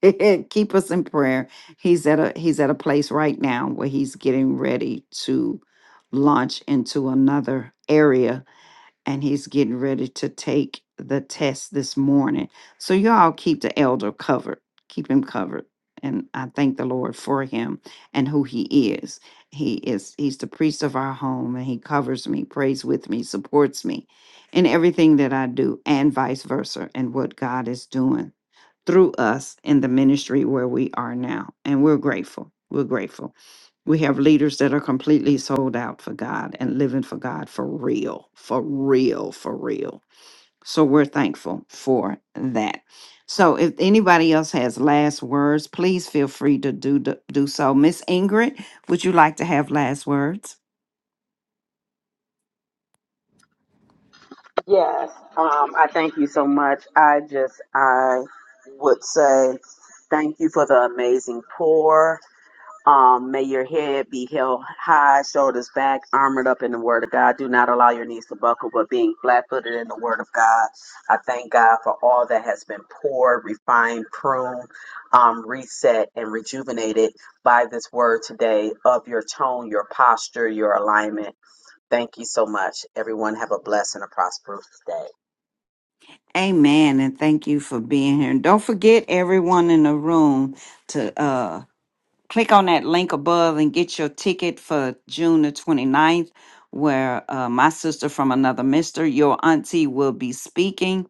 [SPEAKER 1] [LAUGHS] Keep us in prayer. He's at a he's at a place right now where he's getting ready to launch into another area and he's getting ready to take the test this morning. So y'all keep the elder covered. Keep him covered. And I thank the Lord for him and who he is. He is he's the priest of our home and he covers me, prays with me, supports me in everything that I do and vice versa and what God is doing through us in the ministry where we are now. And we're grateful. We're grateful. We have leaders that are completely sold out for God and living for God for real, for real, for real. So we're thankful for that. So if anybody else has last words, please feel free to do do, do so. Miss Ingrid, would you like to have last words?
[SPEAKER 3] Yes, um, I thank you so much. I just, I would say thank you for the amazing pour. Um, may your head be held high, shoulders back, armored up in the word of God. Do not allow your knees to buckle, but being flat footed in the word of God. I thank God for all that has been poured, refined, pruned, um, reset, and rejuvenated by this word today of your tone, your posture, your alignment. Thank you so much. Everyone have a blessed and a prosperous day.
[SPEAKER 1] Amen, and thank you for being here. And don't forget everyone in the room to uh click on that link above and get your ticket for June the 29th, where uh, my sister from another mister, your auntie, will be speaking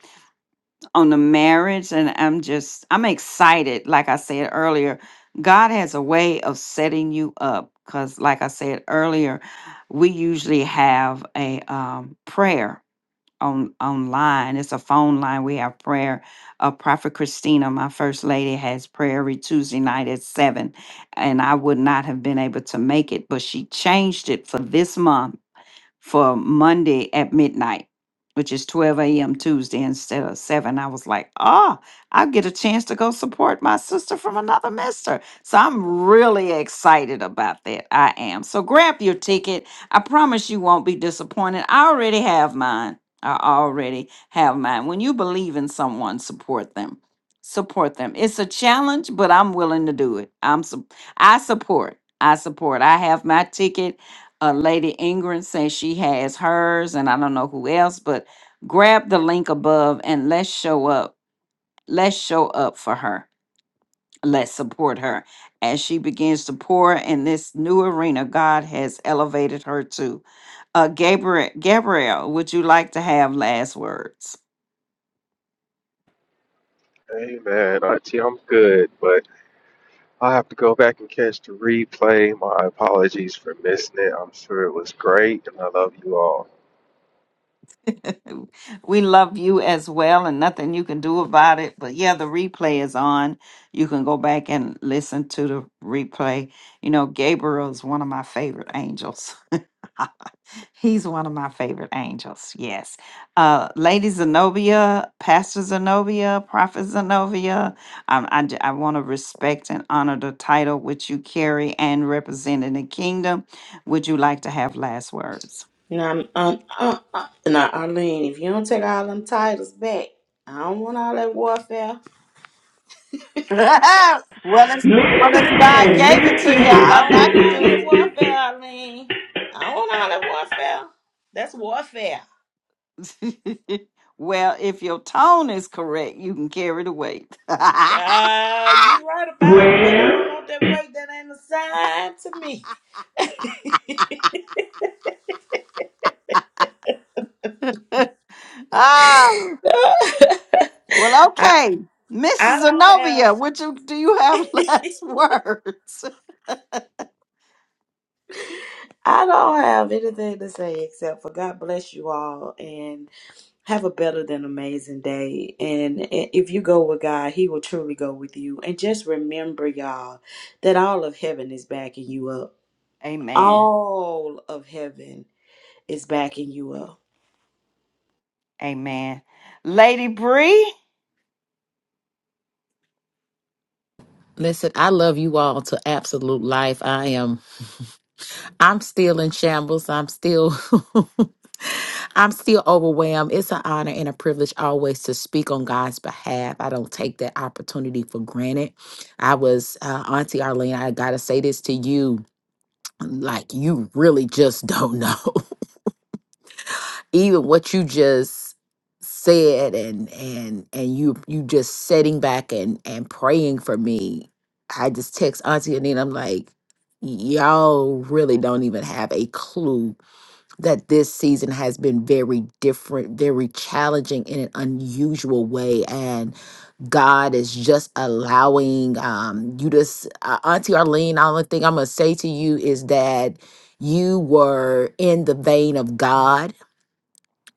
[SPEAKER 1] on the marriage. And I'm just, I'm excited. Like I said earlier, God has a way of setting you up. Because, like I said earlier, we usually have a um, prayer on online. It's a phone line. We have prayer. Uh, Prophet Christina, my first lady, has prayer every Tuesday night at seven, and I would not have been able to make it, but she changed it for this month for Monday at midnight, which is 12 a.m. Tuesday instead of 7. I was like, oh, I'll get a chance to go support my sister from another mister. So I'm really excited about that. I am. So grab your ticket. I promise you won't be disappointed. I already have mine. I already have mine. When you believe in someone, support them. Support them. It's a challenge, but I'm willing to do it. I'm su- I support. I support. I have my ticket uh, Lady Ingram says she has hers, and I don't know who else, but grab the link above and let's show up. Let's show up for her. Let's support her as she begins to pour in this new arena God has elevated her to. Uh, Gabriel, Gabriel, would you like to have last words?
[SPEAKER 6] Amen. Auntie, I'm good, but I have to go back and catch the replay. My apologies for missing it. I'm sure it was great, and I love you all.
[SPEAKER 1] [LAUGHS] we love you as well, and nothing you can do about it. But yeah, the replay is on. You can go back and listen to the replay. You know, Gabriel is one of my favorite angels. [LAUGHS] He's one of my favorite angels. Yes. Uh, Lady Zenobia, Pastor Zenobia, Prophet Zenobia. Um, I, j- I want to respect and honor the title which you carry and represent in the kingdom. Would you like to have last words?
[SPEAKER 5] Now, um, uh, uh, now, Arlene, if you don't take all them titles back, I don't want all that warfare.
[SPEAKER 1] [LAUGHS] well, it's, well, if God gave it to you, ain't
[SPEAKER 5] I
[SPEAKER 1] nothing
[SPEAKER 5] don't
[SPEAKER 1] I
[SPEAKER 5] want
[SPEAKER 1] can
[SPEAKER 5] all that warfare, Arlene. I don't want all that warfare. That's warfare.
[SPEAKER 1] do. [LAUGHS] well, if your tone is correct, you can carry the weight. [LAUGHS]
[SPEAKER 5] Uh, you right about it, but I don't want that weight that ain't assigned to me.
[SPEAKER 1] oh,
[SPEAKER 5] [LAUGHS]
[SPEAKER 1] well,
[SPEAKER 5] I
[SPEAKER 1] okay.
[SPEAKER 5] I
[SPEAKER 1] Mrs.
[SPEAKER 5] don't have
[SPEAKER 1] Zenobia, would you do you have [LAUGHS] last words?
[SPEAKER 5] I don't have anything to say except for God bless you all and have a better than amazing day. And i- if you go with God, He will truly go with you. And just remember, y'all, that all of heaven is backing you up.
[SPEAKER 1] Amen.
[SPEAKER 5] All of heaven is backing you up.
[SPEAKER 1] Amen. Lady Bree,
[SPEAKER 4] Listen, I love you all to absolute life. I am [LAUGHS] I'm still in shambles. I'm still [LAUGHS] I'm still overwhelmed. It's an honor and a privilege always to speak on God's behalf. I don't take that opportunity for granted. I was uh, Auntie Arlene, I got to say this to you like you really just don't know. [LAUGHS] even what you just said and and and you you just sitting back and and praying for me i just text auntie and i'm like y'all really don't even have a clue that this season has been very different very challenging in an unusual way and god is just allowing um you to s- uh, auntie arlene the only thing i'm gonna say to you is that you were in the vein of god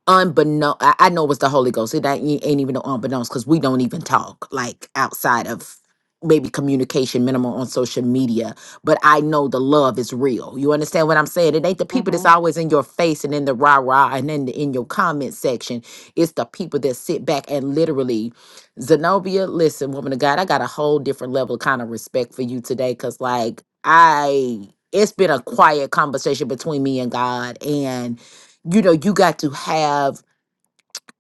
[SPEAKER 4] unbeknown I, I know it was the Holy Ghost. It ain't, ain't even no unbeknownst because we don't even talk like outside of maybe communication minimal on social media. But I know the love is real. You understand what I'm saying? It ain't the people that's
[SPEAKER 1] hmm
[SPEAKER 4] always in your face and in the rah-rah and in the, in your comment section. It's the people that sit back and literally Zenobia, listen, woman of God, I got a whole different level of kind of respect for you today. Cause like I it's been a quiet conversation between me and God. and you know you got to have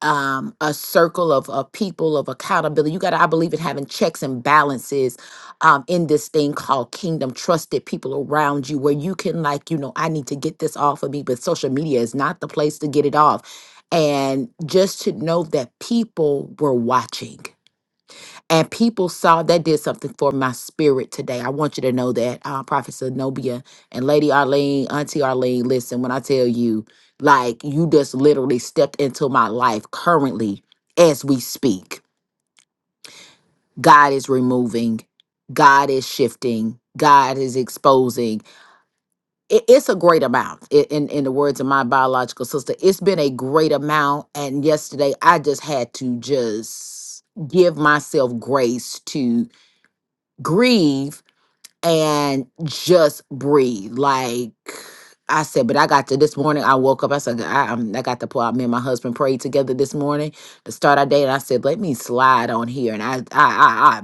[SPEAKER 4] um a circle of, of people of accountability you got to i believe in having checks and balances um in this thing called kingdom trusted people around you where you can like you know i need to get this off of me but social media is not the place to get it off and just to know that people were watching and people saw that did something for my spirit today. I want you to know that, uh, Prophet Zenobia and Lady Arlene, Auntie Arlene. Listen, when I tell you, like you just literally stepped into my life currently as we speak. God is removing, God is shifting, God is exposing. It, it's a great amount. I- in in the words of my biological sister, it's been a great amount. And yesterday, I just had to just give myself grace to grieve and just breathe. Like I said, but I got to this morning. I woke up. I said, I, I'm- I got to pull out. Me and my husband prayed together this morning to start our day. And I said, let me slide on here. And I, I, I, I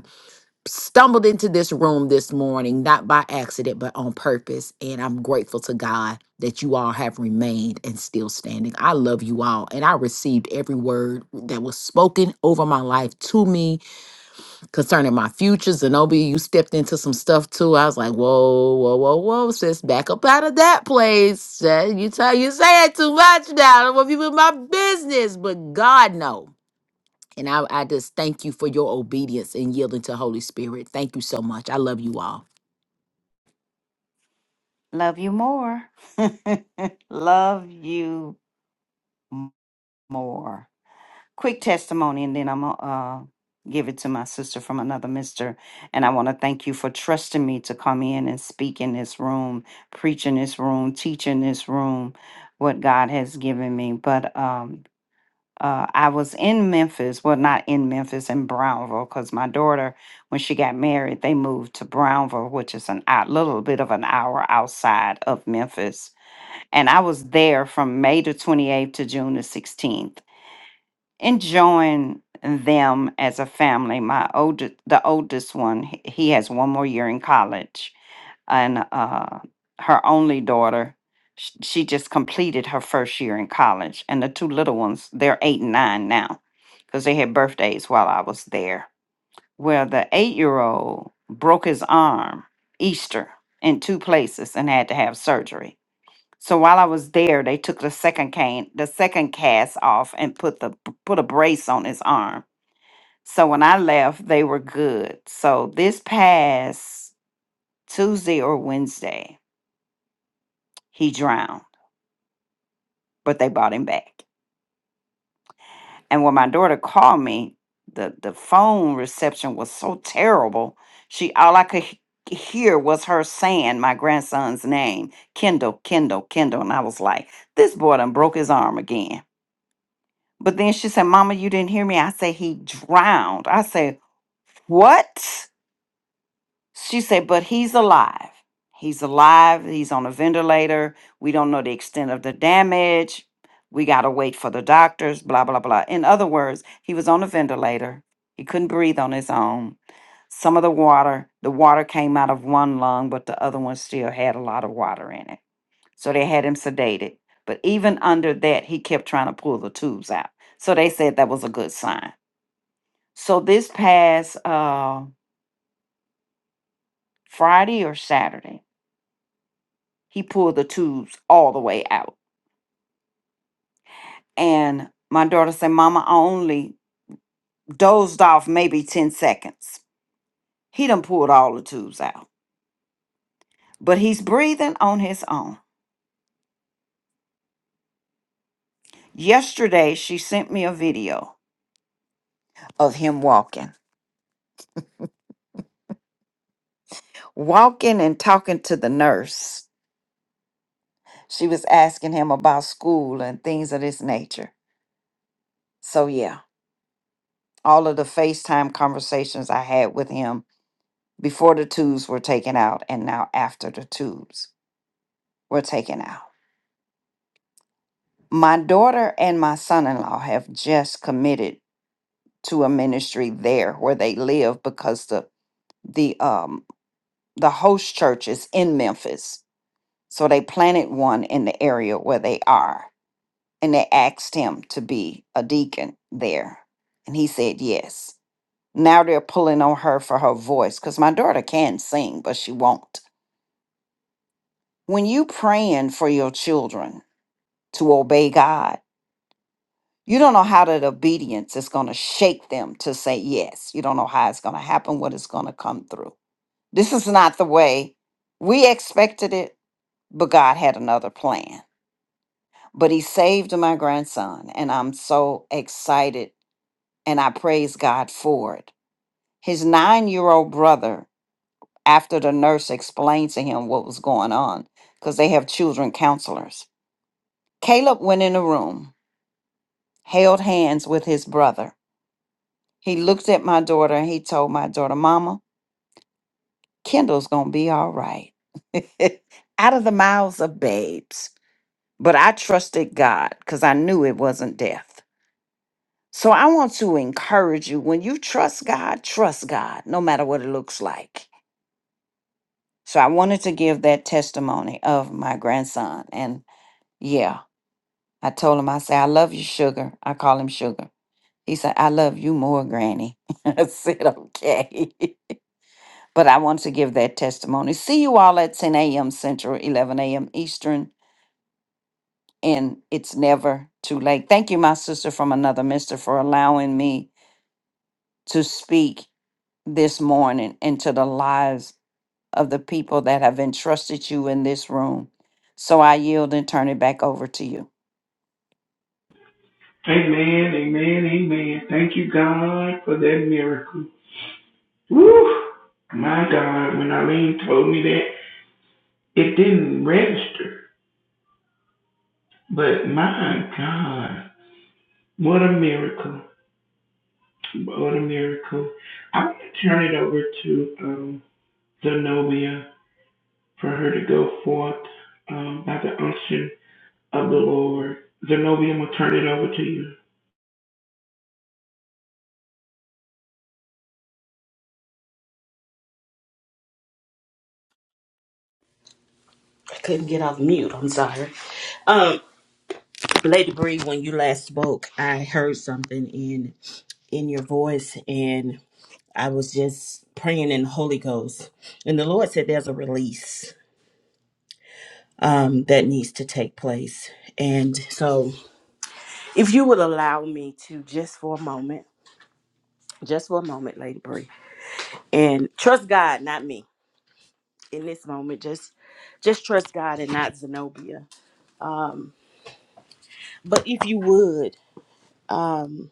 [SPEAKER 4] stumbled into this room this morning, not by accident, but on purpose. And I'm grateful to God that you all have remained and still standing. I love you all. And I received every word that was spoken over my life to me concerning my future. Zenobia, you stepped into some stuff too. I was like, whoa, whoa, whoa, whoa, sis, back up out of that place. Uh, You tell you saying too much now. I don't want people in my business, but God know. And I, I just thank you for your obedience and yielding to Holy Spirit. Thank you so much. I love you all.
[SPEAKER 1] love you more. [LAUGHS] love you m- more. Quick testimony, and then I'm going to uh, give it to my sister from another mister. And I want to thank you for trusting me to come in and speak in this room, preach in this room, teach in this room what God has given me. But um, uh, I was in Memphis, well, not in Memphis, in Brownville, because my daughter, when she got married, they moved to Brownville, which is an a little bit of an hour outside of Memphis. And I was there from May the 28th to June the 16th, enjoying them as a family. My oldest, the oldest one, h- he has one more year in college and uh, her only daughter, sh- she just completed her first year in college. And the two little ones, they're eight and nine now because they had birthdays while I was there. Where the eight year old broke his arm Easter in two places and had to have surgery. So while I was there, they took the second cane, the second cast off, and put the put a brace on his arm. So when I left, they were good. So this past Tuesday or Wednesday, he drowned, but they brought him back. And when my daughter called me, the, the phone reception was so terrible. She all I could he- hear was her saying my grandson's name, Kendall, Kendall, Kendall. And I was like, this boy done broke his arm again. But then she said, Mama, you didn't hear me. I said, he drowned. I said, What? She said, but he's alive. He's alive. He's on a ventilator. We don't know the extent of the damage. We got to wait for the doctors, blah, blah, blah. In other words, he was on a ventilator. He couldn't breathe on his own. Some of the water, the water came out of one lung, but the other one still had a lot of water in it. So they had him sedated. But even under that, he kept trying to pull the tubes out. So they said that was a good sign. So this past uh, Friday or Saturday, He pulled the tubes all the way out. And my daughter said, Mama, I only dozed off maybe 10 seconds. He done pulled all the tubes out. But he's breathing on his own. Yesterday, she sent me a video of him walking, walking and talking to the nurse. She was asking him about school and things of this nature. So, yeah, all of the FaceTime conversations I had with him before the tubes were taken out and now after the tubes were taken out. My daughter and my son in law have just committed to a ministry there where they live because the the um the host church is in Memphis. So they planted one in the area where they are and they asked him to be a deacon there. And he said yes. Now they're pulling on her for her voice because my daughter can sing, but she won't. When you praying for your children to obey God, You don't know how that obedience is going to shake them to say yes. You don't know how it's going to happen, what it's going to come through. This is not the way we expected it, but God had another plan. But He saved my grandson, and I'm so excited and I praise God for it. His nine year old brother, after the nurse explained to him what was going on, because they have children counselors, Caleb went in the room, held hands with his brother, He looked at my daughter and he told my daughter, Mama, Kendall's going to be all right. [LAUGHS] Out of the mouths of babes. But I trusted God because I knew it wasn't death. So I want to encourage you when you trust God, trust God, no matter what it looks like. So I wanted to give that testimony of my grandson. And yeah, I told him, I said, I love you, sugar. I call him sugar. He said, I love you more, Granny. [LAUGHS] I said, okay. [LAUGHS] but I want to give that testimony. See you all at 10 a.m. Central, 11 a.m. Eastern, and it's never too late. Thank you, my sister from another mister, for allowing me to speak this morning into the lives of the people that have entrusted you in this room. So I yield and turn it back over to you.
[SPEAKER 5] I couldn't get off mute. I'm sorry. Um. Lady Bree, when you last spoke, I heard something in in your voice, and I was just praying in the Holy Ghost, and the Lord said there's a release um, that needs to take place, and so if you would allow me to just for a moment, just for a moment, Lady Bree, and trust God, not me, in this moment, just just trust God and not Zenobia. Um, but if you would. Um,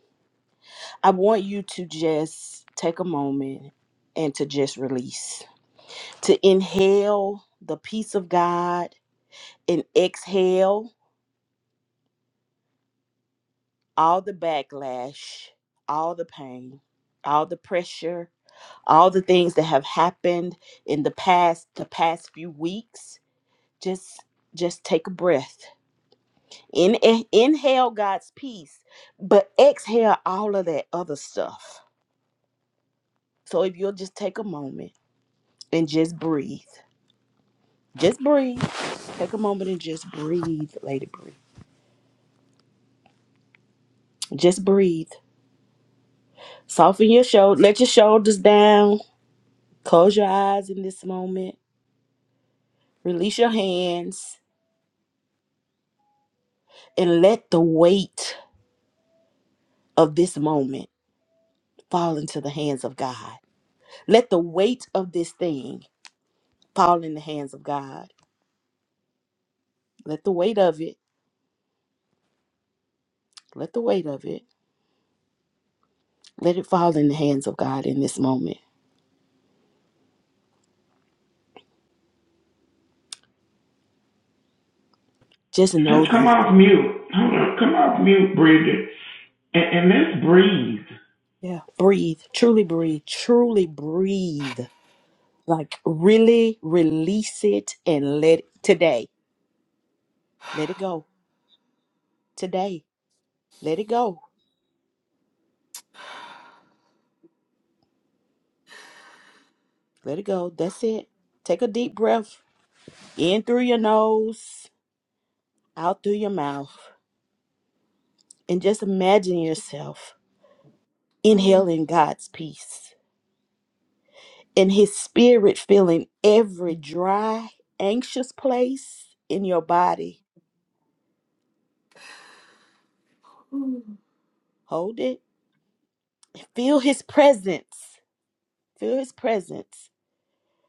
[SPEAKER 5] I want you to just take a moment and to just release, to inhale the peace of God and exhale all the backlash, all the pain, all the pressure, all the things that have happened in the past, the past few weeks. Just just take a breath. In, eh, inhale God's peace, but exhale all of that other stuff. So if you'll just take a moment and just breathe. Just breathe Take a moment and just breathe, lady. Breathe. Just breathe. Soften your shoulder. Let your shoulders down. Close your eyes in this moment. Release your hands and let the weight of this moment fall into the hands of God. Let the weight of this thing fall in the hands of God. Let the weight of it, let the weight of it, let it fall in the hands of God in this moment. Just know
[SPEAKER 7] Come
[SPEAKER 5] this.
[SPEAKER 7] off mute. Hold on. Come off mute, Bridget. And, and let's breathe.
[SPEAKER 5] Yeah. Breathe. Truly breathe. Truly breathe. Like really release it and let today. Let it go. Today. Let it go. Let it go. That's it. Take a deep breath in through your nose, out through your mouth, and just imagine yourself inhaling God's peace and His Spirit filling every dry, anxious place in your body. Hold it. Feel His presence. Feel His presence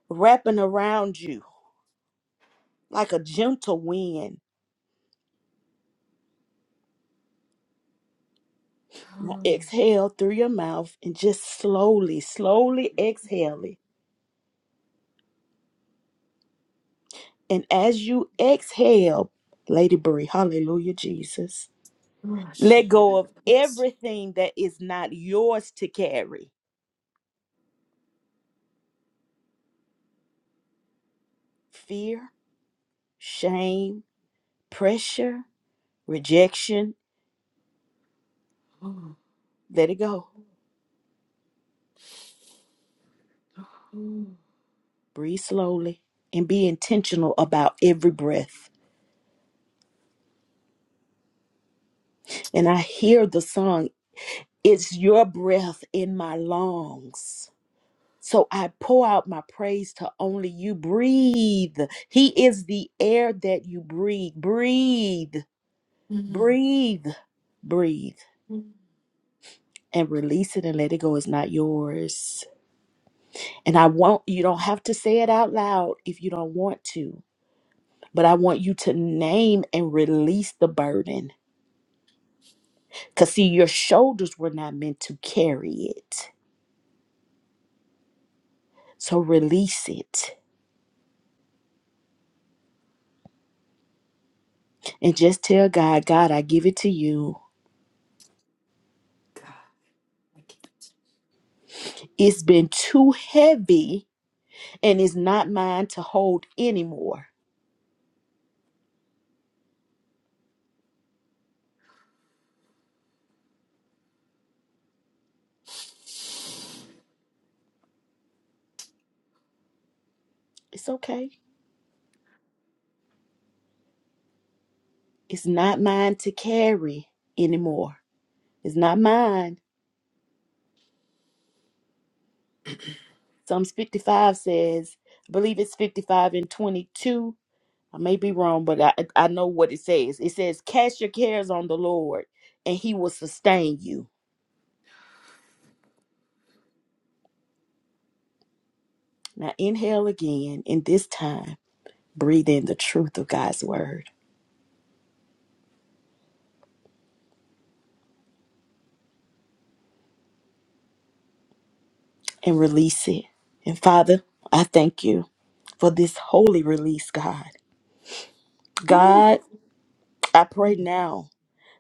[SPEAKER 5] wrapping around you like a gentle wind Now exhale through your mouth and just slowly, slowly exhale it. And as you exhale, Lady Bree, hallelujah, Jesus, let go of everything that is not yours to carry fear, shame, pressure, rejection. Let it go. Breathe slowly and be intentional about every breath. And I hear the song, It's Your Breath in My Lungs. So I pour out my praise to only you. Breathe. He is the air that you breathe. Breathe, breathe, breathe, and release it and let it go. It's not yours. And I want you don't have to say it out loud if you don't want to. But I want you to name and release the burden. Because, see, your shoulders were not meant to carry it. So release it and just tell God, God, I give it to you. It's been too heavy and it's not mine to hold anymore. It's okay. It's not mine to carry anymore. It's not mine. Psalms 55 says, I believe it's 55 and 22. I may be wrong, but I, I know what it says. It says, Cast your cares on the Lord, and he will sustain you. Now inhale again, and this time breathe in the truth of God's word and release it. And Father, I thank you for this holy release, God. God, I pray now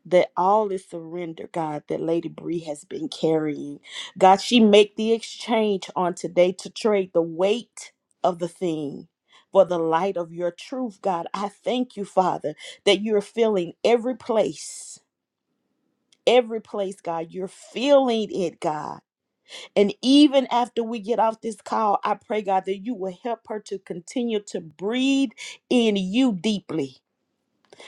[SPEAKER 5] that all is surrender, God, that Lady Bree has been carrying. God, she make the exchange on today to trade the weight of the thing for the light of your truth, God. I thank you, Father, that you're filling every place. Every place, God, you're feeling it, God. And even after we get off this call, I pray, God, that you will help her to continue to breathe in you deeply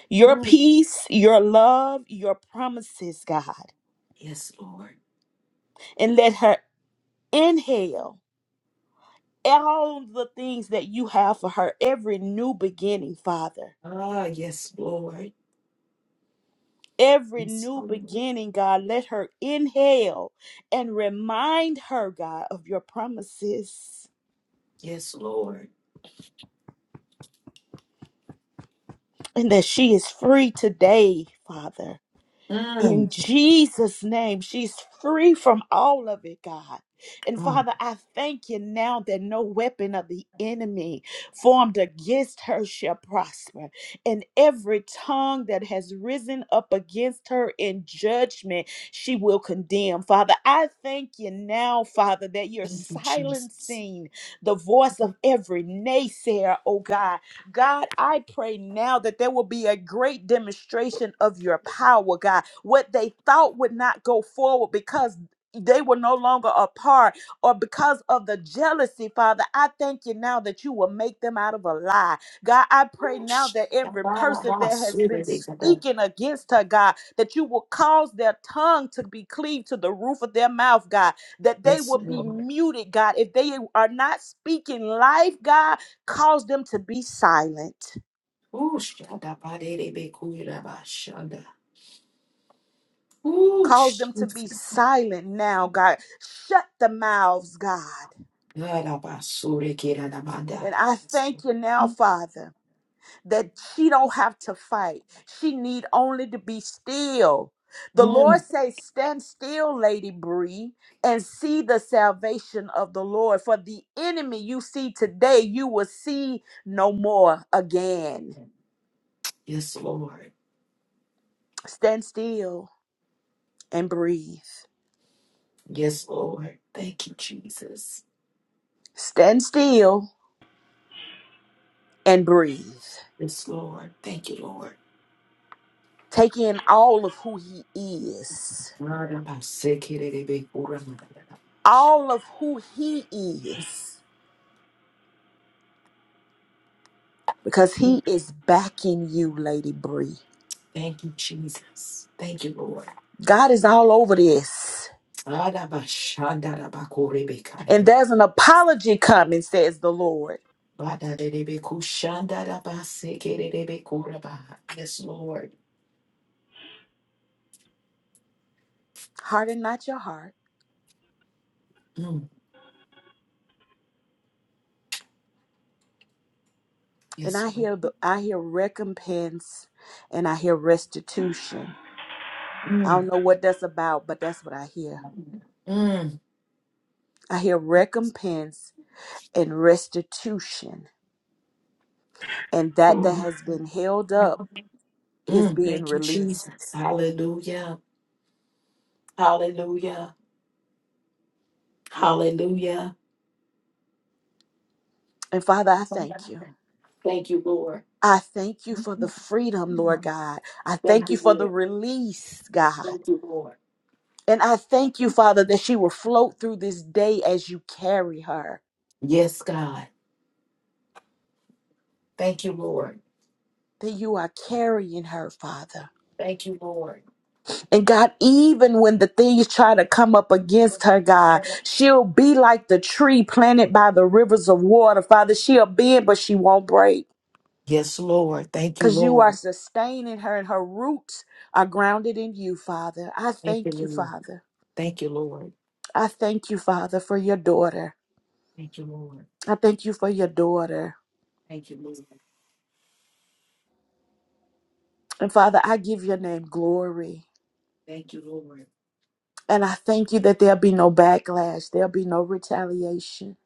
[SPEAKER 5] your peace, your love, your promises, God. And let her inhale all the things that you have for her, every new beginning, Father. Every new beginning, God, let her inhale and remind her, God, of your promises and that she is free today, Father. In Jesus' name, she's free from all of it, God. And Father, I thank you now that no weapon of the enemy formed against her shall prosper. And every tongue that has risen up against her in judgment, she will condemn. Father, I thank you now, Father, that you're silencing the voice of every naysayer, oh God, God, I pray now that there will be a great demonstration of your power, God. What they thought would not go forward because they were no longer apart or because of the jealousy, Father. I thank you now that you will make them out of a lie. God, I pray now that every person that has been speaking against her, God, that you will cause their tongue to be cleaved to the roof of their mouth, God, that they will be muted, God. If they are not speaking life, God, cause them to be silent. Cause them to be silent now, God. Shut the mouths, God. And I thank you now, Father, that she don't have to fight. She need only to be still. The Lord says, "Stand still, Lady Bree, and see the salvation of the Lord. For the enemy you see today, you will see no more again. Stand still and breathe. Stand still and breathe. Take in all of who he is, all of who he is, because he is backing you, Lady Bree. God is all over this. And there's an apology coming, says the Lord. Harden not your heart. And I hear the I hear recompense and I hear restitution. I don't know what that's about, but that's what I hear. I hear recompense and restitution. And that that
[SPEAKER 7] Oh,
[SPEAKER 5] has been held up is being released. And Father, I thank you. I thank you for the freedom, Lord God. I thank you for the release, God. And I thank you, Father, that she will float through this day as you carry her, that you are carrying her, Father. And God, even when the things try to come up against her, God, she'll be like the tree planted by the rivers of water, Father. She'll bend, but she won't break. Because you are sustaining her and her roots are grounded in you, Father. I thank you, Father. I thank you, Father, for your daughter. I thank you for your daughter. And Father, I give your name glory. And I thank you that there'll be no backlash, there'll be no retaliation.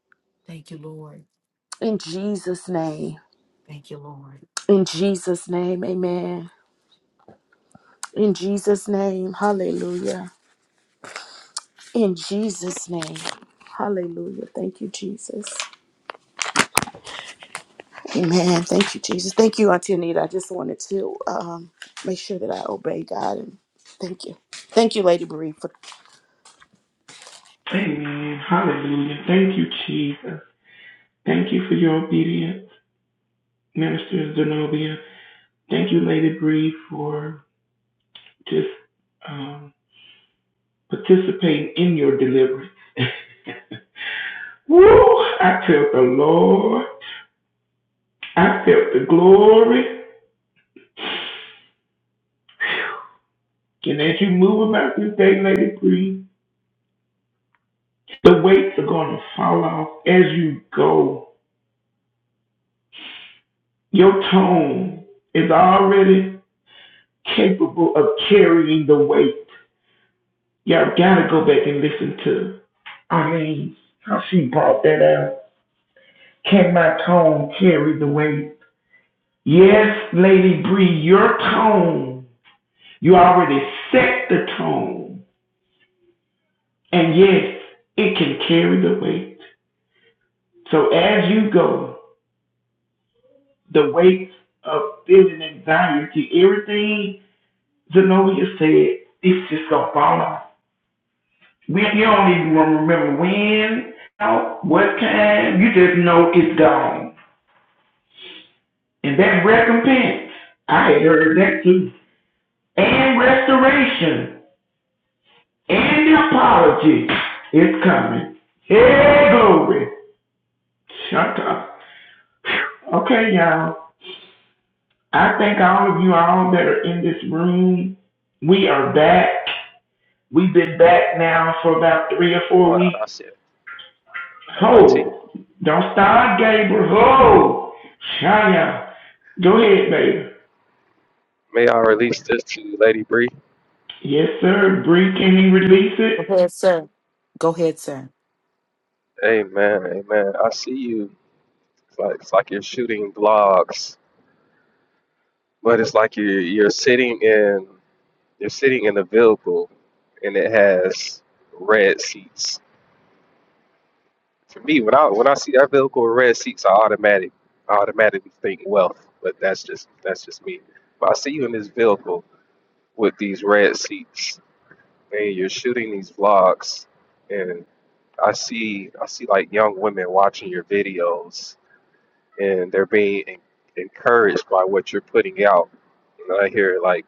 [SPEAKER 5] In Jesus' name. In Jesus' name, amen. In Jesus' name, hallelujah. In Jesus' name, hallelujah. Thank you, Jesus. Amen. Thank you, Jesus. Thank you, Auntie Anita. I just wanted to um, make sure that I obey God. And thank you. Thank you, Lady Marie, for
[SPEAKER 7] amen. Hallelujah. Thank you, Jesus. Thank you for your obedience, Minister Zenobia. Thank you, Lady Bree, for just um, participating in your delivery. [LAUGHS] Woo! I felt the Lord. I felt the glory. And as you move about this day, Lady Bree, the weights are going to fall off as you go. Your tone is already capable of carrying the weight. Y'all gotta go back and listen to. I mean, how she brought that out. Can my tone carry the weight? Yes, Lady Bree, your tone. You already set the tone. And yes, it can carry the weight. So as you go, the weight of feeling anxiety, everything Zenobia said, it's just gonna fall off. We, you don't even remember when, how, what time. You just know it's gone. And that recompense, I had heard that too. And restoration and the apology is coming. Hey, glory. Shut up. Okay, y'all. I thank all of you all that are in this room. We are back. We've been back now for about three or four
[SPEAKER 6] Hold
[SPEAKER 7] weeks.
[SPEAKER 6] I said, hey, Auntie,
[SPEAKER 7] Ho! Don't start, Gabriel. Ho! Shia. Go ahead, baby.
[SPEAKER 6] may I release this to Lady Bree?
[SPEAKER 7] Yes, sir. Bree, can you release it?
[SPEAKER 6] Amen, amen. I see you. It's like, it's like you're shooting blogs, but it's like you're you're sitting in you're sitting in a vehicle, and it has red seats. For me, when I when I see that vehicle with red seats, I automatic I automatically think wealth. But that's just that's just me. But I see you in this vehicle with these red seats, and you're shooting these vlogs, and I see I see like young women watching your videos and they're being en- encouraged by what you're putting out. And I hear like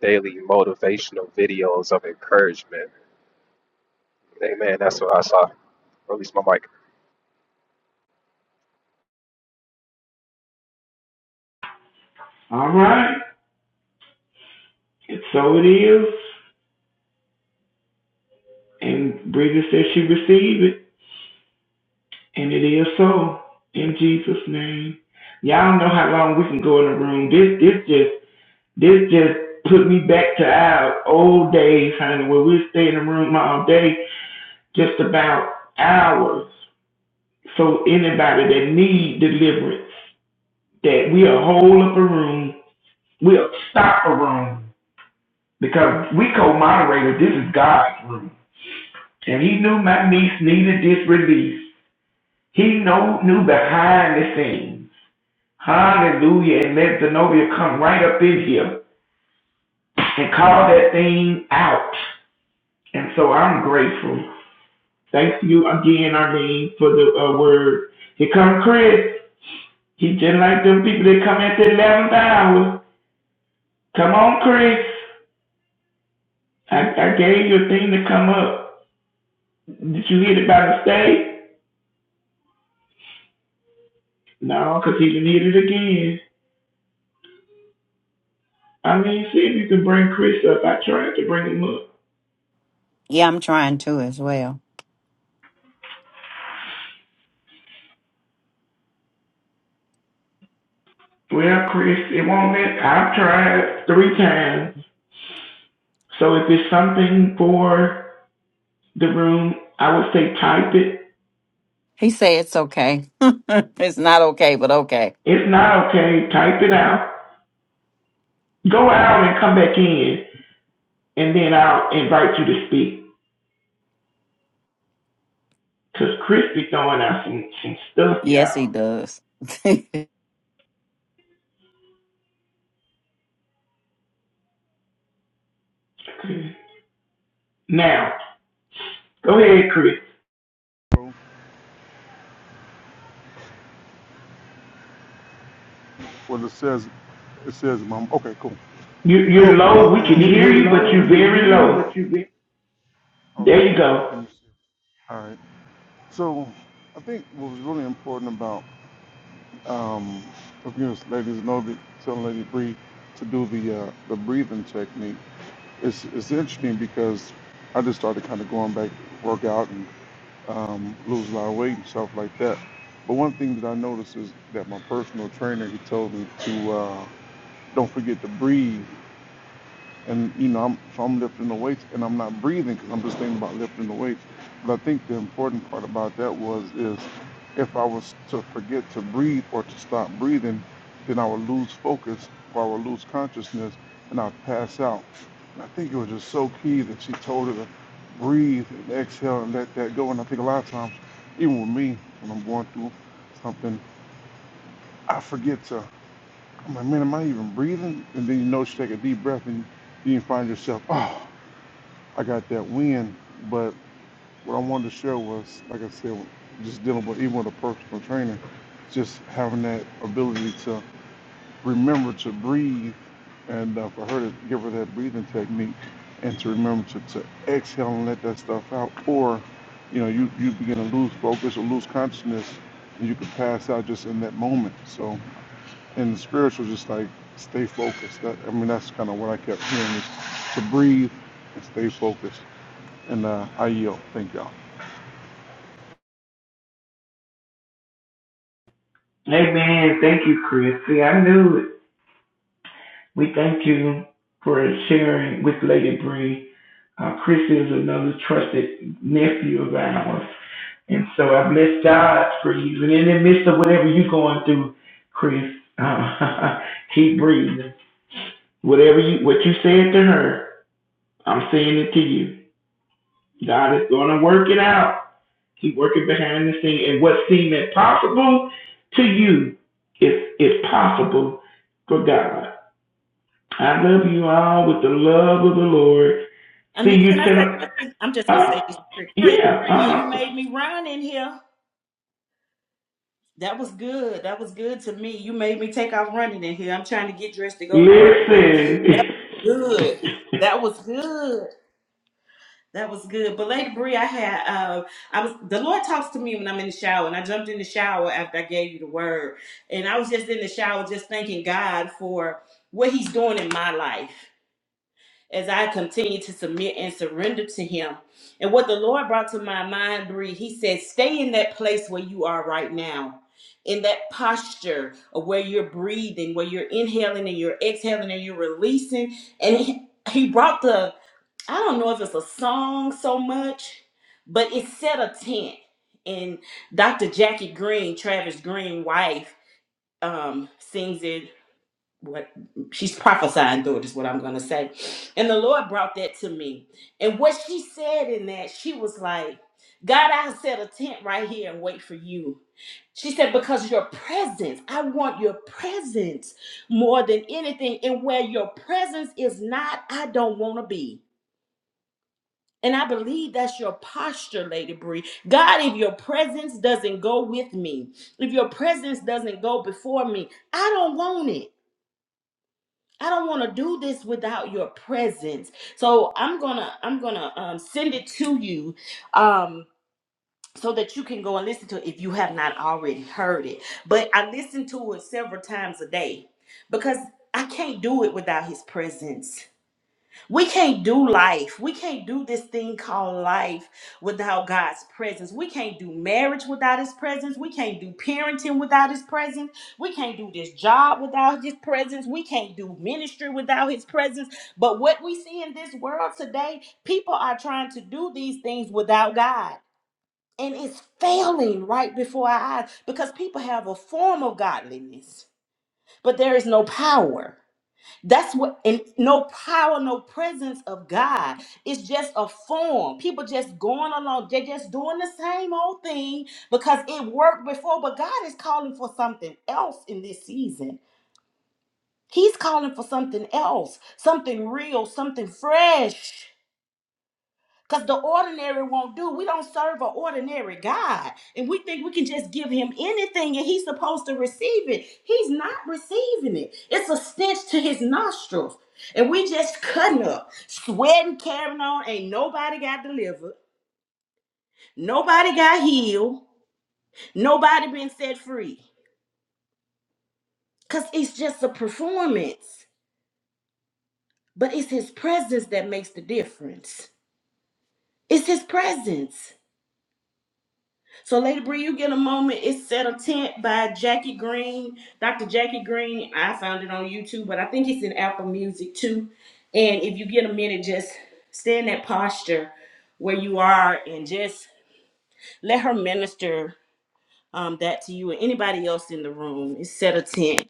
[SPEAKER 6] daily motivational videos of encouragement. Hey man, that's what I saw. Release my mic.
[SPEAKER 7] All right. And so it is. And Bree says she received it. And it is so. In Jesus' name. Y'all know how long we can go in the room. This this just this just put me back to our old days, honey, where we stay in the room all day, just about hours. So anybody that need deliverance, that we'll hold up a room, we'll stop a room because we co-moderator. This is God's room, and He knew my niece needed this release. He know, knew behind the scenes. Hallelujah! And let Zenobia come right up in here and call that thing out. And so I'm grateful. Thank you again, Arlene, for the uh, word. Here come Chris. He just like them people that come at the 11th hour. Come on, Chris. I, I gave you a thing to come up. Did you hit it by mistake? No, because he didn't hit it again. I mean, see if you can bring Chris up. I tried to bring him up.
[SPEAKER 1] Yeah, I'm trying to as well.
[SPEAKER 7] Well, Chris, it won't let. I've tried three times. So if it's something for the room, I would say type it.
[SPEAKER 1] He said it's okay. [LAUGHS] it's not okay, but okay.
[SPEAKER 7] It's not okay. Type it
[SPEAKER 1] [LAUGHS]
[SPEAKER 7] out. Go out and come back in, and then I'll invite you to speak. Cause Chris be throwing out some some stuff,
[SPEAKER 1] Yes, he
[SPEAKER 7] y'all.
[SPEAKER 1] does. [LAUGHS]
[SPEAKER 7] Okay. Now, Go ahead, Chris.
[SPEAKER 8] Well, it says, it says, mom. Okay, cool.
[SPEAKER 7] You, you're
[SPEAKER 8] No, well,
[SPEAKER 7] low. We
[SPEAKER 8] um,
[SPEAKER 7] can
[SPEAKER 8] You're,
[SPEAKER 7] hear
[SPEAKER 8] you're
[SPEAKER 7] you, but
[SPEAKER 8] low.
[SPEAKER 7] you're
[SPEAKER 8] We can
[SPEAKER 7] very
[SPEAKER 8] hear you, but
[SPEAKER 7] low.
[SPEAKER 8] you're very
[SPEAKER 7] There
[SPEAKER 8] okay.
[SPEAKER 7] you
[SPEAKER 8] Let
[SPEAKER 7] go.
[SPEAKER 8] me see. All right. So, I think what was really important about, um, if you ladies know that telling Lady Bree to do the uh, the breathing technique. It's it's interesting because I just started kind of going back, work out and um, lose a lot of weight and stuff like that. But one thing that I noticed is that my personal trainer he told me to uh, don't forget to breathe And you know, I'm, if I'm lifting the weights and I'm not breathing because I'm just thinking about lifting the weights. But I think the important part about that was is if I was to forget to breathe or to stop breathing, then I would lose focus or I would lose consciousness and I'd pass out. And I think it was just so key that she told her to breathe and exhale and let that go. And I think a lot of times, even with me, when I'm going through something, I forget to. I'm like, man, am I even breathing? And then you know, you take a deep breath and you find yourself, oh, I got that win. But what I wanted to share was, like I said, just dealing with even with a personal trainer, just having that ability to remember to breathe, and uh, for her to give her that breathing technique, and to remember to, to exhale and let that stuff out, or you know, you you begin to lose focus or lose consciousness, and you can pass out just in that moment. So, in the spiritual, just like stay focused. That I mean, that's kind of what I kept hearing is to breathe and stay focused and uh, I yield. Thank y'all.
[SPEAKER 7] Amen. Thank you, Chris. See, I knew it. We thank you for sharing with Lady Bree. Uh, Chris is another trusted nephew of ours. And so I bless God for you. And in the midst of whatever you're going through, Chris, uh, [LAUGHS] keep breathing. Whatever you, what you said to her, I'm saying it to you. God is going to work it out. Keep working behind the scene. And what seemed impossible to you is, is possible for God. I love you all with the love of the Lord.
[SPEAKER 5] I
[SPEAKER 7] See
[SPEAKER 5] mean,
[SPEAKER 7] you
[SPEAKER 5] can I say
[SPEAKER 7] tonight.
[SPEAKER 5] something? I'm just gonna
[SPEAKER 7] Uh,
[SPEAKER 5] say this, Crick Crick. Boy, you
[SPEAKER 7] yeah. Uh,
[SPEAKER 5] made me run in here. That was good. That was good to me. You made me take off running in here. I'm trying to get dressed to go to work, but
[SPEAKER 7] listen.
[SPEAKER 5] that was good. That was good. That was good. But Lady Bree, I had uh I was the Lord talks to me when I'm in the shower and I jumped in the shower after I gave you the word. And I was just in the shower just thanking God for what he's doing in my life. as I continued to submit and surrender to Him. And what the Lord brought to my mind, Bree, He said, stay in that place where you are right now. In that posture of where you're breathing, where you're inhaling and you're exhaling and you're releasing. And he, he brought the, I don't know if it's a song so much, but it set a tent. And Dr. Jackie Green, Travis Green wife, um, sings it what she's prophesying through is what I'm gonna say. And the Lord brought that to me. And what she said in that, she was like, God, I set a tent right here and wait for you. She said, because your presence, I want your presence more than anything. And where your presence is not, I don't want to be. And I believe that's your posture, Lady Bree. God, if your presence doesn't go with me, if your presence doesn't go before me, I don't want it. I don't want to do this without your presence. So I'm gonna I'm gonna um, send it to you um, so that you can go and listen to it if you have not already heard it. But I listen to it several times a day because I can't do it without His presence. We can't do life. We can't do this thing called life without God's presence. We can't do marriage without His presence. We can't do parenting without His presence. We can't do this job without His presence. We can't do ministry without His presence. But what we see in this world today, people are trying to do these things without God. And it's failing right before our eyes because people have a form of godliness, but there is no power. That's what, and no power, no presence of God. It's just a form. People just going along. They're just doing the same old thing because it worked before. But God is calling for something else in this season. He's calling for something else, something real, something fresh. Because the ordinary won't do. We don't serve an ordinary God. And we think we can just give him anything and he's supposed to receive it. He's not receiving it. It's a stench to his nostrils. And we just cutting up, sweating, carrying on. Ain't nobody got delivered. Nobody got healed. Nobody been set free. Because it's just a performance. But it's his presence that makes the difference. It's his presence. So, Lady Bree, you get a moment. It's Set a Tent by Jackie Green. Dr. Jackie Green, I found it on YouTube, but I think it's in Apple Music too. And if you get a minute, just stay in that posture where you are and just let her minister um, that to you and anybody else in the room. It's Set a Tent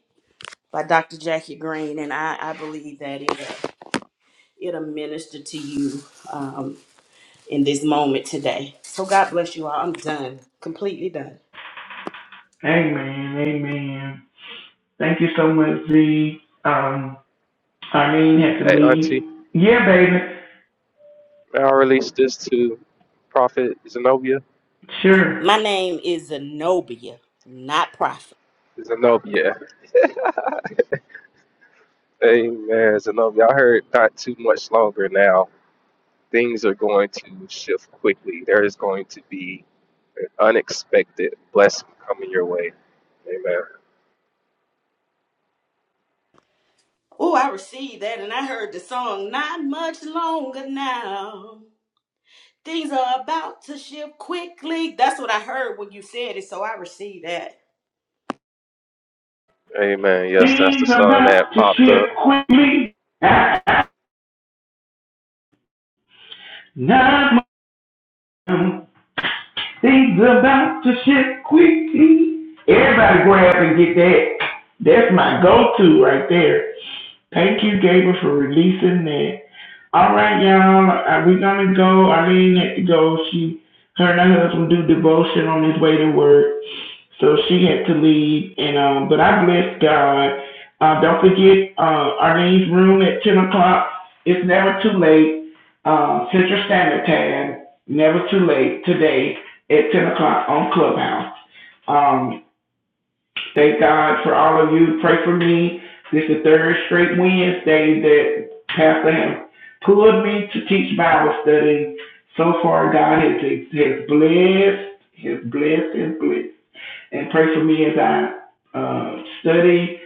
[SPEAKER 5] by Dr. Jackie Green. And I, I believe that it, it'll minister to you um, in this moment today. So, God bless you all. I'm done, completely done.
[SPEAKER 7] [LAUGHS] amen. Amen. Thank you so much, Z. Um, Arlene had to
[SPEAKER 6] Hey auntie,
[SPEAKER 7] leave. Yeah, baby.
[SPEAKER 6] may I release this to Prophet Zenobia?
[SPEAKER 7] Sure.
[SPEAKER 5] My name is Zenobia, not Prophet.
[SPEAKER 6] Zenobia. Hey man, Zenobia. I heard not too much longer now. Things are going to shift quickly. There is going to be Unexpected blessing coming your way. Amen.
[SPEAKER 5] Oh, I received that and I heard the song not much longer now. Things are about to shift quickly. That's what I heard when you said it, so I received that.
[SPEAKER 6] Amen. Yes, that's the
[SPEAKER 7] Things
[SPEAKER 6] song
[SPEAKER 7] about
[SPEAKER 6] that
[SPEAKER 7] to
[SPEAKER 6] popped up.
[SPEAKER 7] shift quickly. [LAUGHS] I, I, Not much. Things about to shift quickly. Everybody grab and get that. That's my go-to right there. Thank you, Gabriel, for releasing that. All right, y'all. Uh, We're gonna go. Arlene had to go. She, her and her husband do devotion on his way to work, so she had to leave. And um, but I bless God. Uh, don't forget uh, Arlene's room at ten o'clock. It's never too late. Uh, Central Standard Time. Never too late today at ten o'clock on Clubhouse. Um, Thank God for all of you. Pray for me. This is the third straight Wednesday that Pastor has pulled me to teach Bible study. So far, God has, has blessed, has blessed, has blessed and pray for me as I uh, study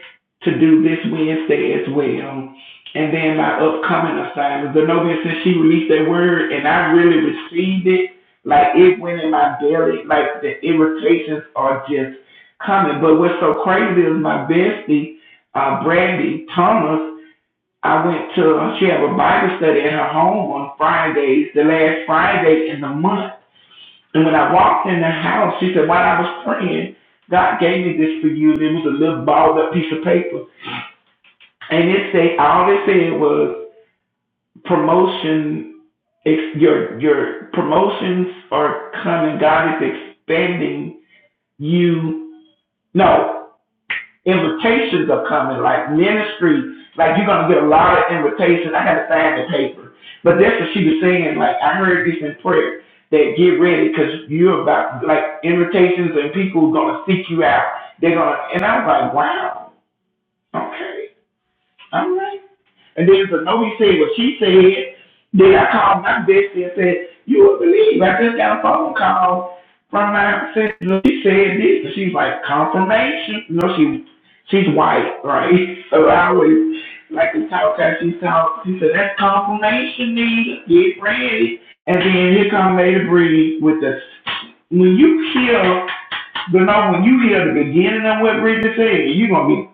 [SPEAKER 7] to do this Wednesday as well. And then my upcoming assignments. The Novia since she released that word and I really received it, like it went in my belly, like the irritations are just coming. But what's so crazy is my bestie, uh, Brandy Thomas, I went to, she have a Bible study at her home on Fridays, the last Friday in the month. And when I walked in the house, she said, while I was praying, God gave me this for you. And it was a little balled up piece of paper. And it said, all it said was promotion, your, your promotions are coming. God is expanding you. No. invitations are coming, like ministry, like you're gonna get a lot of invitations. I had to find the paper. But that's what she was saying, like I heard this in prayer that get ready because you're about like invitations and people are gonna seek you out. They're gonna and I was like, Wow, okay. All right. And then so Noe said what she said. Then I called my bestie and said, You would believe I just got a phone call from my sister. She said this. And she's like, confirmation. You know, she she's white, right? So I always like to talk to her. She talked. She said, That's confirmation, Nita. Get ready. And then here come Lady Bree with the when you hear but know when you hear the beginning of what Bridget said, you're gonna be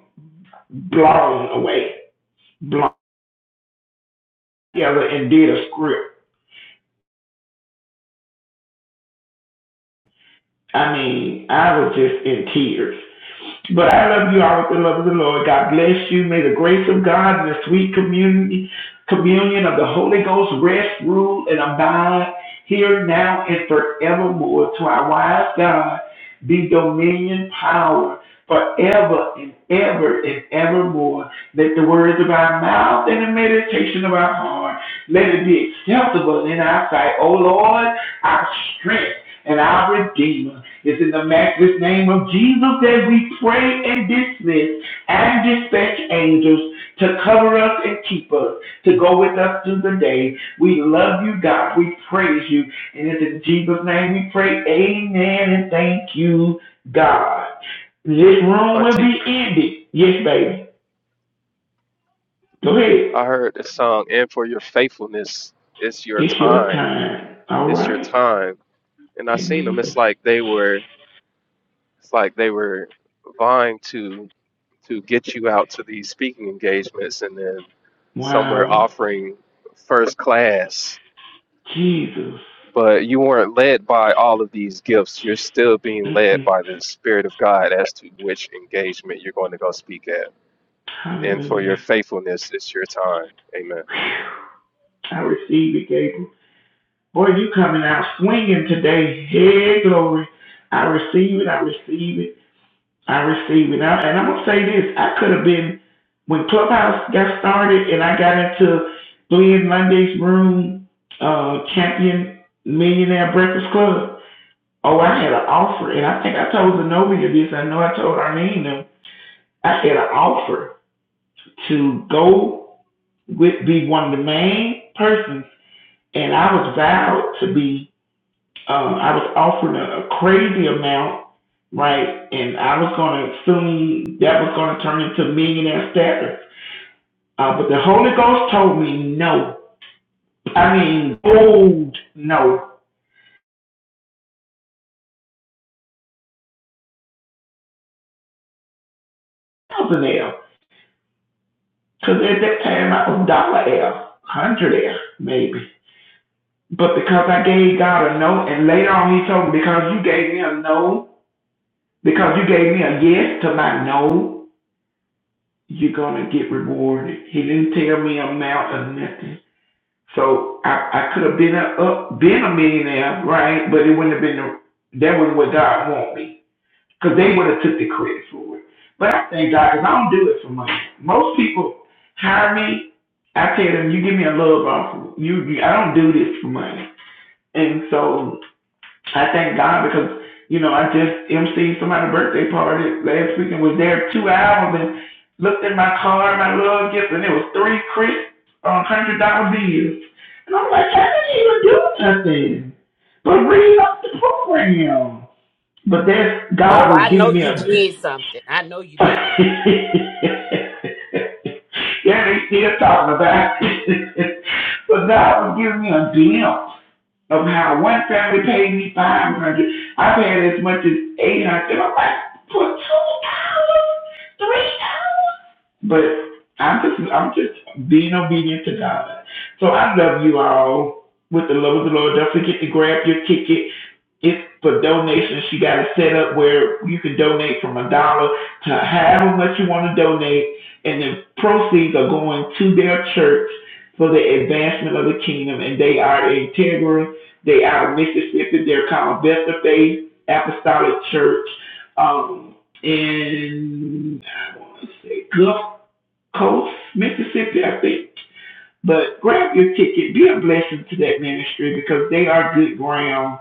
[SPEAKER 7] blown away. blown. Yeah, but and did a script. I mean, I was just in tears. But I love you all with the love of the Lord. God bless you. May the grace of God and the sweet community, communion of the Holy Ghost rest, rule, and abide here now and forevermore. To our wise God be dominion, power, forever and ever and evermore. Let the words of our mouth and the meditation of our heart, let it be acceptable in our sight. O Lord, our strength and our Redeemer. It's in the matchless name of Jesus that we pray and dismiss and dispatch angels to cover us and keep us, to go with us through the day. We love you, God. We praise you. And it's in Jesus' name we pray. Amen and thank you, God. This room will
[SPEAKER 6] Auntie,
[SPEAKER 7] be ended. Yes, baby. Go ahead.
[SPEAKER 6] I heard the song, and for your faithfulness, it's your
[SPEAKER 7] It's your
[SPEAKER 6] time.
[SPEAKER 7] time. All
[SPEAKER 6] It's your
[SPEAKER 7] right.
[SPEAKER 6] time. And I seen them.
[SPEAKER 7] Amen.
[SPEAKER 6] It's like they were, it's like they were vying to, to get you out to these speaking engagements, and then
[SPEAKER 7] Wow.
[SPEAKER 6] somewhere offering first class but you weren't led by all of these gifts. You're still being led by the Spirit of God as to which engagement you're going to go speak at. And for your faithfulness, it's your time. Amen.
[SPEAKER 7] I, I, I receive it. I received it. And, I, am going to say this I could have been, when Clubhouse got started and I got into Glenn Lundy's room, uh, Champion Millionaire Breakfast Club, oh, I had an offer. And I think I told Zenobia this. I know I told Arlene them. I had an offer to go with, be one of the main persons. And I was vowed to be um, I was offered a, a crazy amount, right? And I was going to assume that was going to turn into millionaire status. Uh, but the Holy Ghost told me no. I mean, old no, thousand L. Because at that time I was dollar L, hundred L, maybe. But because I gave God a no, and later on he told me, because you gave me a no, because you gave me a yes to my no, you're going to get rewarded. He didn't tell me amount or nothing. So I, I could have been a up, been a millionaire, right? But it wouldn't have been the, that was what God wanted me, because they would have took the credit for it. But I thank God, because I don't do it for money. Most people hire me. I tell them, you give me a love offer. You, you I don't do this for money. And so I thank God because you know I just emceed somebody's birthday party last week and was there two hours and looked at my car, my love gift, and it was three crisp um, one hundred dollar bills. And I'm like, I didn't even do nothing but read up the program. But that's God
[SPEAKER 5] Oh,
[SPEAKER 7] was
[SPEAKER 5] I know
[SPEAKER 7] giving me
[SPEAKER 5] you
[SPEAKER 7] a.
[SPEAKER 5] did something. I know you
[SPEAKER 7] [LAUGHS]
[SPEAKER 5] did
[SPEAKER 7] yeah, they still talking about it. [LAUGHS] but God was giving me a glimpse of how one family paid me five hundred. dollars. I've had as much as eight hundred. dollars. I'm like, for two dollars, three dollars. But I'm just I'm just being obedient to God. So I love you all with the love of the Lord. Don't forget to grab your ticket. It's for donations. You got it set up where you can donate from a dollar to however much you want to donate, and the proceeds are going to their church for the advancement of the kingdom. And they are integral. They are Mississippi. They're called Best Faith Apostolic Church. Um, and I want to say Gulfport. Coast, Mississippi, I think. But grab your ticket, be a blessing to that ministry because they are good ground.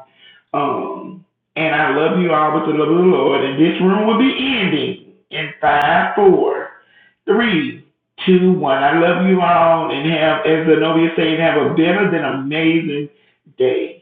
[SPEAKER 7] Um, and I love you all with the love of the Lord. And this room will be ending in five, four, three, two, one. I love you all and have, as Zenobia said, have a better than amazing day.